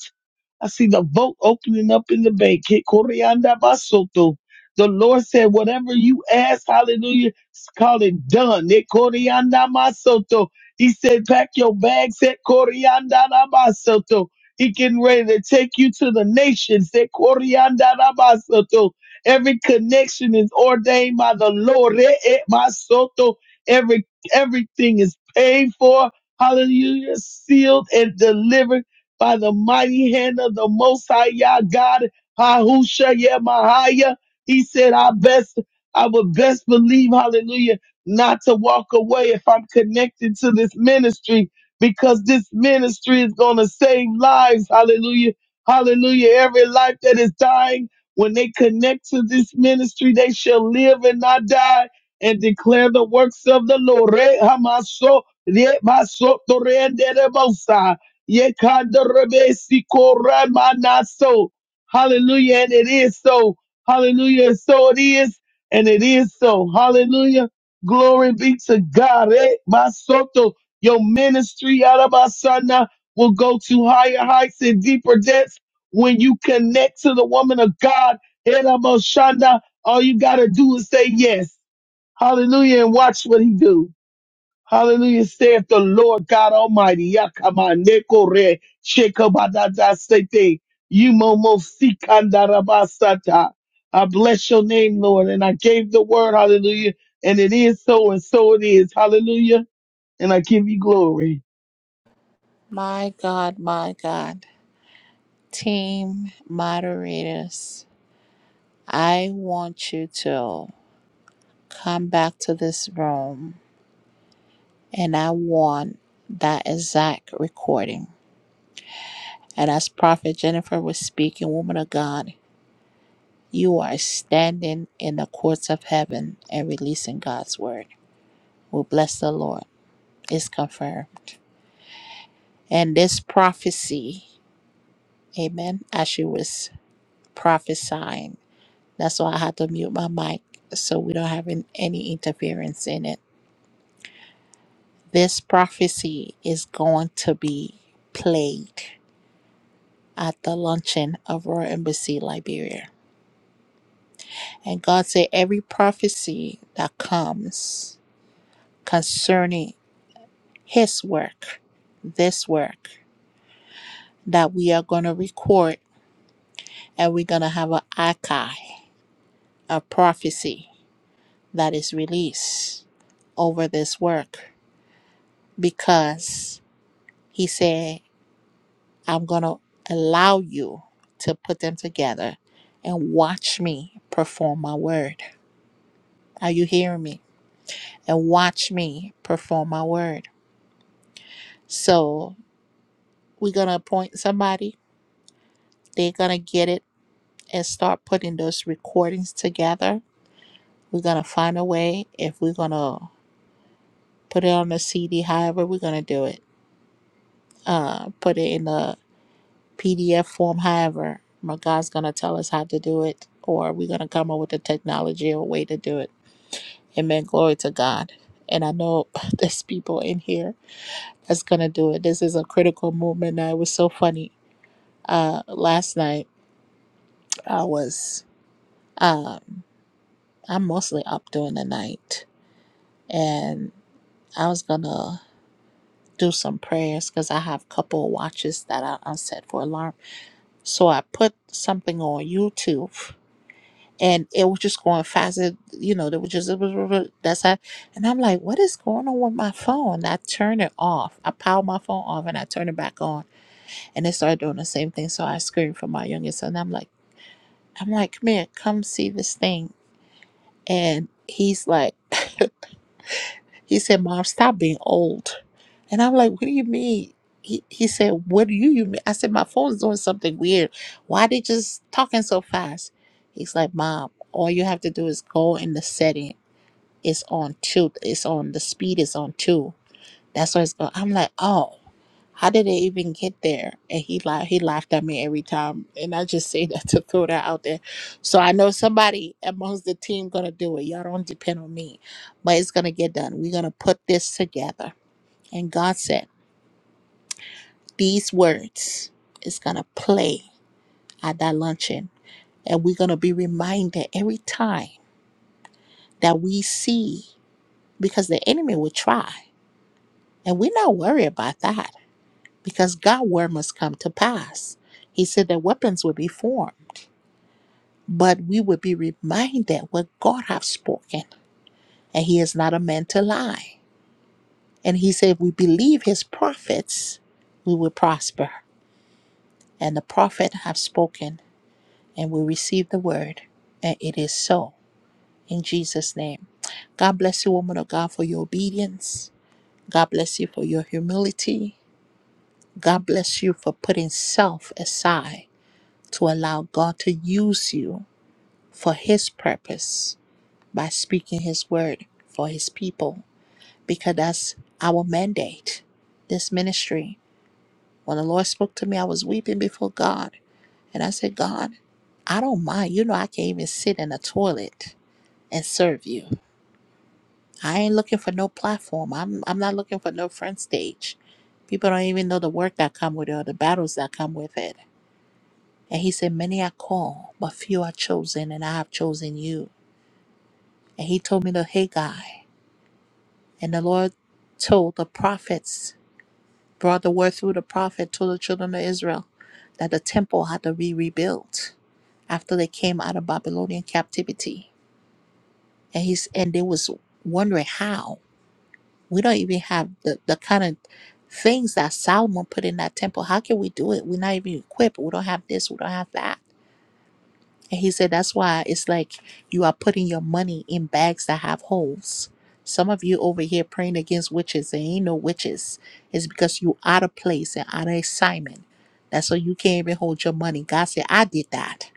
S8: I see the vote opening up in the bank. Ke koreanda basoto. The Lord said, whatever you ask, hallelujah, call it done. Ne koreanda masoto. He said, pack your bags at Corianda Basoto. He getting ready to take you to the nations. Ne koreanda na basoto. Every connection is ordained by the Lord. Re- e- basoto. Every everything is paid for. Hallelujah, sealed and delivered by the mighty hand of the Most High Yah God, Hahusha Yemahaya. He said, I best, I would best believe, hallelujah, not to walk away if I'm connected to this ministry because this ministry is going to save lives. Hallelujah. Hallelujah. Every life that is dying, when they connect to this ministry, they shall live and not die and declare the works of the Lord. Re- Hamaso, Re- Maso, Tore, and Dere, Mosai. Yekandarebesikoremanaso. Hallelujah. And it is so. Hallelujah. So it is. And it is so. Hallelujah. Glory be to God. Eh, Masoto. Your ministry, Arabasana, will go to higher heights and deeper depths when you connect to the woman of God. Eramoshanda. All you got to do is say yes. Hallelujah. And watch what he do. Hallelujah. Saith the Lord God Almighty. Yakamanekore shekabadadasete, yumomosikandalabasata. I bless your name, Lord. And I gave the word. Hallelujah. And it is so and so it is. Hallelujah. And I give you glory.
S1: My God. My God. Team moderators, I want you to come back to this room and I want that exact recording. And as Prophet Jennifer was speaking, woman of God, You are standing in the courts of heaven and releasing God's word. Well, bless the Lord. It's confirmed. And this prophecy, amen, as she was prophesying, that's why I had to mute my mic so we don't have an- any interference in it. This prophecy is going to be played at the luncheon of Royal Embassy Liberia. And God said, every prophecy that comes concerning his work, this work that we are going to record and we're going to have an archive, a prophecy that is released over this work because he said, I'm going to allow you to put them together and watch me perform my word. Are you hearing me? And watch me perform my word. So we're going to appoint somebody, they're going to get it and start putting those recordings together We're gonna find a way if we're gonna put it on a CD, however we're gonna do it. Uh, put it in a PDF form, however. My God's gonna tell us how to do it, or we're gonna come up with a technology or a way to do it. Amen. Glory to God. And I know there's people in here that's gonna do it. This is a critical movement. Now it was so funny. Uh, last night I was um, I'm mostly up during the night, and I was gonna do some prayers because I have a couple of watches that I unset for alarm. So I put something on YouTube and it was just going fast. It, you know, there was just that's how and I'm like, what is going on with my phone? I turn it off. I power my phone off and I turn it back on. And it started doing the same thing. So I screamed for my youngest son. I'm like, I'm like, come here, come see this thing. And he's like He said, Mom, stop being old. And I'm like, What do you mean? He, he said, What do you, you mean? I said, My phone's doing something weird. Why they just talking so fast? He's like, Mom, all you have to do is go in the setting. It's on two. It's on the speed is on two. That's what it's going. I'm like, oh. How did it even get there? And he laughed. He laughed at me every time. And I just say that to throw that out there. So I know somebody amongst the team gonna do it. Y'all don't depend on me, but it's gonna get done. We're gonna put this together. And God said these words is gonna play at that luncheon, and we're gonna be reminded every time that we see, because the enemy will try, and we're not worried about that because God word must come to pass. He said that weapons will be formed. but we would be reminded what God have spoken, and He is not a man to lie. And He said, if we believe His prophets, we will prosper. And the prophet have spoken, and we receive the word, and it is so in Jesus' name. God bless you, woman of God, for your obedience. God bless you for your humility. God bless you for putting self aside to allow God to use you for His purpose by speaking His word for His people because that's our mandate. This ministry, when the Lord spoke to me, I was weeping before God. And I said, God, I don't mind. You know, I can even sit in a toilet and serve you. I ain't looking for no platform. I'm, I'm not looking for no front stage. People don't even know the work that come with it or the battles that come with it. And he said, Many are called, but few are chosen, and I have chosen you. And he told me to, Hey, guy. And the Lord told the prophets, brought the word through the prophet to the children of Israel that the temple had to be rebuilt after they came out of Babylonian captivity. And he's and they was wondering how. We don't even have the, the kind of things that Solomon put in that temple. How can we do it? We're not even equipped. We don't have this. We don't have that. And he said that's why it's like you are putting your money in bags that have holes. Some of you over here praying against witches, there ain't no witches. It's because you out of place and out of assignment. That's why you can't even hold your money. God said, I did that.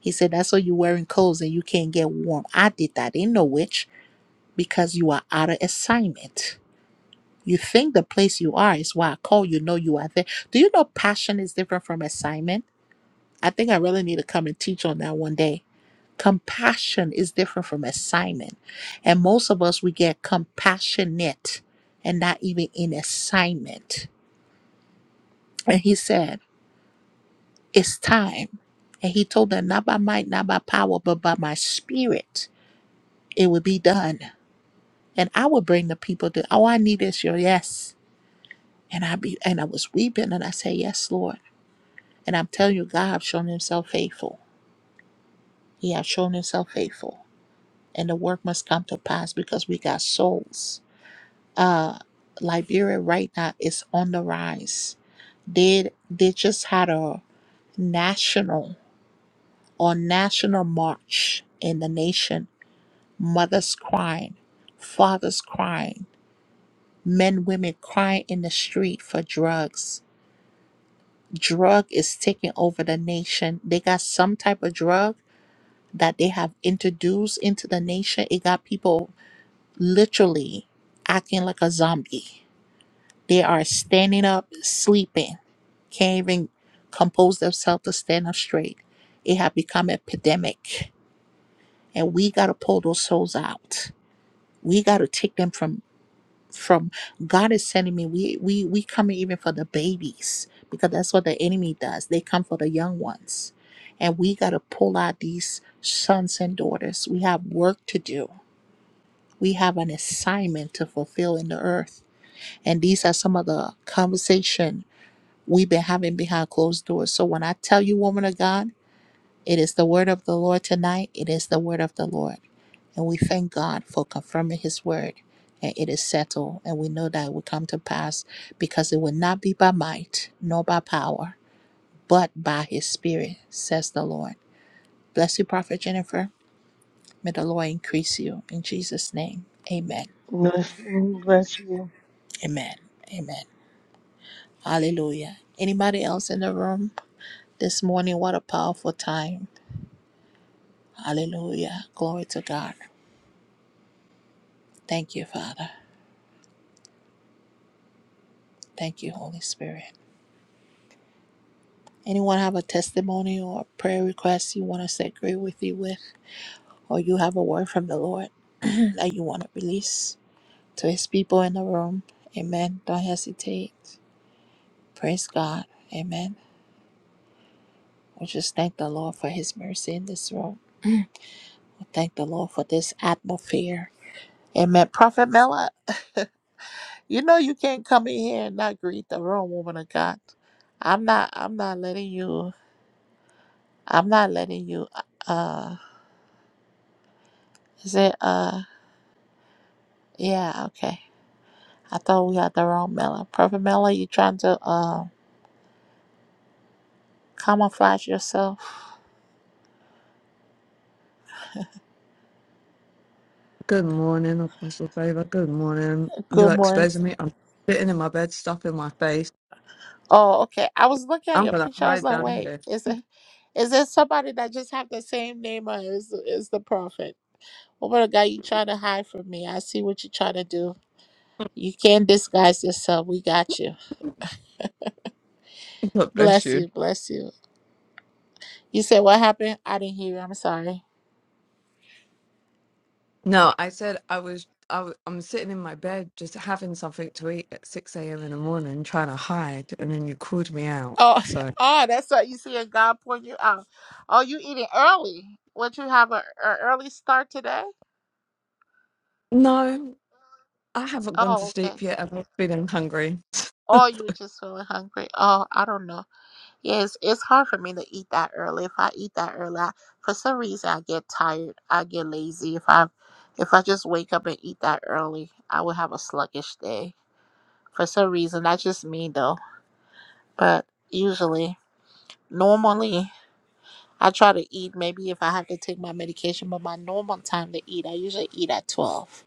S1: He said, That's why you wearing clothes and you can't get warm. I did that. Ain't no witch because you are out of assignment. You think the place you are is why I call you, know you are there. Do you know passion is different from assignment? I think I really need to come and teach on that one day Compassion is different from assignment. And most of us, we get compassionate and not even in assignment. And he said, It's time. And he told them, Not by might, not by power, but by my spirit, it will be done. And I would bring the people to, Oh, I need is your yes. And I be and I was weeping and I said, Yes, Lord. And I'm telling you, God have shown himself faithful. He has shown himself faithful. And the work must come to pass because we got souls uh Liberia right now is on the rise. They they just had a national or national march in the nation. Mothers crying, fathers crying, men, women crying in the street for drugs. Drug is taking over the nation. They got some type of drug that they have introduced into the nation. It got people literally acting like a zombie. They are standing up, sleeping can't even compose themselves to stand up straight. It had become epidemic. And we gotta pull those souls out. We gotta take them from from God is sending me. We we we coming even for the babies because that's what the enemy does. They come for the young ones. And we gotta pull out these sons and daughters. We have work to do. We have an assignment to fulfill in the earth. And these are some of the conversation we've been having behind closed doors. So when I tell you, woman of God, It is the word of the Lord tonight. It is the word of the Lord. And we thank God for confirming his word. And it is settled. And we know that it will come to pass because it will not be by might nor by power, but by his spirit, says the Lord. Bless you, Prophet Jennifer. May the Lord increase you in Jesus' name. Amen.
S8: Bless you. Bless you.
S1: Amen. Amen. Hallelujah. Anybody else in the room this morning? What a powerful time. Hallelujah. Glory to God. Thank you, Father. Thank you, Holy Spirit. Anyone have a testimony or a prayer request you want us to agree with you with, or you have a word from the Lord that you want to release to His people in the room? Amen. Don't hesitate. Praise God. Amen. We just thank the Lord for His mercy in this room. We thank the Lord for this atmosphere. Amen. Prophet Miller, you know you can't come in here and not greet the room, woman of God. I'm not. I'm not letting you. I'm not letting you. Uh, is it? Uh. Yeah, okay. I thought we had the wrong Mela. Prophet Mela, you trying to uh, camouflage yourself?
S9: Good morning, Apostle Favor. Good morning.
S1: Good
S9: You're
S1: morning.
S9: exposing me. I'm sitting in my bed, stuff in my face.
S1: Oh, okay. I was looking at
S9: I'm
S1: your
S9: gonna
S1: picture. I was
S9: hide
S1: like,
S9: down
S1: wait,
S9: here.
S1: is it is there somebody that just have the same name or is is the prophet? Oh, What about the guy you trying to hide from me? I see what you trying to do. You can't disguise yourself. We got you.
S9: God bless
S1: Bless
S9: you.
S1: you. Bless you. You said what happened? I didn't hear you. I'm sorry.
S9: No, I said I was. I, w- I'm sitting in my bed, just having something to eat at 6 a.m. in the morning, trying to hide, and then you called me out.
S1: Oh,
S9: So
S1: oh, that's what you see in God point you out. Oh, you eating early? Would you have a, a early start today?
S9: no, I haven't gone to
S1: Oh, okay.
S9: sleep yet. I've not been hungry.
S1: Or you were just feeling hungry? Oh, I don't know. Yeah, it's, it's hard for me to eat that early. If I eat that early, I, for some reason, I get tired. I get lazy. If I if I just wake up and eat that early, I will have a sluggish day. For some reason, that's just me though. But usually, normally. I try to eat maybe if I have to take my medication, but my normal time to eat, I usually eat at 12.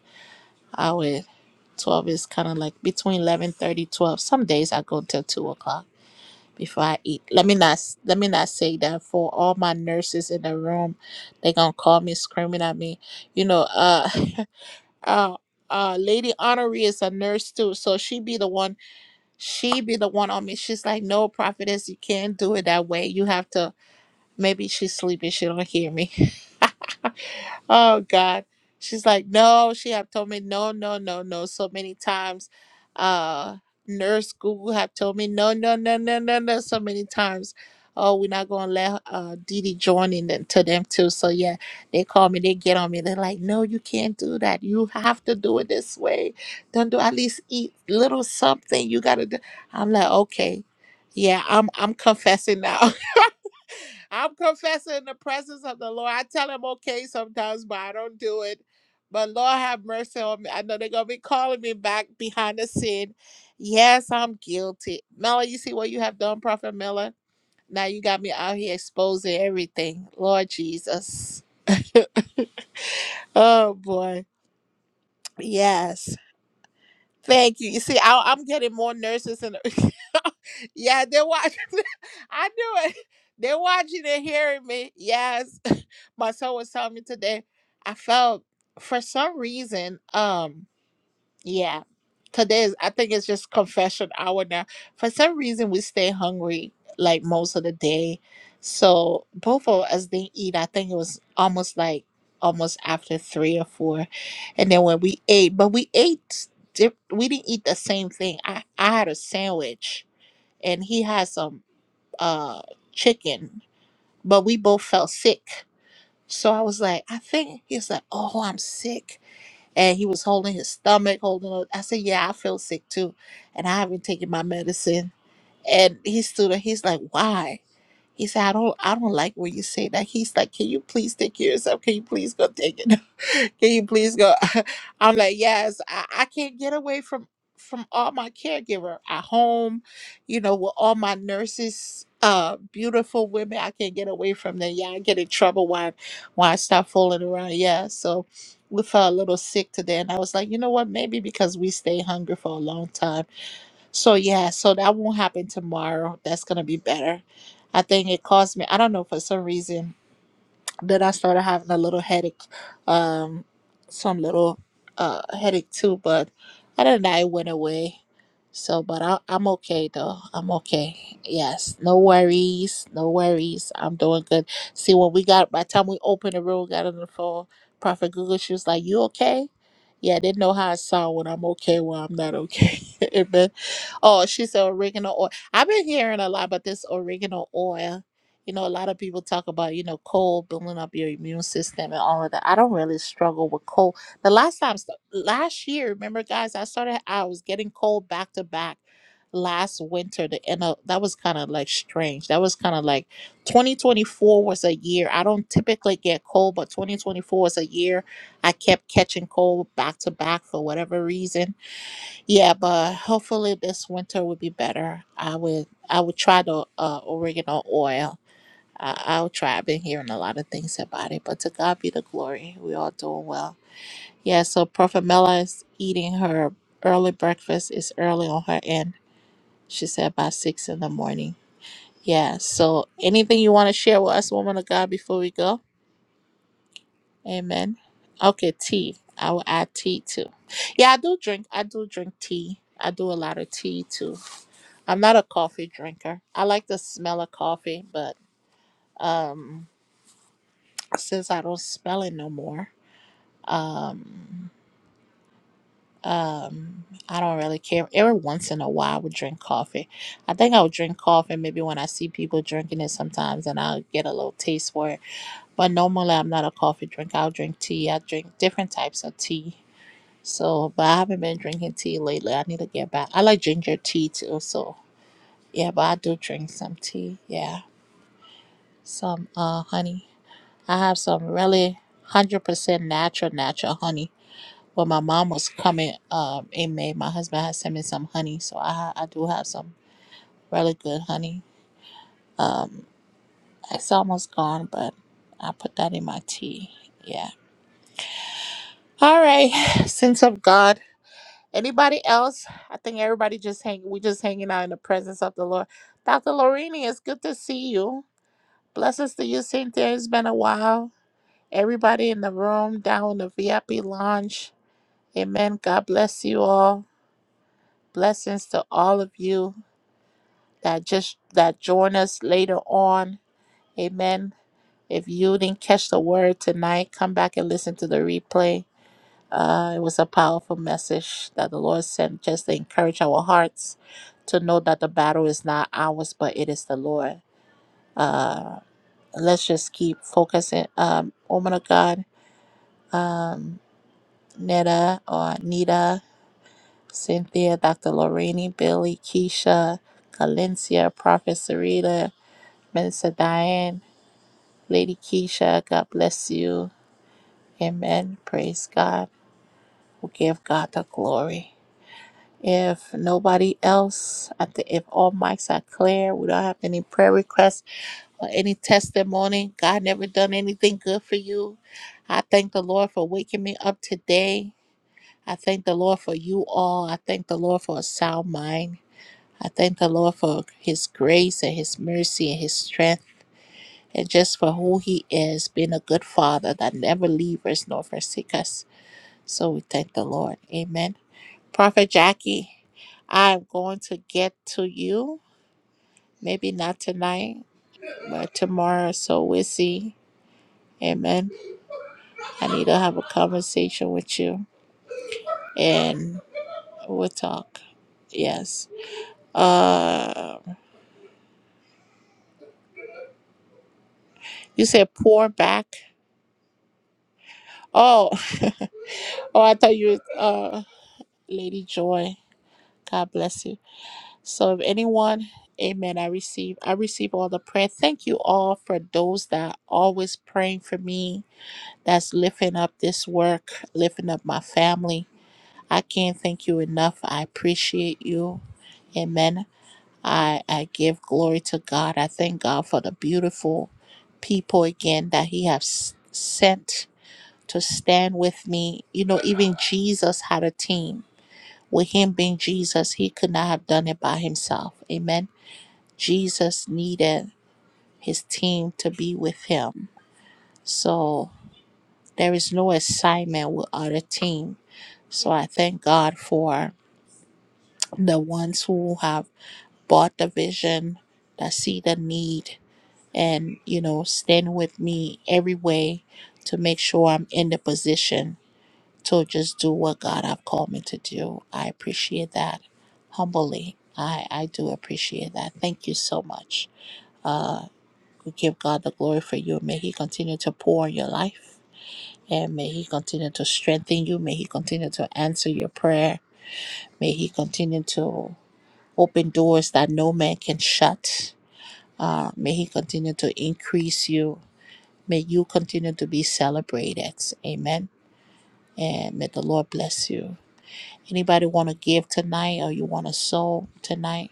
S1: I would, 12 is kind of like between eleven thirty, twelve. Some days I go till 2 o'clock before I eat. Let me not, s- let me not say that for all my nurses in the room, they going to call me screaming at me. You know, uh, uh, uh, Lady Honoree is a nurse too, so she be the one. She be the one on me. She's like, "No, prophetess, you can't do it that way. You have to." Maybe she's sleeping. She don't hear me oh God. She's like, no, she have told me no, no, no, no so many times. Uh nurse Google have told me no, no, no, no, no, no, so many times. Oh, we're not gonna let uh Didi join in them, to them too. So yeah, they call me, they get on me. They're like, no, you can't do that. You have to do it this way. Don't do at least eat little something. You gotta do. I'm like, okay, yeah, I'm I'm confessing now. I'm confessing in the presence of the Lord. I tell him okay sometimes, but I don't do it. But Lord have mercy on me. I know they're gonna be calling me back behind the scene. Yes, I'm guilty. Miller, you see what you have done, Prophet Miller? Now you got me out here exposing everything. Lord Jesus. Oh boy. Yes. Thank you. You see, I, I'm getting more nurses and yeah, they're watching. I knew it. They're watching and hearing me. Yes, my son was telling me today. I felt for some reason. Um, yeah. Today is, I think it's just confession hour now. For some reason we stay hungry like most of the day. So both of us didn't eat. I think it was almost like almost after three or four. And then when we ate, but we ate dip, we didn't eat the same thing. I, I had a sandwich and he had some uh chicken. But we both felt sick. So I was like, I think he's like, Oh, I'm sick and he was holding his stomach, holding. Up. I said, "Yeah, I feel sick too, and I haven't taken my medicine." And he stood up. He's like, "Why?" He said, "I don't, I don't like when you say that." He's like, "Can you please take yourself? Can you please go take it?" Can you please go? I'm like, yes, I, I can't get away from from all my caregiver at home, you know, with all my nurses, uh, beautiful women. I can't get away from them. Yeah, I get in trouble when when I start fooling around. Yeah, so we felt a little sick today, and I was like, you know what? Maybe because we stay hungry for a long time. So yeah, so that won't happen tomorrow. That's gonna be better. I think it caused me. I don't know for some reason then I started having a little headache, um, some little uh headache too. But other than that, it went away. So, but I, I'm okay though. I'm okay. Yes, no worries, no worries. I'm doing good. See, when we got by the time we opened the room, got on the phone, Prophet Google, she was like, "You okay?" Yeah, I didn't know how I sound when I'm okay, when I'm not okay. Amen. Oh, she said oregano oil. I've been hearing a lot about this oregano oil you know, a lot of people talk about, you know, cold building up your immune system and all of that. I don't really struggle with cold. The last time, last year, remember, guys, I started, I was getting cold back to back last winter. The end of that was kind of like strange. That was kind of like 2024 was a year. I don't typically get cold, but 2024 was a year I kept catching cold back to back for whatever reason. Yeah, but hopefully this winter will be better. I would, I would try the uh, oregano oil I- I'll try. I've been hearing a lot of things about it, but to God be the glory. We all doing well. Yeah, so Prophet Mela is eating her early breakfast. It's early on her end. She said by six in the morning. Yeah, so anything you want to share with us, woman of God, before we go? Amen. Okay, tea. I will add tea too. Yeah, I do drink. I do drink tea. I do a lot of tea too. I'm not a coffee drinker. I like the smell of coffee, but um since I don't smell it no more. Um, um, I don't really care. Every once in a while, I would drink coffee. I think I would drink coffee maybe when I see people drinking it sometimes, and I'll get a little taste for it. But normally, I'm not a coffee drinker. I'll drink tea. I drink different types of tea. So, but I haven't been drinking tea lately. I need to get back. I like ginger tea too. So, yeah, but I do drink some tea. Yeah, some uh honey. I have some really hundred percent natural, natural honey Well, my mom was coming um, in May. My husband had sent me some honey, so I ha- I do have some really good honey. Um, it's almost gone, but I put that in my tea. Yeah. All right. Sense of God. Anybody else? I think everybody just hang. We just hanging out in the presence of the Lord. Dr. Lorini, it's good to see you. Blessings to you, Cynthia. It's been a while. Everybody in the room, down in the VIP lounge. Amen. God bless you all. Blessings to all of you. that just that join us later on. Amen. If you didn't catch the word tonight, come back and listen to the replay. Uh, it was a powerful message that the Lord sent just to encourage our hearts to know that the battle is not ours, but it is the Lord. Uh, let's just keep focusing. Um, woman of God, um, Neta or Nita, Cynthia, Dr. Lorraine, Billy, Keisha, Calencia, Prophet Sarita, Minister Diane, Lady Keisha, God bless you. Amen. Praise God. We give God the glory. If nobody else, I think if all mics are clear, we don't have any prayer requests or any testimony. God never done anything good for you. I thank the Lord for waking me up today. I thank the Lord for you all. I thank the Lord for a sound mind. I thank the Lord for his grace and his mercy and his strength. and just for who He is, being a good Father that never leaves us nor forsake us. So we thank the Lord. Amen. Prophet Jackie, I'm going to get to you. Maybe not tonight, but tomorrow. So we'll see. Amen. I need to have a conversation with you, and we'll talk. Yes. Uh, you said pour back. Oh, oh, I thought you, uh, Lady Joy. God bless you. So if anyone, amen, I receive, I receive all the prayer. Thank you all for those that are always praying for me, that's lifting up this work, lifting up my family. I can't thank you enough. I appreciate you. Amen. I, I give glory to God. I thank God for the beautiful people again that He has sent to stand with me. You know, even Jesus had a team. With Him being Jesus, He could not have done it by Himself. Amen. Jesus needed his team to be with him. So there is no assignment with other team. So I thank God for the ones who have bought the vision, that see the need, and you know, stand with me every way to make sure I'm in the position to just do what God have called me to do. I appreciate that humbly. I, I do appreciate that. Thank you so much. Uh. We give God the glory for you. May He continue to pour in your life and may He continue to strengthen you. May He continue to answer your prayer. May He continue to open doors that no man can shut. Uh, may He continue to increase you. May you continue to be celebrated. Amen. And may the Lord bless you. Anybody want to give tonight or you want to sow tonight?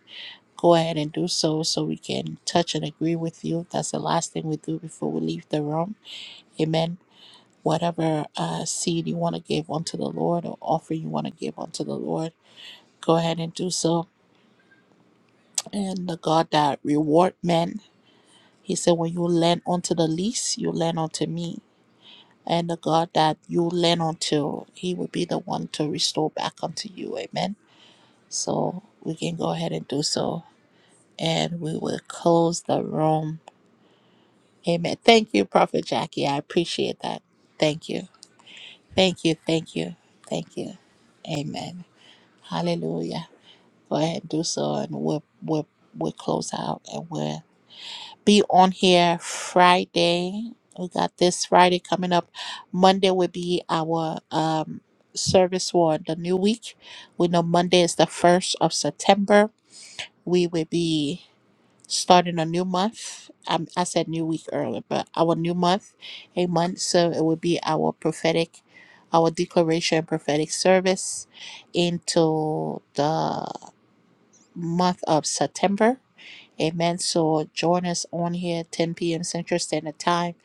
S1: Go ahead and do so so we can touch and agree with you. That's the last thing we do before we leave the room. Amen. whatever uh, seed you want to give unto the Lord or offer you want to give unto the Lord, go ahead and do so. And the God that reward men, He said, when you lend unto the least, you lend unto me. And the God that you lend unto, He will be the one to restore back unto you. Amen. So we can go ahead and do so. And we will close the room. Amen. Thank you, Prophet Jackie. I appreciate that. Thank you. Thank you. Thank you. Thank you. Amen. Hallelujah. Go ahead and do so, and we'll we'll we'll close out, and we'll be on here Friday. We got this Friday coming up. Monday will be our um service for the new week. We know Monday is the first of September. We will be starting a new month. Um, I said new week earlier, but our new month, a month. So it will be our prophetic, our declaration prophetic service into the month of September. Amen. So join us on here, 10 p.m. Central Standard Time.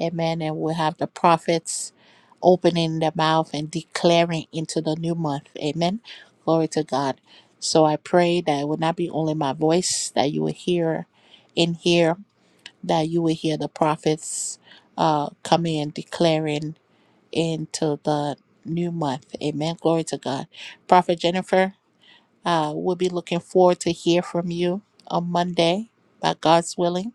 S1: Amen. And we'll have the prophets opening their mouth and declaring into the new month. Amen. Glory to God. So I pray that it would not be only my voice that you will hear in here, that you will hear the prophets uh, coming and declaring into the new month. Amen. Glory to God. Prophet Jennifer. Uh, we'll be looking forward to hear from you on Monday, by God's willing,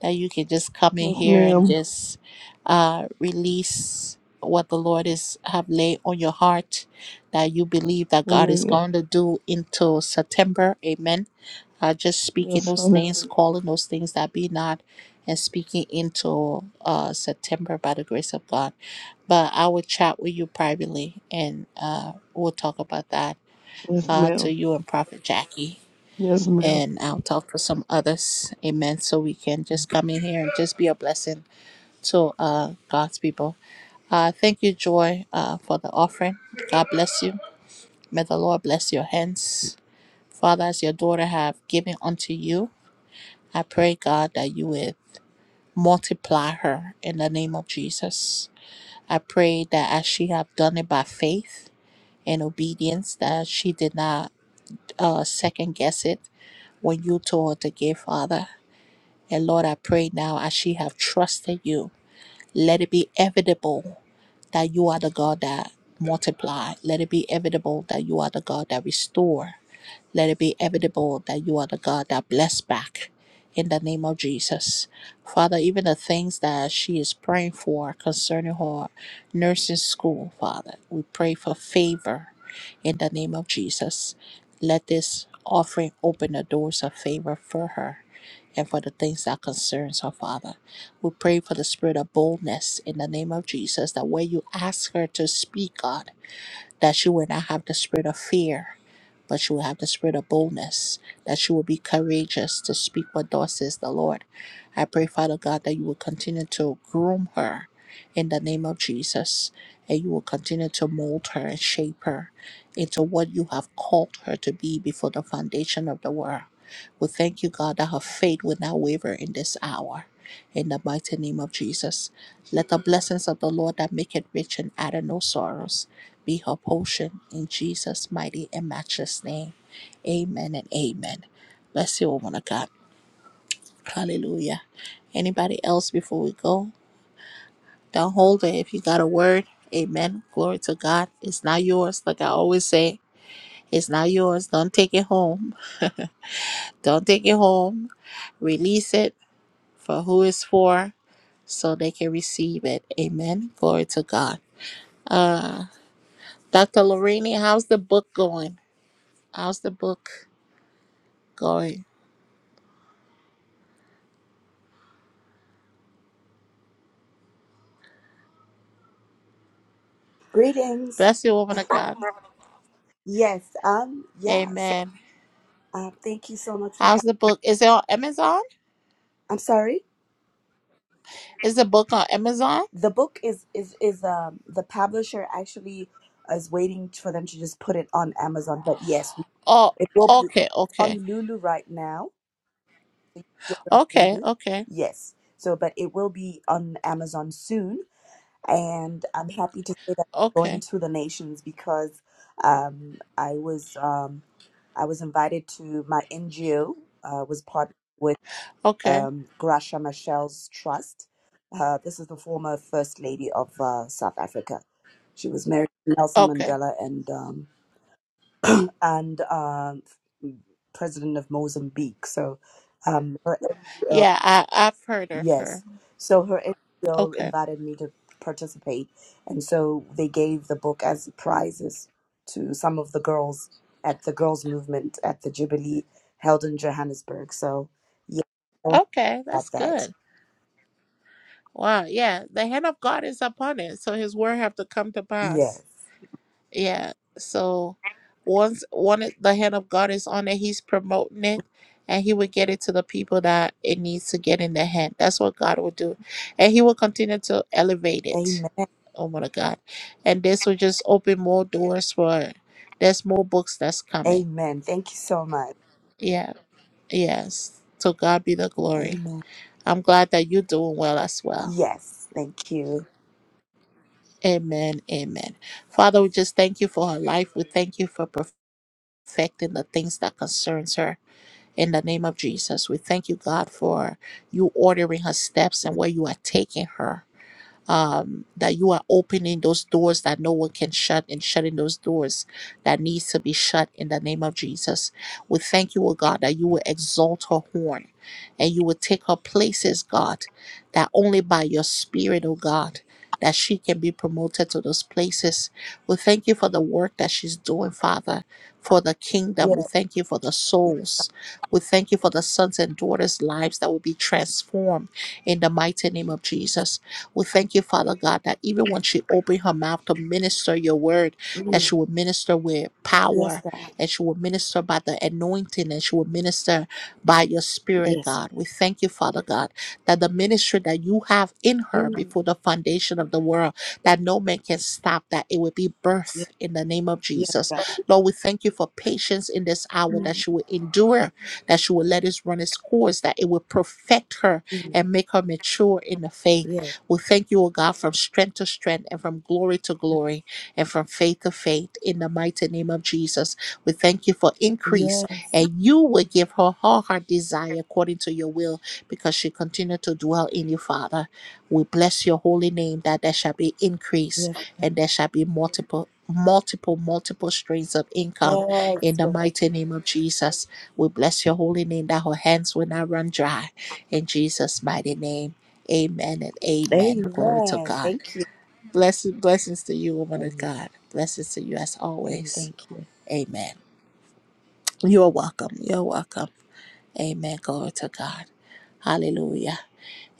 S1: that you can just come in
S8: Yes,
S1: here and
S8: ma'am.
S1: just uh, release what the Lord is have laid on your heart that you believe that God is
S8: Hallelujah.
S1: going to do into September. Amen. Uh, just speaking
S8: Yes,
S1: those things,
S8: hallelujah.
S1: calling those things that be not, and speaking into uh, September by the grace of God. But I will chat with you privately, and uh, we'll talk about that
S8: Yes,
S1: uh, to
S8: ma'am.
S1: you and Prophet Jackie.
S8: Yes, ma'am.
S1: And I'll talk to some others. Amen. So we can just come in here and just be a blessing to uh, God's people. Uh, thank you, Joy, uh, for the offering. God bless you. May the Lord bless your hands. Father, as your daughter have given unto you, I pray, God, that you would multiply her in the name of Jesus. I pray that as she have done it by faith and obedience, that she did not uh, second guess it when you told her to give, Father. And Lord, I pray now as she have trusted you, let it be evidable that you are the God that multiply. Let it be evidable that you are the God that restore. Let it be evident that you are the God that bless back in the name of Jesus. Father, even the things that she is praying for concerning her nursing school, Father, we pray for favor in the name of Jesus. Let this offering open the doors of favor for her and for the things that concerns her father. We pray for the spirit of boldness in the name of Jesus that where you ask her to speak, God, that she will not have the spirit of fear but you will have the spirit of boldness, that you will be courageous to speak what thus says the Lord. I pray, Father God, that you will continue to groom her in the name of Jesus, and you will continue to mold her and shape her into what you have called her to be before the foundation of the world. We thank you, God, that her faith will not waver in this hour. In the mighty name of Jesus, let the blessings of the Lord that make it rich and add no sorrows be her portion in Jesus' mighty and matchless name. Amen and amen. Bless you, woman of God. Hallelujah. Anybody else before we go? Don't hold it if you got a word. Amen. Glory to God. It's not yours. Like I always say, it's not yours. Don't take it home. Don't take it home. Release it for who it's for so they can receive it. Amen. Glory to God. Uh, Dr. Lorraine, how's the book going? How's the book going?
S10: Greetings.
S1: Bless you, woman of God.
S10: Yes. Um. Yes.
S1: Amen.
S10: Um. Thank you so much for
S1: How's
S10: having.
S1: the book? Is it on Amazon?
S10: I'm sorry.
S1: Is the book on Amazon?
S10: The book is is is um the publisher actually is waiting for them to just put it on Amazon. But yes, we-
S1: Oh,
S10: it will be.
S1: okay,
S10: It's
S1: okay,
S10: on Lulu right now. So you can get it on
S1: okay,
S10: Lulu.
S1: okay,
S10: Yes. So, but it will be on Amazon soon. and I'm happy to say that I'm going
S1: okay,
S10: to the nations because um, I was um, I was invited to my NGO uh, was partnered with
S1: okay,
S10: um, Gracia Michelle's Trust. Uh, this is the former First Lady of uh, South Africa. She was married to Nelson
S1: okay.
S10: Mandela and um, and um, President of Mozambique. So um,
S1: Yeah, I, I've heard of her.
S10: Yes. So her NGO
S1: Okay,
S10: invited me to participate, and so they gave the book as prizes to some of the girls at the girls' movement at the Jubilee held in Johannesburg. So, yeah, I know
S1: okay, that's
S10: about that.
S1: good. Wow, yeah, the hand of God is upon it, so His word have to come to pass.
S10: Yes.
S1: Yeah. So once one the hand of God is on it, he's promoting it and he will get it to the people that it needs to get in their hand. That's what God will do. And he will continue to elevate it.
S10: Amen.
S1: Oh my God. And this will just open more doors for there's more books that's coming.
S10: Amen. Thank you so much.
S1: Yeah. Yes. To God be the glory.
S10: Amen.
S1: I'm glad that you're doing well as well.
S10: Yes. Thank you.
S1: Amen. Amen. Father, we just thank you for her life. We thank you for perfecting the things that concerns her. in the name of Jesus. We thank you, God, for you ordering her steps and where you are
S10: Yeah.
S1: taking her um, that you are opening those doors that no one can shut and shutting those doors that needs to be shut in the name of Jesus. We thank you, O God, that you will exalt her horn and you will take her places, God, that only by your spirit, O God, that she can be promoted to those places. We thank you for the work that she's doing, Father, for the kingdom. We
S10: yeah.
S1: thank you for the
S10: Yeah.
S1: souls. We thank you for the sons and daughters' lives that will be transformed in the mighty name of Jesus. We thank you, Father God, that even when she opened her mouth to minister your word, that
S10: Mm.
S1: she would minister with
S10: Yes,
S1: power
S10: God.
S1: and she would minister by the anointing and she would minister by your spirit,
S10: Yes.
S1: God. We thank you, Father God, that the ministry that you have in her
S10: Mm.
S1: before the foundation of the world, that no man can stop, that it will be
S10: Yes,
S1: birth in the name of
S10: yes,
S1: Jesus.
S10: God.
S1: Lord, we thank you for patience in this hour, that
S10: Mm.
S1: she will endure, that she will let us run its course, that it will perfect her
S10: Mm.
S1: and make her mature in the faith.
S10: Yes.
S1: We thank you, O God, from strength to strength and from glory to glory and from faith to faith in the mighty name of Jesus. We thank you for increase
S10: Yes.
S1: and you will give her all her desire according to your will because she continued to dwell in you, Father. We bless your holy name that there shall be increase
S10: Yes.
S1: and there shall be multiple. Multiple, multiple streams of income
S10: Yes,
S1: in the
S10: Lord.
S1: mighty name of Jesus. We bless your holy name that her hands will not run dry in Jesus' mighty name. Amen and amen. Glory to
S10: Amen.
S1: God.
S10: Thank you.
S1: Blessed blessings to you, woman of
S10: Amen.
S1: God. Blessings to you as
S10: Amen.
S1: always.
S10: Thank you.
S1: Amen. You're welcome. You're welcome. Amen. Glory to God. Hallelujah.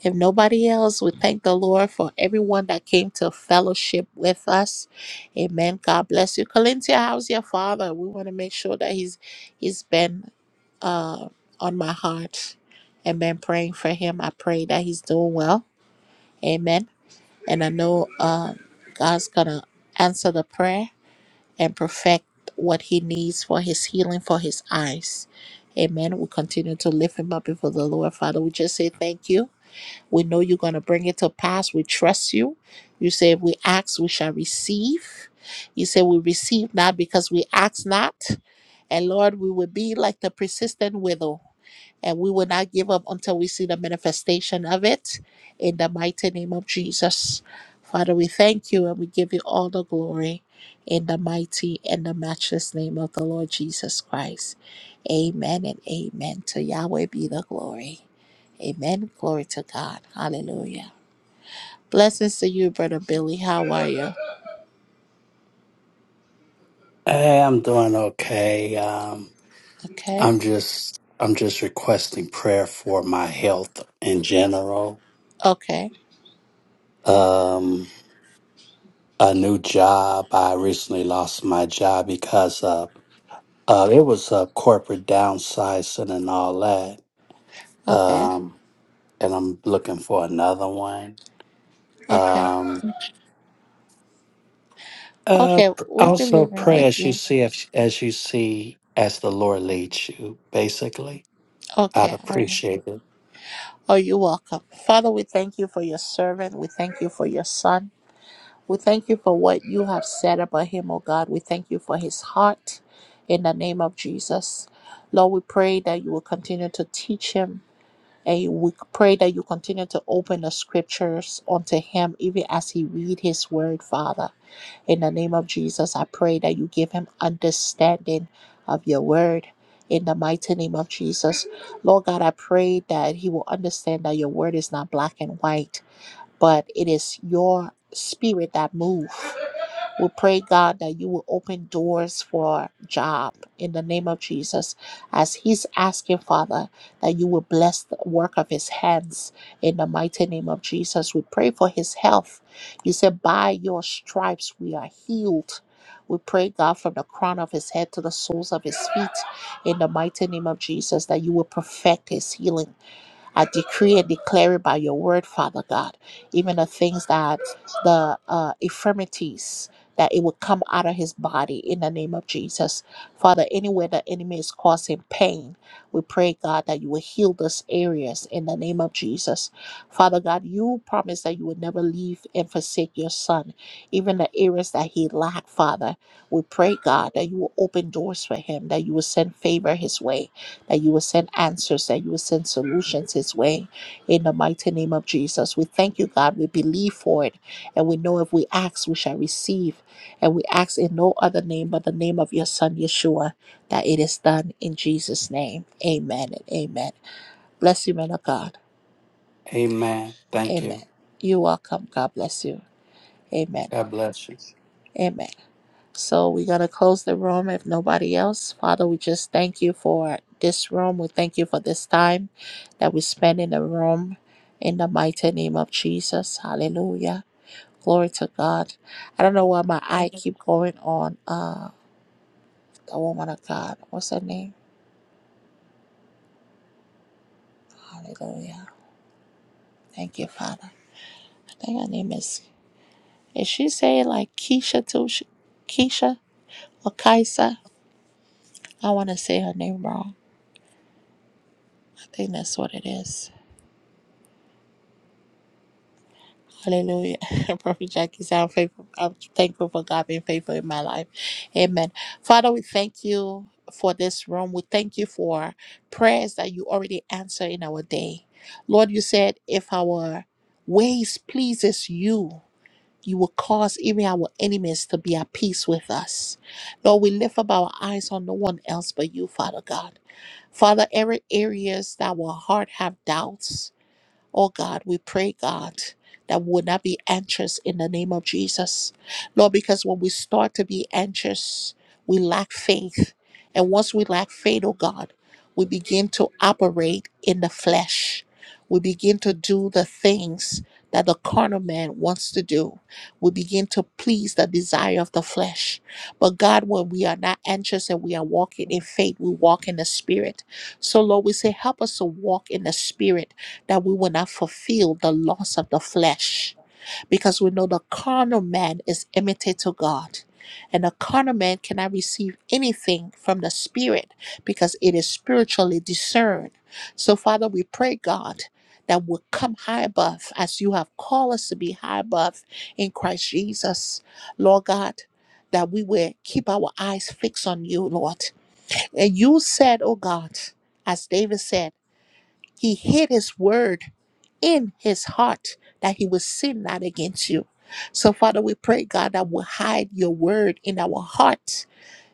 S1: If nobody else, we thank the Lord for everyone that came to fellowship with us. Amen. God bless you. Colintia, how's your father? We want to make sure that he's he's been uh on my heart. Amen. Praying for him. I pray that he's doing well. Amen. And I know um, God's going to answer the prayer and perfect what he needs for his healing for his eyes. Amen. We continue to lift him up before the Lord. Father, we just say thank you. We know you're going to bring it to pass. We trust you. You say, if we ask, we shall receive. You say, we receive not because we ask not. And Lord, we will be like the persistent widow and we will not give up until we see the manifestation of it in the mighty name of Jesus. Father, we thank you and we give you all the glory in the mighty and the matchless name of the Lord Jesus Christ. Amen and amen. To Yahweh be the glory. Amen. Glory to God. Hallelujah. Blessings to you, Brother Billy. How are you?
S11: Hey, I'm doing okay. Um,
S1: Okay.
S11: I'm just I'm just requesting prayer for my health in general.
S1: Okay.
S11: Um, a new job. I recently lost my job because uh, uh it was uh, corporate downsizing and all that.
S1: Okay.
S11: Um, and I'm looking for another one.
S1: Okay.
S11: Um, uh,
S1: Okay.
S11: pr-
S1: We're
S11: also
S1: believing
S11: pray
S1: with
S11: as you
S1: you.
S11: see if, as you see as the Lord leads you. Basically, I'd
S1: Okay. All right.
S11: appreciate it.
S1: Oh, you're welcome. Father, we thank you for your servant. We thank you for your son. We thank you for what you have said about him, oh God. We thank you for his heart in the name of Jesus. Lord, we pray that you will continue to teach him. And we pray that you continue to open the scriptures unto him, even as he read his word, Father. In the name of Jesus, I pray that you give him understanding of your word. In the mighty name of Jesus, Lord God, I pray that he will understand that your word is not black and white, but it is your spirit that moves. We pray, God, that you will open doors for job in the name of Jesus. As he's asking, Father, that you will bless the work of his hands in the mighty name of Jesus. We pray for his health. You said, by your stripes we are healed. We pray, God, from the crown of his head to the soles of his feet in the mighty name of Jesus, that you will perfect his healing I decree and declare it by your word, Father God, even the things that the uh, infirmities that it will come out of his body in the name of Jesus. Father, anywhere the enemy is causing pain, we pray, God, that you will heal those areas in the name of Jesus. Father God, you promise that you would never leave and forsake your son, even the areas that he lacked, Father. We pray, God, that you will open doors for him, that you will send favor his way that you will send answers, that you will send solutions his way. In the mighty name of Jesus, we thank you, God. We believe for it, and we know if we ask, we shall receive. And we ask in no other name but the name of your Son, Yeshua, that it is done in Jesus' name. Amen and amen. Bless you, man of God.
S11: Amen. Thank you.
S1: Amen. You're welcome. God bless you. Amen.
S11: God bless you.
S1: Amen. So we're going to close the room if nobody else. Father, we just thank you for this room. We thank you for this time that we spend in the room in the mighty name of Jesus. Hallelujah. Glory to God. I don't know why my eye keep going on uh the woman of God. What's her name? Hallelujah. Thank you, Father. I think her name is is she saying like Keisha too? She- Keisha or Kaisa? I want to say her name wrong. I think that's what it is. Hallelujah. Prophet Jackie said, I'm, faithful. I'm thankful for God being faithful in my life. Amen. Father, we thank you for this room. We thank you for prayers that you already answer in our day. Lord, you said, if our ways pleases you, you will cause even our enemies to be at peace with us. Lord, we lift up our eyes on no one else but you, Father God. Father, every areas that our heart have doubts, Oh God, we pray, God, that we would not be anxious in the name of Jesus. Lord, because when we start to be anxious, we lack faith. And once we lack faith, oh God, we begin to operate in the flesh. We begin to do the things that the carnal man wants to do. We begin to please the desire of the flesh. But God, when we are not anxious and we are walking in faith, we walk in the spirit. So, Lord, we say, help us to walk in the spirit that we will not fulfill the loss of the flesh because we know the carnal man is imitate to God. And the carnal man cannot receive anything from the spirit because it is spiritually discerned. So, Father, we pray, God, that we'll come high above as you have called us to be high above in Christ Jesus. Lord God, that we will keep our eyes fixed on you, Lord. And you said, oh God, as David said, he hid his word in his heart that he will sin not against you. So, Father, we pray, God, that we hide your word in our heart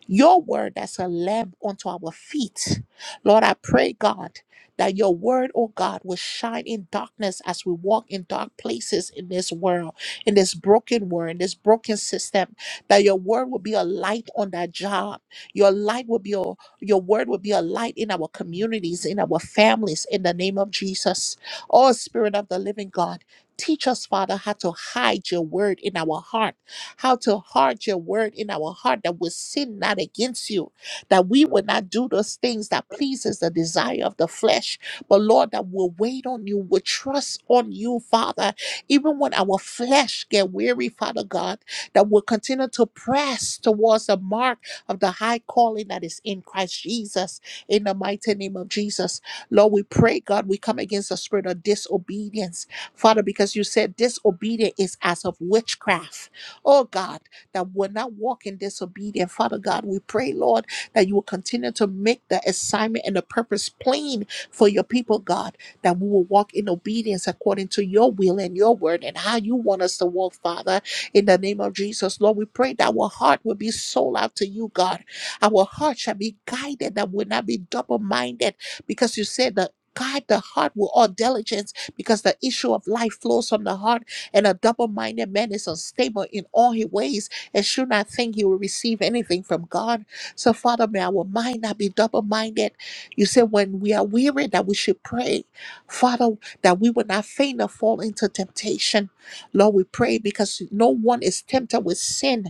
S1: your word that's a lamp unto our feet. Lord, I pray, God, that your word, oh God, will shine in darkness as we walk in dark places in this world, in this broken world, in this broken system. That your word will be a light on that job. Your light will be a, your word will be a light in our communities, in our families, in the name of Jesus. Oh Spirit of the Living God. Teach us, Father, how to hide your word in our heart how to hard your word in our heart that we sin not against you, that we will not do those things that pleases the desire of the flesh, but Lord, that we'll wait on you, we'll trust on you, Father, even when our flesh get weary, Father God, that we'll continue to press towards the mark of the high calling that is in Christ Jesus, in the mighty name of Jesus. Lord, we pray, God, we come against the spirit of disobedience, Father, because you said disobedience is as of witchcraft oh God, that will not walk in disobedience. Father God, we pray, Lord, that you will continue to make the assignment and the purpose plain for your people, God, that we will walk in obedience according to your will and your word and how you want us to walk, Father, in the name of Jesus. Lord, we pray that our heart will be sold out to you, God. Our heart shall be guided, that will not be double minded, because you said that. Guide the heart with all diligence because the issue of life flows from the heart. And a double minded man is unstable in all his ways and should not think he will receive anything from God. So, Father, may our mind not be double minded. You said when we are weary that we should pray, Father, that we would not faint or fall into temptation. Lord, we pray because no one is tempted with sin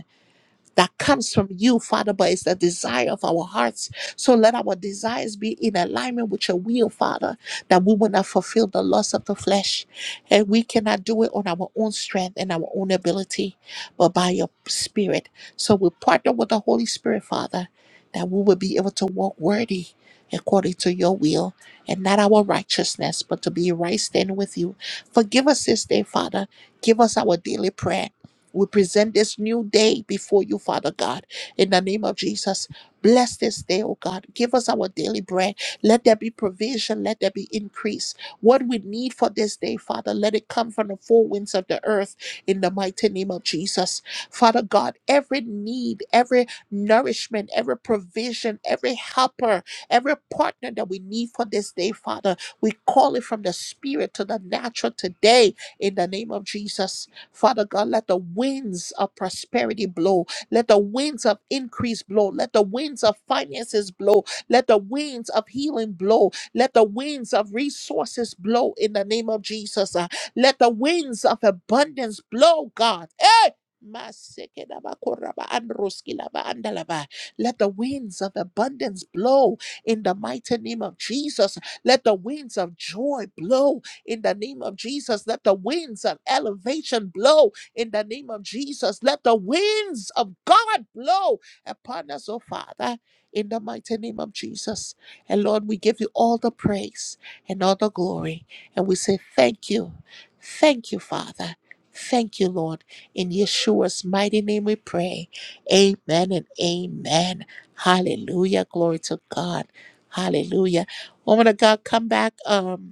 S1: that comes from you, Father, but it's the desire of our hearts. So let our desires be in alignment with your will, Father, that we will not fulfill the lust of the flesh. And we cannot do it on our own strength and our own ability, but by your spirit. So we partner with the Holy Spirit, Father, that we will be able to walk worthy according to your will and not our righteousness, but to be right standing with you. Forgive us this day, Father. Give us our daily prayer. We present this new day before you, Father God. In the name of Jesus, bless this day, oh God. Give us our daily bread. Let there be provision. Let there be increase. What we need for this day, Father, let it come from the four winds of the earth in the mighty name of Jesus. Father God, every need, every nourishment, every provision, every helper, every partner that we need for this day, Father, we call it from the spirit to the natural today in the name of Jesus. Father God, let the winds of prosperity blow. Let the winds of increase blow. Let the winds of finances blow. Let the winds of healing blow. Let the winds of resources blow in the name of Jesus. Uh, Let the winds of abundance blow, God. Hey! Masekedaba koraba androskilaba andalaba. Let the winds of abundance blow in the mighty name of Jesus. Let the winds of joy blow in the name of Jesus. Let the winds of elevation blow in the name of Jesus. Let the winds of God blow upon us, oh Father, in the mighty name of Jesus. And Lord, we give you all the praise and all the glory. And we say thank you. Thank you, Father. Thank you, Lord. In Yeshua's mighty name we pray. Amen and amen. Hallelujah. Glory to God. Hallelujah. Woman of God, come back. Um,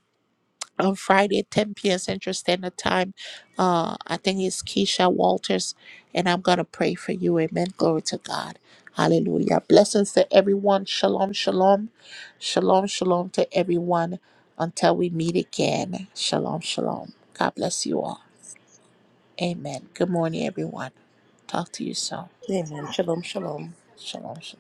S1: on Friday, 10 p.m. Central Standard Time. Uh, I think it's Keisha Walters, and I'm going to pray for you. Amen. Glory to God. Hallelujah. Blessings to everyone. Shalom, shalom. Shalom, shalom to everyone until we meet again. Shalom, shalom. God bless you all. Amen. Good morning, everyone. Talk to you soon.
S5: you.
S1: Shalom, shalom.